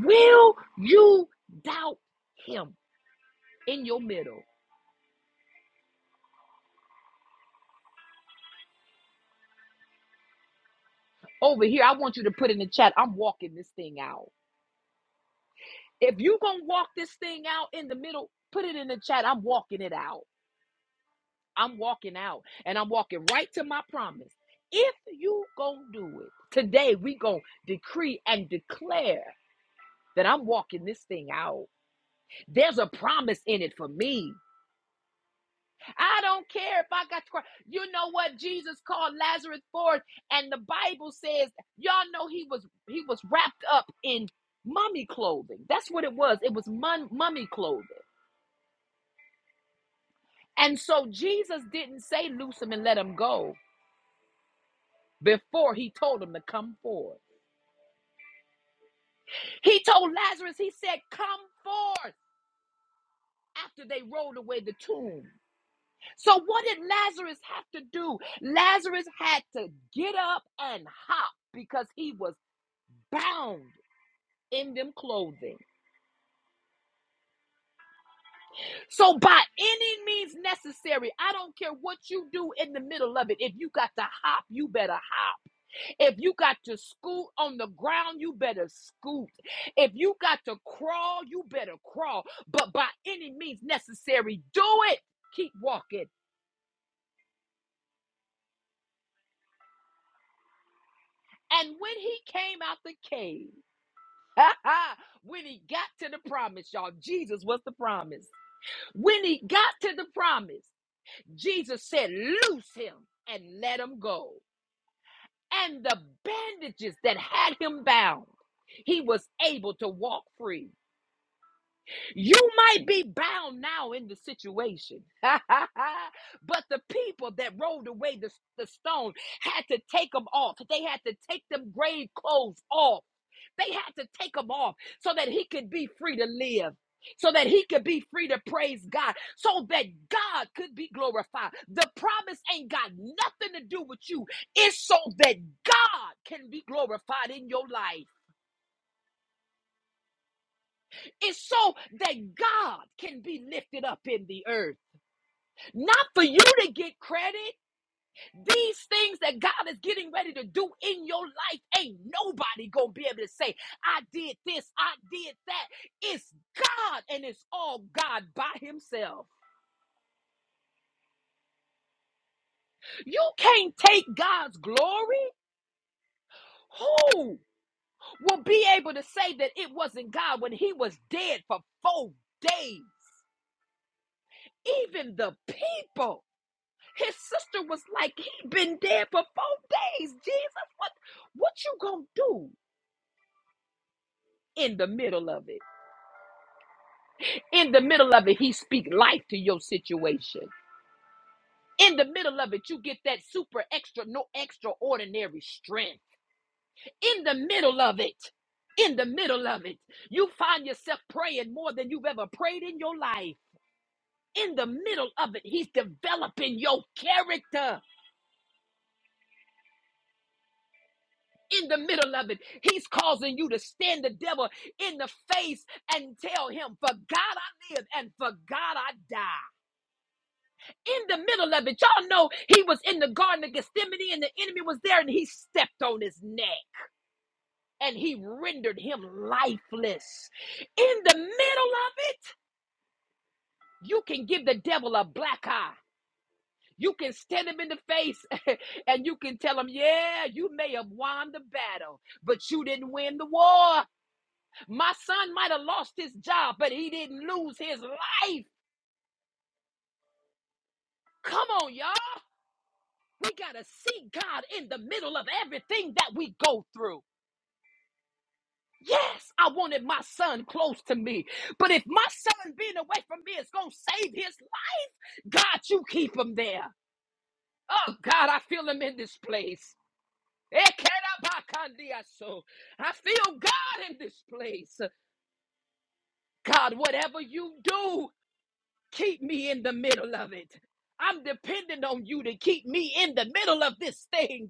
Speaker 1: Will you doubt Him in your middle? Over here, I want you to put in the chat, I'm walking this thing out. If you're going to walk this thing out in the middle, put it in the chat, I'm walking it out. I'm walking out and I'm walking right to my promise. If you going to do it, today we going to decree and declare that I'm walking this thing out. There's a promise in it for me. I don't care if I got to cry. You know what Jesus called Lazarus forth, and the Bible says, y'all know he was he was wrapped up in mummy clothing. That's what it was. It was mum, mummy clothing. And so Jesus didn't say loose him and let him go before he told him to come forth. He told Lazarus, he said, come forth after they rolled away the tomb. So what did Lazarus have to do? Lazarus had to get up and hop because he was bound in them clothing. So by any means necessary, I don't care what you do in the middle of it. If you got to hop, you better hop. If you got to scoot on the ground, you better scoot. If you got to crawl, you better crawl. But by any means necessary, do it. Keep walking. And when he came out the cave, when he got to the promise, y'all, Jesus was the promise. When he got to the promise, Jesus said, Loose him and let him go. And the bandages that had him bound, he was able to walk free. You might be bound now in the situation, but the people that rolled away the, the stone had to take them off. They had to take them grave clothes off They had to take him off so that he could be free to live. So that he could be free to praise God, so that God could be glorified. The promise ain't got nothing to do with you. It's so that God can be glorified in your life. It's so that God can be lifted up in the earth. Not for you to get credit, These things that God is getting ready to do in your life, ain't nobody gonna be able to say, I did this, I did that. It's God and it's all God by Himself. You can't take God's glory. Who will be able to say that it wasn't God when He was dead for four days? Even the people. His sister was like, he been dead for four days. Jesus, what what you gonna do in the middle of it? In the middle of it, he speak life to your situation. In the middle of it, you get that super extra, no extraordinary strength. In the middle of it, in the middle of it, you find yourself praying more than you've ever prayed in your life. In the middle of it, he's developing your character. In the middle of it, he's causing you to stand the devil in the face and tell him, For God I live and for God I die. in the middle of it. Y'all know he was in the Garden of Gethsemane and the enemy was there and he stepped on his neck and he rendered him lifeless. In the middle of it, you can give the devil a black eye. You can stand him in the face and you can tell him, yeah, you may have won the battle, but you didn't win the war. My son might have lost his job, but he didn't lose his life. Come on, y'all. We got to see God in the middle of everything that we go through. Yes, I wanted my son close to me. But if my son being away from me is going to save his life, God, you keep him there. Oh, God, I feel him in this place. Ekerabakandiaso. I feel God in this place. God, whatever you do, keep me in the middle of it. I'm depending on you to keep me in the middle of this thing.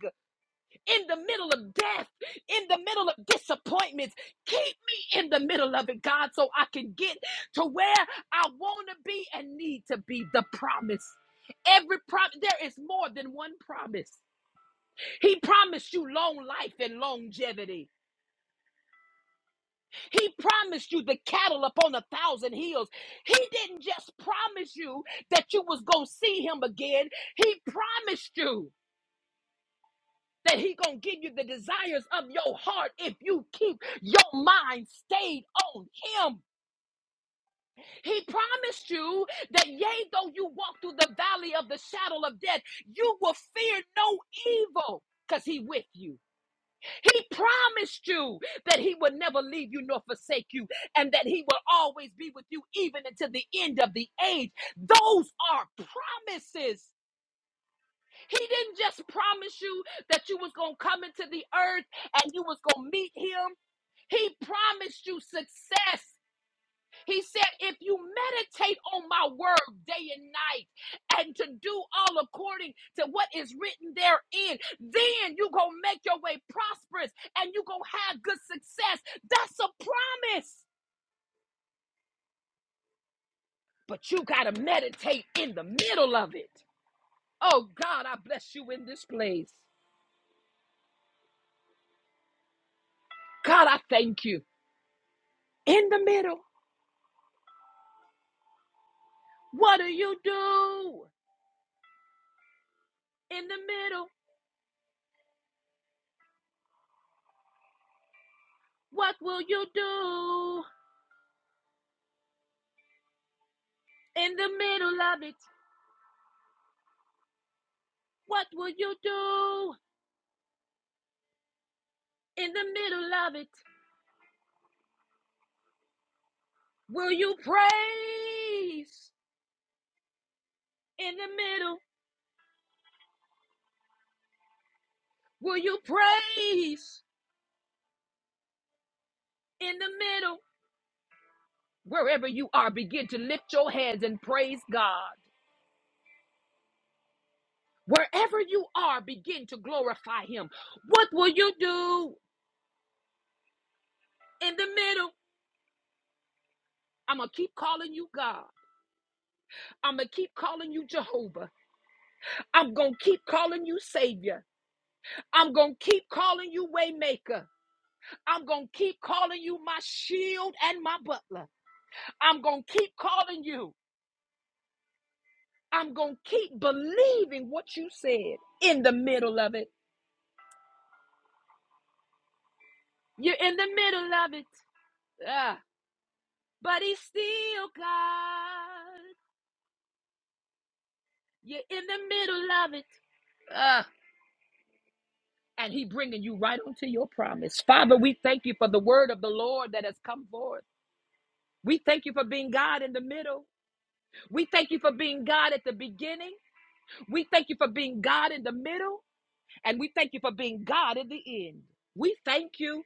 Speaker 1: in the middle of death, in the middle of disappointments. Keep me in the middle of it, God, so I can get to where I want to be and need to be the promise. Every promise, there is more than one promise. He promised you long life and longevity. He promised you the cattle upon a thousand hills. He didn't just promise you that you was going to see him again. He promised you. that he gonna give you the desires of your heart if you keep your mind stayed on him he promised you that yea though you walk through the valley of the shadow of death you will fear no evil because he with you he promised you that he would never leave you nor forsake you and that he will always be with you even until the end of the age those are promises He didn't just promise you that you was going to come into the earth and you was going to meet him. He promised you success. He said, if you meditate on my word day and night and to do all according to what is written therein, then you going to make your way prosperous and you going to have good success. That's a promise. But you got to meditate in the middle of it. Oh, God, I bless you in this place. God, I thank you. In the middle. What do you do in the middle? What will you do in the middle of it? What will you do in the middle of it? Will you praise in the middle? Will you praise in the middle? Wherever you are, begin to lift your hands and praise God. Wherever you are, begin to glorify Him. What will you do in the middle? I'm going to keep calling you God. I'm going to keep calling you Jehovah. I'm going to keep calling you Savior. I'm going to keep calling you Waymaker. I'm going to keep calling you my shield and my butler. I'm going to keep calling you. I'm going to keep believing what you said in the middle of it. You're in the middle of it. Ah, but He's still God. You're in the middle of it. Ah, and He bringing you right onto your promise. Father, we thank you for the word of the Lord that has come forth. We thank you for being God in the middle. We thank you for being God at the beginning. We thank you for being God in the middle. And we thank you for being God at the end. We thank you.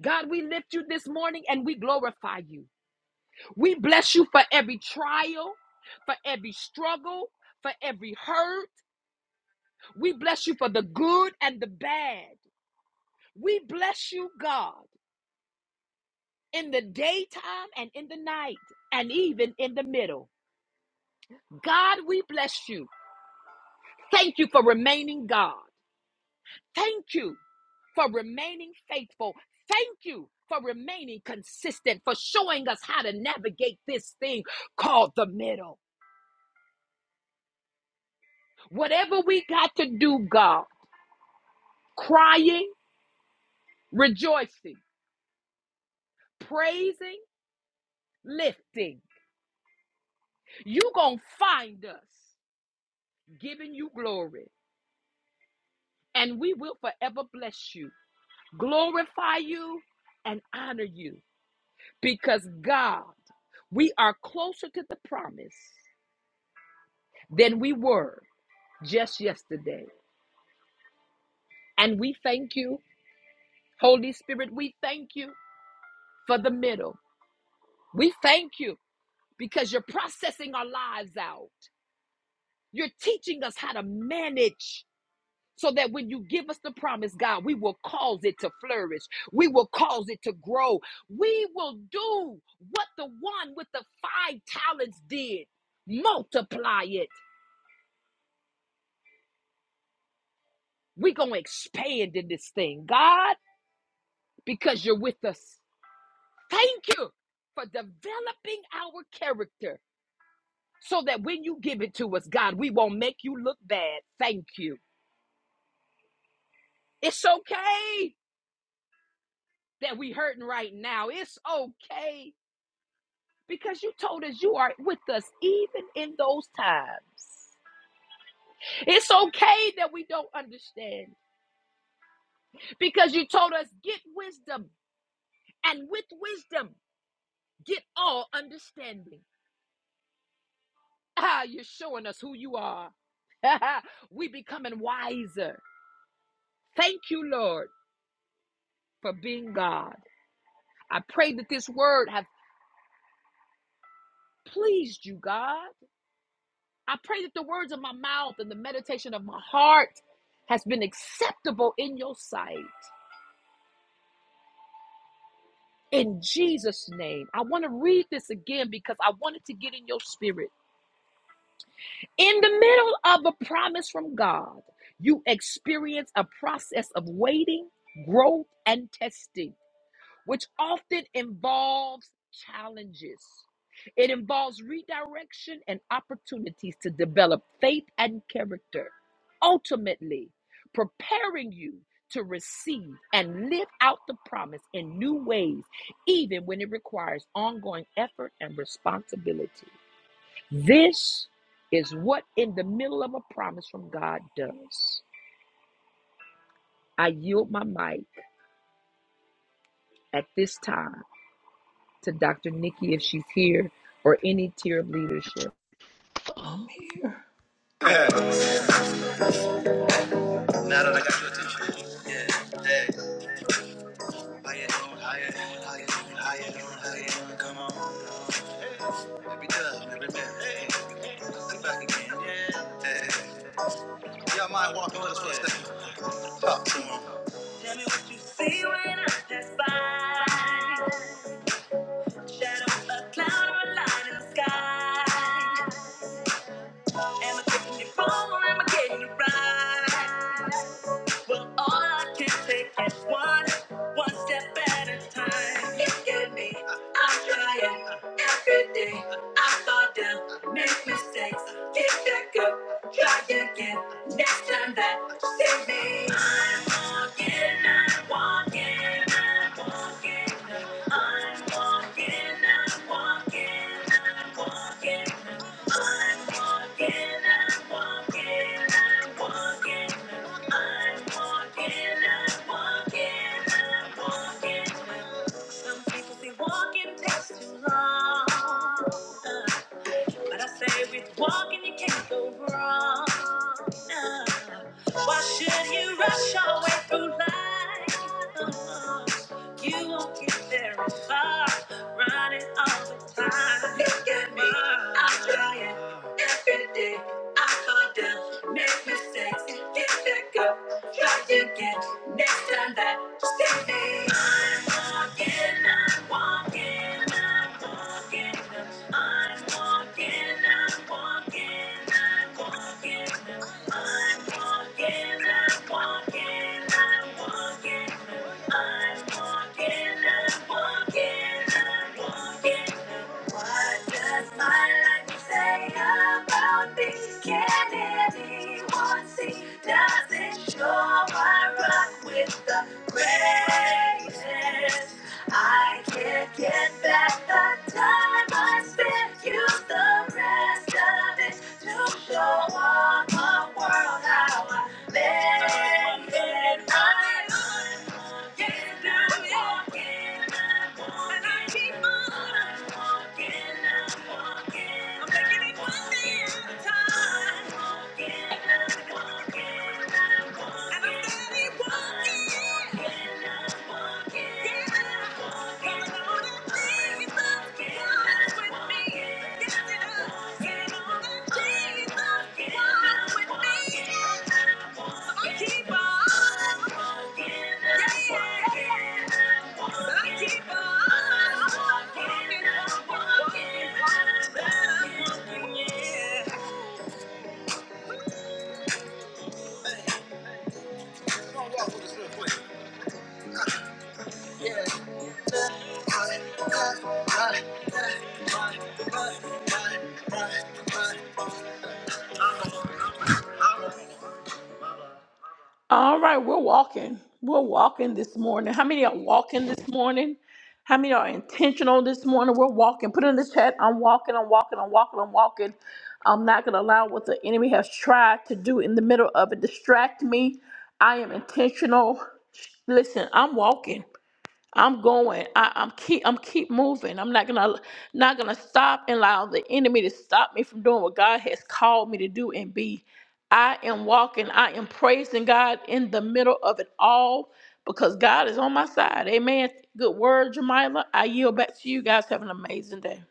Speaker 1: God, we lift you this morning and we glorify you. We bless you for every trial, for every struggle, for every hurt. We bless you for the good and the bad. We bless you, God, in the daytime and in the night and even in the middle. God, we bless you. Thank you for remaining God. Thank you for remaining faithful. Thank you for remaining consistent, for showing us how to navigate this thing called the middle. Whatever we got to do, God, crying, rejoicing, praising, lifting, you going to find us giving you glory, and we will forever bless you, glorify you, and honor you because God, we are closer to the promise than we were just yesterday. And we thank you, Holy Spirit, we thank you for the middle. We thank you because you're processing our lives out. You're teaching us how to manage so that when you give us the promise, God, we will cause it to flourish. We will cause it to grow. We will do what the one with the five talents did multiply it. We're going to expand in this thing, God, because you're with us. Thank you for developing our character so that when you give it to us, God, we won't make you look bad. Thank you. It's okay that we hurting right now. It's okay because you told us you are with us even in those times. It's okay that we don't understand because you told us get wisdom and with wisdom get all understanding. Ah, you're showing us who you are. we becoming wiser. Thank you, Lord, for being God. I pray that this word have pleased you, God. I pray that the words of my mouth and the meditation of my heart has been acceptable in your sight. In Jesus' name, I want to read this again because I wanted to get in your spirit. In the middle of a promise from God, you experience a process of waiting, growth, and testing. which often involves challenges. It involves redirection and opportunities to develop faith and character, ultimately, preparing you to receive and live out the promise in new ways, even when it requires ongoing effort and responsibility. This is what in the middle of a promise from God does. I yield my mic at this time to Dr. Nikki if she's here or any tier of leadership.
Speaker 6: I'm here. Now that I got your attention. Yeah. Higher, higher, higher, higher, higher, doing? Come on. Every dub, every man. Hey, we back again. Yeah. Hey. Y'all mind walking with us for a second? Talk to him. Tell me what you see when I pass by. Shadow, a cloud, or a light in the sky. Am I taking you wrong or am I getting you right? Well, all I can take is one, one step at a time. Look at me, I'm trying every day. I fall down, make mistakes, get back up, try again. Next time that see me, I'm walking, I'm walking, I'm walking. I'm walking, I'm walking, I'm walking. I'm walking, I'm walking, I'm walking. I'm walking, Some people say walking takes too long. Uh, but I say with walking you can't go wrong. No. Why should you rush your way through life? Uh, You won't get very far running all the time. Look at me, I'm trying. Every day I fall down, make mistakes, get back up, try again. Next time that see me. I'm walking, I'm walking, I'm walking, I'm walking, I'm walking, I'm walking, I'm walking, I'm walking, I'm walking. I can't get back the time I spent. Use the rest of it this to show all the world how I live. And I Get up, walking, I'm walking. And I keep on walking, I'm walking. I'm taking it one day at a time. Walking, I'm walking, I'm walking. And I'm steady walking. Walking, I'm walking. Keep on, yeah, yeah. Keep on walking, yeah. Hey, i walk with us real quick. All right, we're walking. We're walking this morning. How many are walking this morning? How many are intentional this morning? We're walking. Put it in the chat. I'm walking. I'm walking. I'm walking. I'm walking. I'm not going to allow what the enemy has tried to do in the middle of it distract me. I am intentional. Listen, I'm walking. I'm going. I, I'm keep. I'm keep moving. I'm not gonna not gonna stop and allow the enemy to stop me from doing what God has called me to do and be. I am walking. I am praising God in the middle of it all because God is on my side. Amen. Good word, Jamila. I yield back to you guys. Have an amazing day.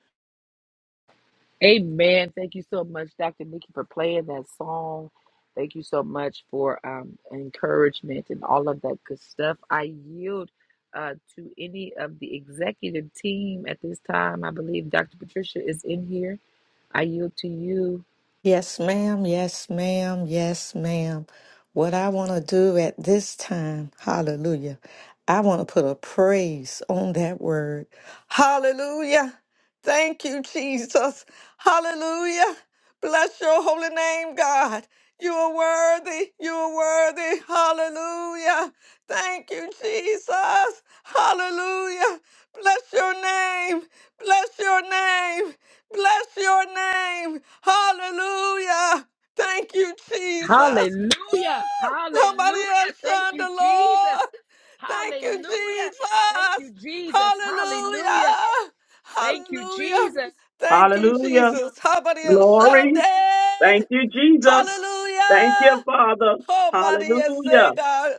Speaker 1: Amen. Thank you so much, Dr. Nikki, for playing that song. Thank you so much for um, encouragement and all of that good stuff. I yield uh, to any of the executive team at this time. I believe Dr. Patricia is in here. I yield to you.
Speaker 3: Yes, ma'am. Yes, ma'am. Yes, ma'am. What I want to do at this time, hallelujah, I want to put a praise on that word. Hallelujah. Thank you, Jesus. Hallelujah. Bless your holy name, God. You are worthy. You are worthy. Hallelujah. Thank you, Jesus. Hallelujah. Bless your name. Bless your name. Bless your name. Hallelujah. Thank you, Jesus.
Speaker 1: Hallelujah.
Speaker 3: Woo! Somebody else
Speaker 1: Hallelujah. Thank
Speaker 3: shine
Speaker 1: you,
Speaker 3: the
Speaker 1: Jesus.
Speaker 3: Lord. Thank you,
Speaker 1: Hallelujah. Thank you,
Speaker 3: Jesus.
Speaker 1: Jesus.
Speaker 3: Hallelujah.
Speaker 1: Hallelujah. Thank you,
Speaker 3: Hallelujah.
Speaker 1: Jesus.
Speaker 3: Thank you,
Speaker 8: Hallelujah.
Speaker 3: Jesus. Somebody else shine
Speaker 8: Glory. Thank
Speaker 3: it.
Speaker 8: you, Jesus. Thank you,
Speaker 3: Hallelujah.
Speaker 8: Father.
Speaker 3: Oh, Maria,
Speaker 8: Hallelujah.
Speaker 3: say, God.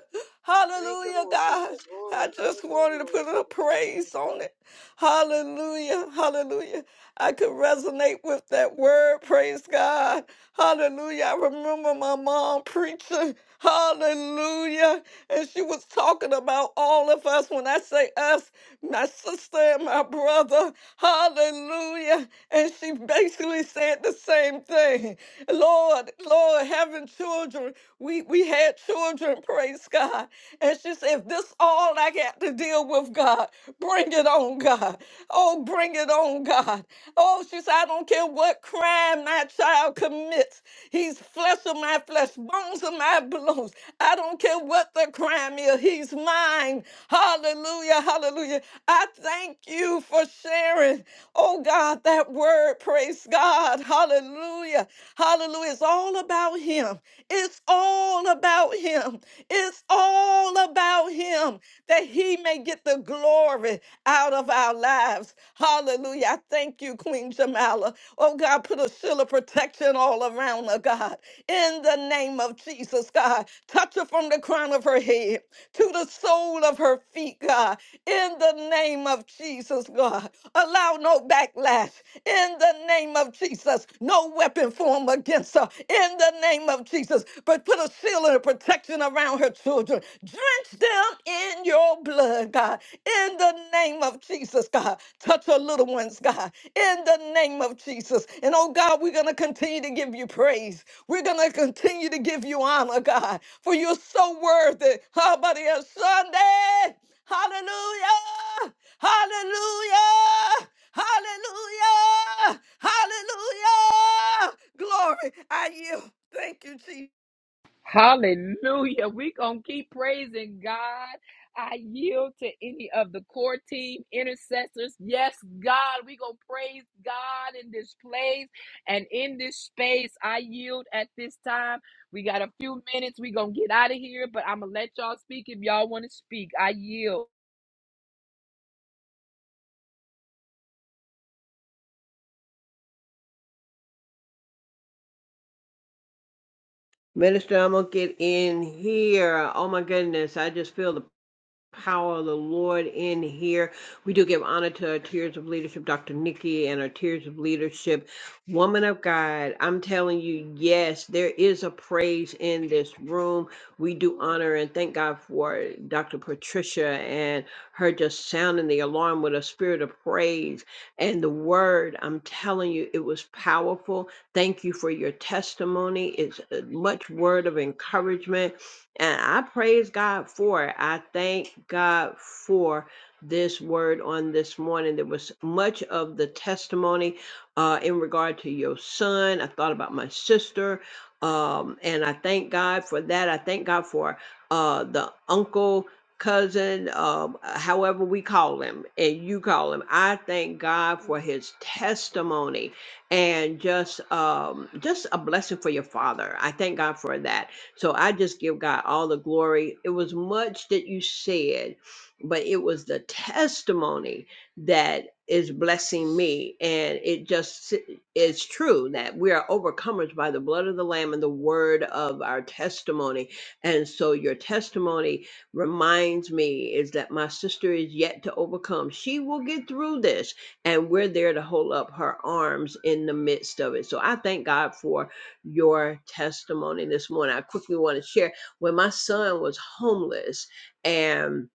Speaker 9: Thank you,
Speaker 3: Hallelujah,
Speaker 9: Lord
Speaker 3: God.
Speaker 9: Jesus.
Speaker 3: I
Speaker 9: Glory.
Speaker 3: just
Speaker 9: Hallelujah,
Speaker 3: wanted to put
Speaker 9: Lord
Speaker 3: a little
Speaker 9: Jesus. Thank
Speaker 3: praise on it. Hallelujah. Hallelujah. I could resonate with that word. Praise God. Hallelujah. I remember my mom preaching. Hallelujah. And she was talking about all of us. When I say us, my sister and my brother. Hallelujah. And she basically said the same thing. Lord, Lord, having children, we we had children, praise God. And she said, if this all I got to deal with, God, bring it on, God. Oh, bring it on, God. Oh, she said, I don't care what crime my child commits. He's flesh of my flesh, bones of my bones. I don't care what the crime is. He's mine. Hallelujah, hallelujah. I thank you for sharing, oh God, that word, praise God. Hallelujah. Hallelujah. Hallelujah. It's all about him. It's all about him. It's all about him that he may get the glory out of our lives. Hallelujah. I thank you, Queen Jamala. Oh, God, put a shield of protection all around her, God. In the name of Jesus, God. Touch her from the crown of her head to the sole of her feet, God. In the name of Jesus, God allow no backlash in the name of Jesus. No weapon formed against her in the name of Jesus. But put a seal and a protection around her children. Drench them in your blood, God, in the name of Jesus, God. Touch her little ones, God, in the name of Jesus. And oh God, we're going to continue to give you praise. We're going to continue to give you honor, God, for you're so worthy. How about it, Sunday? Hallelujah! Hallelujah! Hallelujah! Hallelujah! Glory, I yield. Thank you, Jesus.
Speaker 1: Hallelujah. We're going to keep praising God. I yield to any of the core team intercessors. Yes, God, we're going to praise God in this place and in this space. I yield at this time. We got a few minutes. We're going to get out of here, but I'm going to let y'all speak if y'all want to speak. I yield.
Speaker 5: Minister, I'm going to get in here. Oh my goodness. I just feel the power of the Lord in here. We do give honor to our Tears of Leadership, Dr. Nikki, and our Tears of Leadership. Woman of God, I'm telling you, yes, there is a praise in this room. We do honor and thank God for Dr. Patricia and her just sounding the alarm with a spirit of praise and the word. I'm telling you, it was powerful. Thank you for your testimony. It's uh, much word of encouragement and I praise God for it. I thank God for this word on this morning. There was much of the testimony uh, in regard to your son. I thought about my sister. Um, and I thank God for that. I thank God for uh, the uncle, cousin, um, uh, however we call him, and you call him. I thank God for his testimony and just um, just a blessing for your father. I thank God for that so I just give God all the glory. It was much that you said, but it was the testimony that is blessing me. And it just is true that we are overcomers by the blood of the Lamb and the word of our testimony. And so your testimony reminds me is that my sister is yet to overcome. She will get through this, and we're there to hold up her arms in the midst of it. So I thank God for your testimony this morning. I quickly want to share when my son was homeless and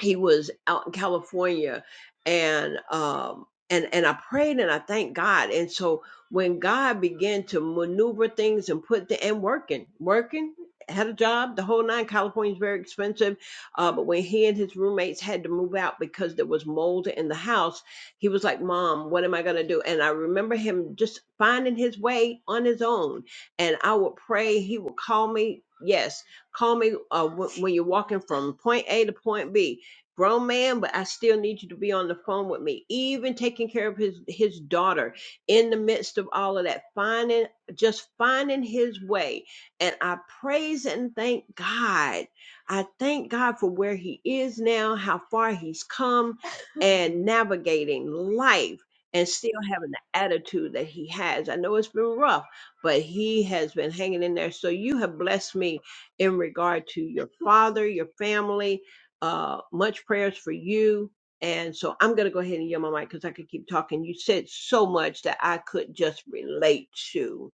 Speaker 5: he was out in California and um and and I prayed and I thanked God. And so when God began to maneuver things and put the and working, working, had a job, the whole nine. California is very expensive. Uh, but when he and his roommates had to move out because there was mold in the house, he was like, Mom, what am I gonna do? And I remember him just finding his way on his own. And I would pray, he would call me. Yes, call me uh, wh- when you're walking from point A to point B grown man, but I still need you to be on the phone with me. Even taking care of his his daughter in the midst of all of that, finding just finding his way. And I praise and thank God. I thank God for where he is now, how far he's come, and navigating life and still having the attitude that he has. I know it's been rough, but he has been hanging in there. So you have blessed me in regard to your father, your family, uh, much prayers for you. And so I'm going to go ahead and yield my mic because I could keep talking. You said so much that I could just relate to.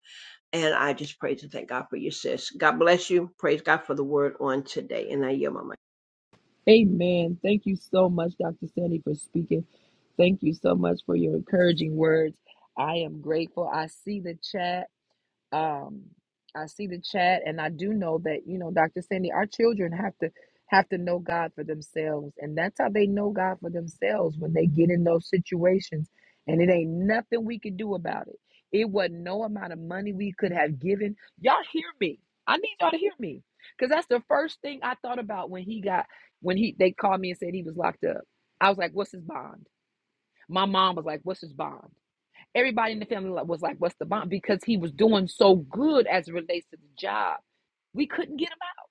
Speaker 5: And I just praise and thank God for you, sis. God bless you. Praise God for the word on today. And I yield my mic.
Speaker 1: Amen. Thank you so much, Dr. Sandy, for speaking. Thank you so much for your encouraging words. I am grateful. I see the chat. um i see the chat and i do know that you know dr sandy our children have to have to know god for themselves and that's how they know god for themselves when they get in those situations and it ain't nothing we could do about it it wasn't no amount of money we could have given y'all hear me i need y'all to hear me because that's the first thing i thought about when he got when he they called me and said he was locked up i was like what's his bond my mom was like what's his bond Everybody in the family was like, "What's the bomb?" Because he was doing so good as it relates to the job. We couldn't get him out.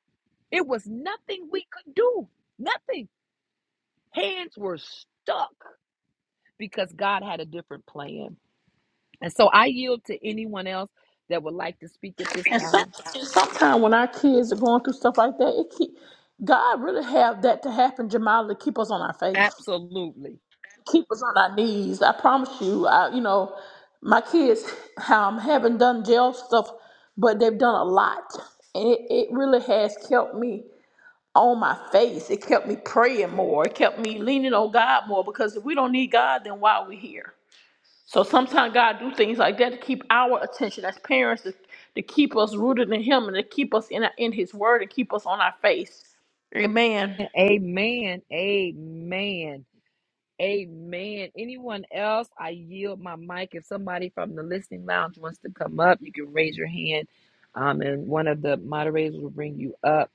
Speaker 1: It was nothing we could do. Nothing. Hands were stuck because God had a different plan. And so I yield to anyone else that would like to speak at this
Speaker 6: And
Speaker 1: time.
Speaker 6: sometimes when our kids are going through stuff like that, it keep God really have that to happen, Jamila, to keep us on our faith.
Speaker 1: Absolutely.
Speaker 6: keep us on our knees. I promise you. I, you know, my kids um, haven't done jail stuff, but they've done a lot, and it, it really has kept me on my face. It kept me praying more. It kept me leaning on God more because if we don't need God, then why are we here? So sometimes God do things like that to keep our attention as parents to, to keep us rooted in Him and to keep us in in His Word and keep us on our face. Amen.
Speaker 1: Amen. Amen. Amen. Anyone else? I yield my mic. If somebody from the listening lounge wants to come up, you can raise your hand, um, and one of the moderators will bring you up.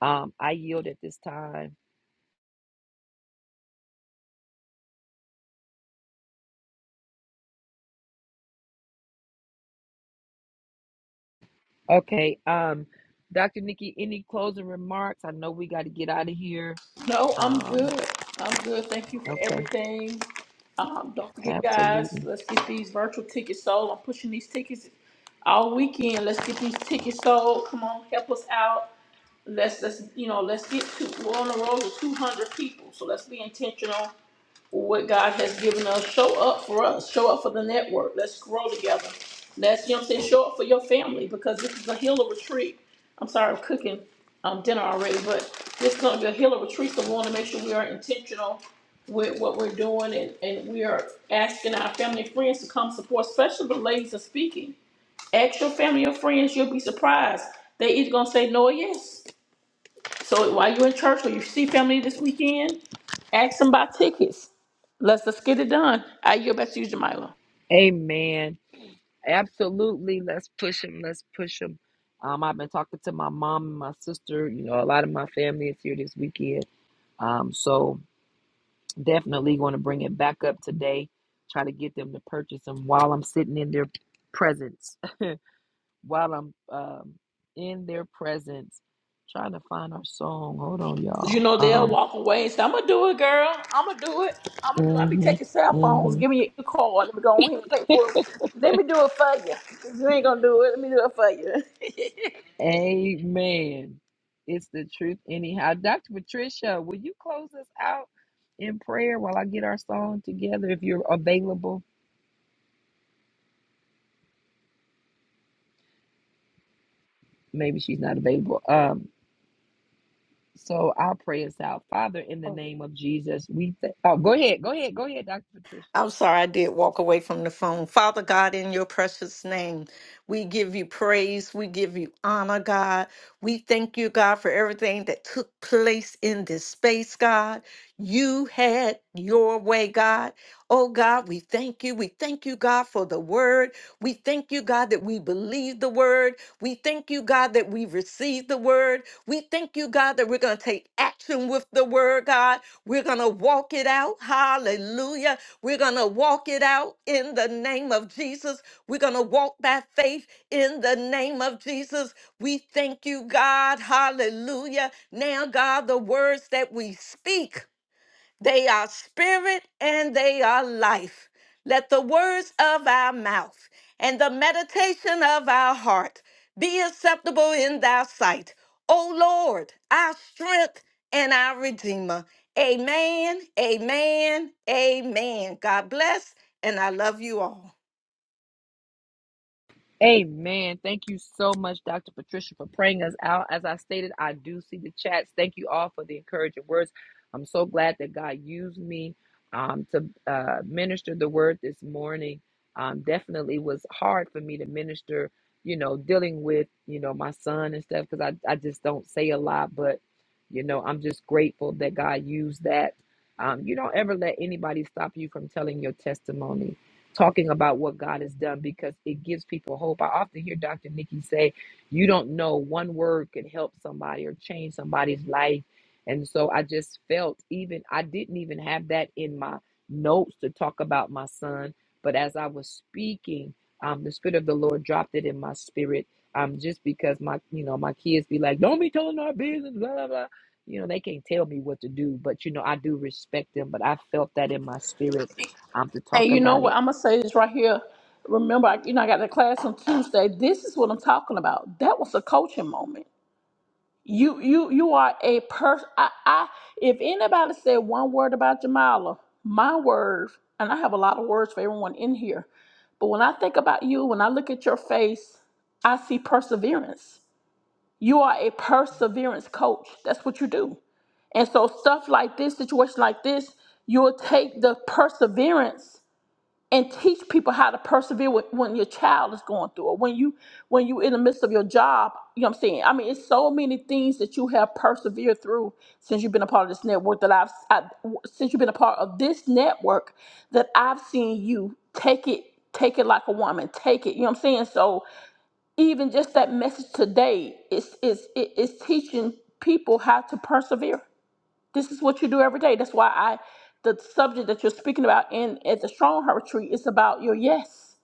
Speaker 1: Um, I yield at this time. Okay. Um, Dr. Nikki, any closing remarks? I know we got to get out of here.
Speaker 6: No, I'm
Speaker 1: Um,
Speaker 6: good. I'm good. Thank you for
Speaker 1: okay.
Speaker 6: everything. Um, don't forget, guys,
Speaker 1: Absolutely.
Speaker 6: let's get these virtual tickets sold. I'm pushing these tickets all weekend. Let's get these tickets sold. Come on, help us out. Let's let's you know let's get to we're on the road with 200 people. So let's be intentional what God has given us. Show up for us. Show up for the network. Let's grow together. Let's, you know what I'm saying, show up for your family because this is a healer retreat. I'm sorry, I'm cooking um, dinner already, but this is going to be a healer retreat. So we want to make sure we are intentional with what we're doing and, and we are asking our family and friends to come support, especially the ladies are speaking. Ask your family or friends, you'll be surprised. They either going to say no or yes. So while you're in church or you see family this weekend, ask them about tickets. Let's let's get it done. I yield back to you, Jamila.
Speaker 1: Amen. Absolutely. Let's push him. Let's push him. Um, I've been talking to my mom and my sister. You know, a lot of my family is here this weekend. Um, so Definitely going to bring it back up today. Try to get them to purchase them while I'm sitting in their presence. while I'm um, in their presence. Trying to find our song. Hold on,
Speaker 6: You
Speaker 1: y'all.
Speaker 6: know they'll
Speaker 1: Um,
Speaker 6: walk away and say, "I'm gonna do it, girl. I'm gonna do it. I'm gonna do. it. I be taking
Speaker 1: mm-hmm,
Speaker 6: cell phones.
Speaker 1: mm-hmm.
Speaker 6: Give me your call. Let me go in and pay for it. Let me do it for you. You ain't gonna do it. Let me do it for you."
Speaker 1: Amen. It's the truth, anyhow. Dr. Patricia, will you close us out in prayer while I get our song together if you're available? Maybe she's not available. Um, So I'll pray us out. Father, in the name of Jesus, we th- oh, go ahead, go ahead, go ahead, Dr. Patricia.
Speaker 3: I'm sorry I did walk away from the phone. Father God, in your precious name, we give you praise. We give you honor, God. We thank you, God, for everything that took place in this space, God. You had your way, God. Oh, God, we thank you. We thank you, God, for the word. We thank you, God, that we believe the word. We thank you, God, that we've received the word. We thank you, God, that we're going to take action with the word, God. We're going to walk it out. Hallelujah. We're going to walk it out in the name of Jesus. We're going to walk by faith in the name of Jesus. We thank you, God. Hallelujah. Now, God, the words that we speak. They are spirit and they are life. Let the words of our mouth and the meditation of our heart be acceptable in thy sight. O Lord, our strength and our redeemer. Amen, amen, amen. God bless, and I love you all.
Speaker 1: Amen. Thank you so much, Dr. Patricia, for praying us out. As I stated, I do see the chats. Thank you all for the encouraging words. I'm so glad that God used me um, to uh, minister the word this morning. Um, definitely was hard for me to minister, you know, dealing with, you know, my son and stuff because I, I just don't say a lot. But, you know, I'm just grateful that God used that. Um, you don't ever let anybody stop you from telling your testimony talking about what God has done because it gives people hope. I often hear Dr. Nikki say, You don't know, one word can help somebody or change somebody's life. And so I just felt even, I didn't even have that in my notes to talk about my son. But as I was speaking, um, the Spirit of the Lord dropped it in my spirit. Um, just because my, you know, my kids be like, don't be telling our business, blah, blah, blah. You know, they can't tell me what to do, but you know, I do respect them. But I felt that in my spirit um, to
Speaker 6: and
Speaker 1: talk
Speaker 6: you know
Speaker 1: about
Speaker 6: what?
Speaker 1: it.
Speaker 6: I'm gonna say this right here. Remember, I, you know I got the class on Tuesday. This is what I'm talking about. That was a coaching moment. You you you are a person. I, I if anybody said one word about Jamala, my words, and I have a lot of words for everyone in here, but when I think about you, when I look at your face, I see perseverance. You are a perseverance coach. That's what you do. And so stuff like this, situation like this, you'll take the perseverance and teach people how to persevere with, when your child is going through or when you when you in the midst of your job you know what i'm saying i mean it's so many things that you have persevered through since you've been a part of this network that i've I, since you've been a part of this network that i've seen you take it take it like a woman take it you know what i'm saying so even just that message today is is it is teaching people how to persevere this is what you do every day. That's why I, the subject that you're speaking about in at the Strong Heart Retreat is about your yes,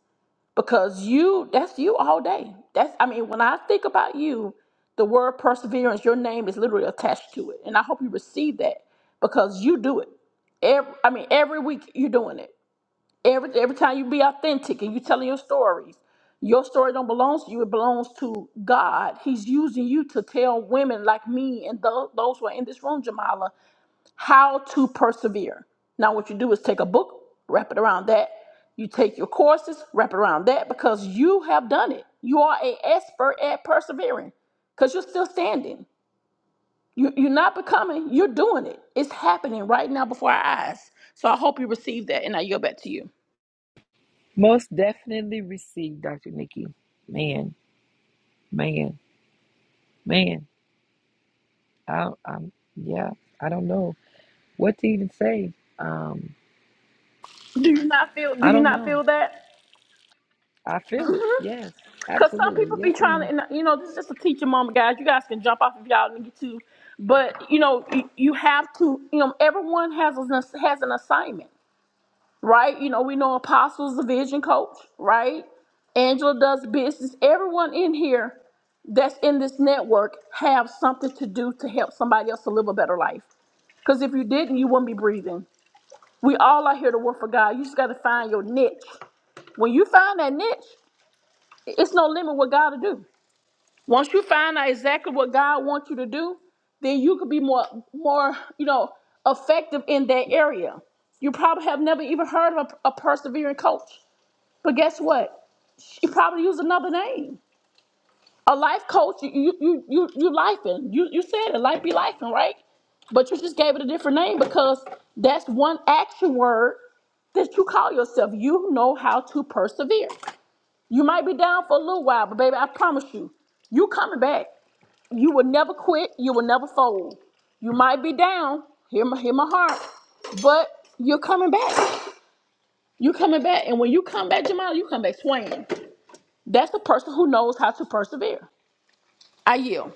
Speaker 6: because you that's you all day. That's I mean, when I think about you, the word perseverance, your name is literally attached to it, and I hope you receive that because you do it. Every, I mean, every week you're doing it. Every every time you be authentic and you telling your stories, your story don't belongs to you. It belongs to God. He's using you to tell women like me and tho- those who are in this room, Jamala how to persevere. Now, what you do is take a book, wrap it around that. You take your courses, wrap it around that because you have done it. You are a expert at persevering because you're still standing. You, you're not becoming, you're doing it. It's happening right now before our eyes. So I hope you receive that and I yield back to you.
Speaker 1: Most definitely received, Dr. Nikki. Man, man, man. I, I'm, yeah, I don't know what to even say. Um,
Speaker 6: Do you not feel? Do
Speaker 1: I
Speaker 6: you
Speaker 1: don't
Speaker 6: not
Speaker 1: know.
Speaker 6: feel that?
Speaker 1: I feel it. Yes,
Speaker 6: Because some
Speaker 1: absolutely.
Speaker 6: people be
Speaker 1: Yes,
Speaker 6: trying
Speaker 1: ma'am.
Speaker 6: to, and, you know, this is just a teaching moment, guys. You guys can jump off if y'all need to, but you know, you, you have to. You know, everyone has an ass- has an assignment. right? You know, we know Apostles, the vision coach, right? Angela does business. Everyone in here that's in this network have something to do to help somebody else to live a better life. Because if you didn't, you wouldn't be breathing. We all are here to work for God. You just got to find your niche. When you find that niche, it's no limit what God to do. Once you find out exactly what God wants you to do, then you could be more, more, you know, effective in that area. You probably have never even heard of a, a persevering coach. But guess what? She probably used another name. A life coach, you you you you you lifing. You you said it, life be lifing, right? But you just gave it a different name because that's one action word that you call yourself. You know how to persevere. You might be down for a little while, but baby, I promise you, you coming back. You will never quit. You will never fold. You might be down. Hear my hear my heart, but you're coming back. You coming back, and when you come back, Jamal, you come back swinging. That's a person who knows how to persevere. I yield.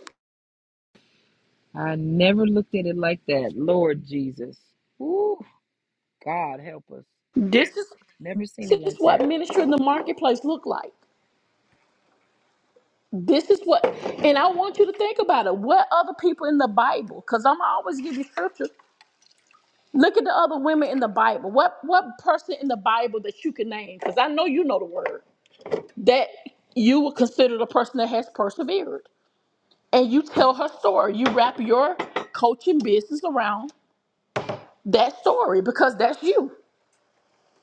Speaker 1: I never looked at it like that. Lord Jesus. Ooh, God help us.
Speaker 6: This is
Speaker 1: Never seen
Speaker 6: this
Speaker 1: it
Speaker 6: is
Speaker 1: like
Speaker 6: what
Speaker 1: that.
Speaker 6: ministry in the marketplace look like. This is what, and I want you to think about it. What other people in the Bible? Because I'm always giving scripture. Look at the other women in the Bible. What what person in the Bible that you can name? Because I know you know the word that you would consider the person that has persevered, and you tell her story. You wrap your coaching business around that story because that's you.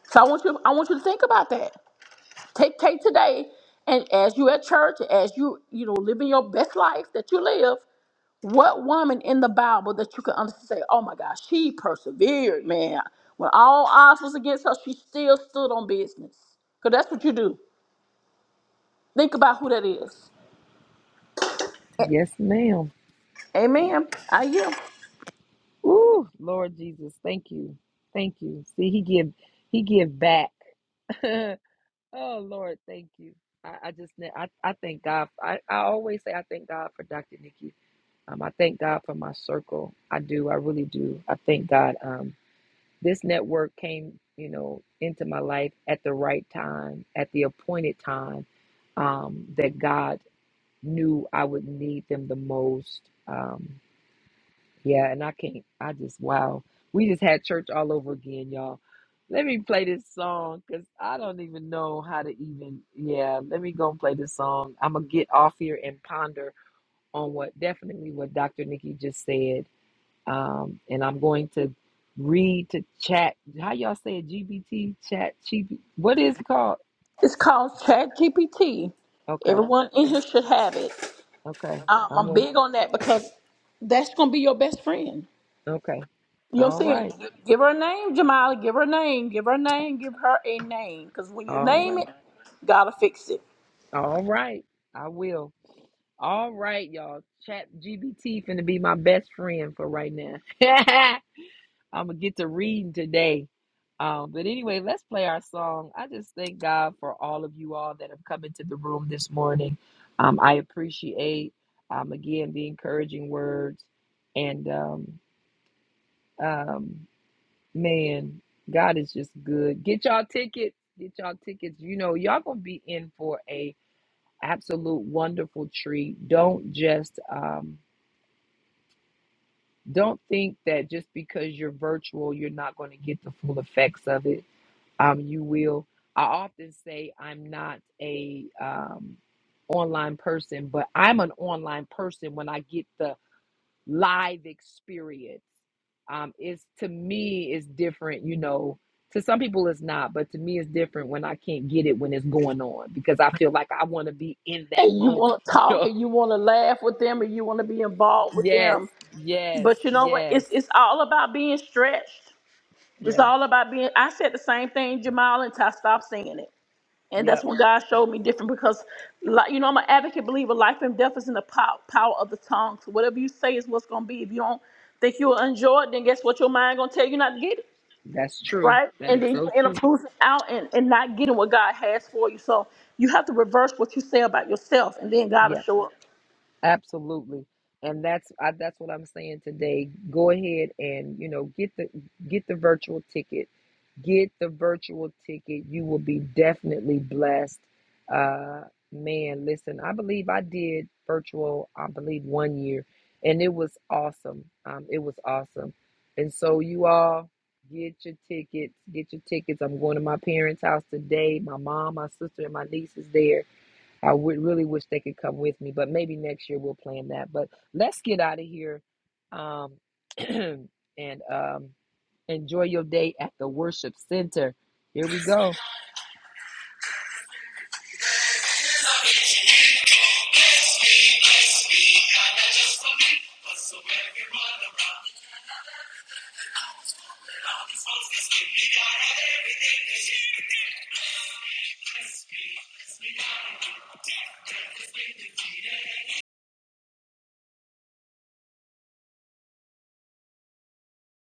Speaker 6: So I want you. I want you to think about that. Take take today, and as you at church, as you you know living your best life that you live, what woman in the Bible that you can honestly say, oh my gosh, she persevered, man. When all odds was against her, she still stood on business. Cause that's what you do. Think about who that is. A-
Speaker 1: Yes, ma'am.
Speaker 6: Amen. I am.
Speaker 1: Ooh, Lord Jesus. Thank you. Thank you. See, he give, he give back. Oh Lord, thank you. I, I just ne- I, I thank God. I, I always say I thank God for Dr. Nikki. Um, I thank God for my circle. I do. I really do. I thank God. Um, this network came, you know, into my life at the right time, at the appointed time, um, that God knew I would need them the most. Um, yeah, and I can't. I just wow. We just had church all over again, y'all. Let me play this song because I don't even know how to even. Yeah, let me go and play this song. I'm gonna get off here and ponder on what definitely what Dr. Nikki just said. Um, and I'm going to read to chat. How y'all say it? GBT chat. GB, what is it called?
Speaker 6: It's called Chat GPT.
Speaker 1: Okay,
Speaker 6: Everyone in here should have it.
Speaker 1: okay.
Speaker 6: Um,
Speaker 1: I'm
Speaker 6: I'm
Speaker 1: going.
Speaker 6: big on that because that's gonna be your best friend.
Speaker 1: Okay.
Speaker 6: You know what I'm
Speaker 1: All
Speaker 6: saying?
Speaker 1: right.
Speaker 6: Gi- Give her a name, Jamila. Give her a name. Give her a name. Give her a name. Because when you
Speaker 1: All
Speaker 6: name it,
Speaker 1: right.
Speaker 6: gotta fix it.
Speaker 1: All right. I will. All right, y'all. Chat GBT finna be my best friend for right now. I'm gonna get to reading today. Um, but anyway, let's play our song. I just thank God for all of you all that have come into the room this morning. Um, I appreciate um, again the encouraging words and um, um, man, God is just good. Get y'all tickets. Get y'all tickets. You know, y'all gonna be in for a absolute wonderful treat. Don't just um, don't think that just because you're virtual, you're not going to get the full effects of it. Um, you will. I often say I'm not a um, online person, but I'm an online person when I get the live experience. Um, it's to me it's different, you know. To some people it's not, but to me it's different when I can't get it when it's going on because I feel like I want to be in that
Speaker 6: And you
Speaker 1: moment,
Speaker 6: want to
Speaker 1: you
Speaker 6: talk
Speaker 1: know.
Speaker 6: and you want to laugh with them and you want to be involved with
Speaker 1: Yes,
Speaker 6: them.
Speaker 1: yes,
Speaker 6: But you know what? It's
Speaker 1: yes,
Speaker 6: it's all about being stretched. It's
Speaker 1: yeah,
Speaker 6: all about being. I said the same thing, Jamal, until I stopped saying it. And that's
Speaker 1: yep.
Speaker 6: when God
Speaker 1: Yeah.
Speaker 6: showed me different because, like, you know, I'm an advocate believer. Life and death is in the pow- power of the tongue. So whatever you say is what's going to be. If you don't think you'll enjoy it, then guess what? Your mind going to tell you not to get it.
Speaker 1: That's true.
Speaker 6: right?
Speaker 1: That
Speaker 6: And
Speaker 1: is
Speaker 6: then you
Speaker 1: so
Speaker 6: end
Speaker 1: true.
Speaker 6: up losing out and, and not getting what God has for you. So you have to reverse what you say about yourself, and then God will
Speaker 1: Yeah,
Speaker 6: show up.
Speaker 1: absolutely. And that's I, that's what I'm saying today. Go ahead and you know get the get the virtual ticket. Get the virtual ticket. You will be definitely blessed. Uh, man, listen. I believe I did virtual. I believe one year, and it was awesome. Um, it was awesome. And so you all get your tickets. Get your tickets. I'm going to my parents' house today. My mom, my sister, and my niece is there I would really wish they could come with me, but maybe next year we'll plan that. But let's get out of here, um, and um, enjoy your day at the worship center. Here we go.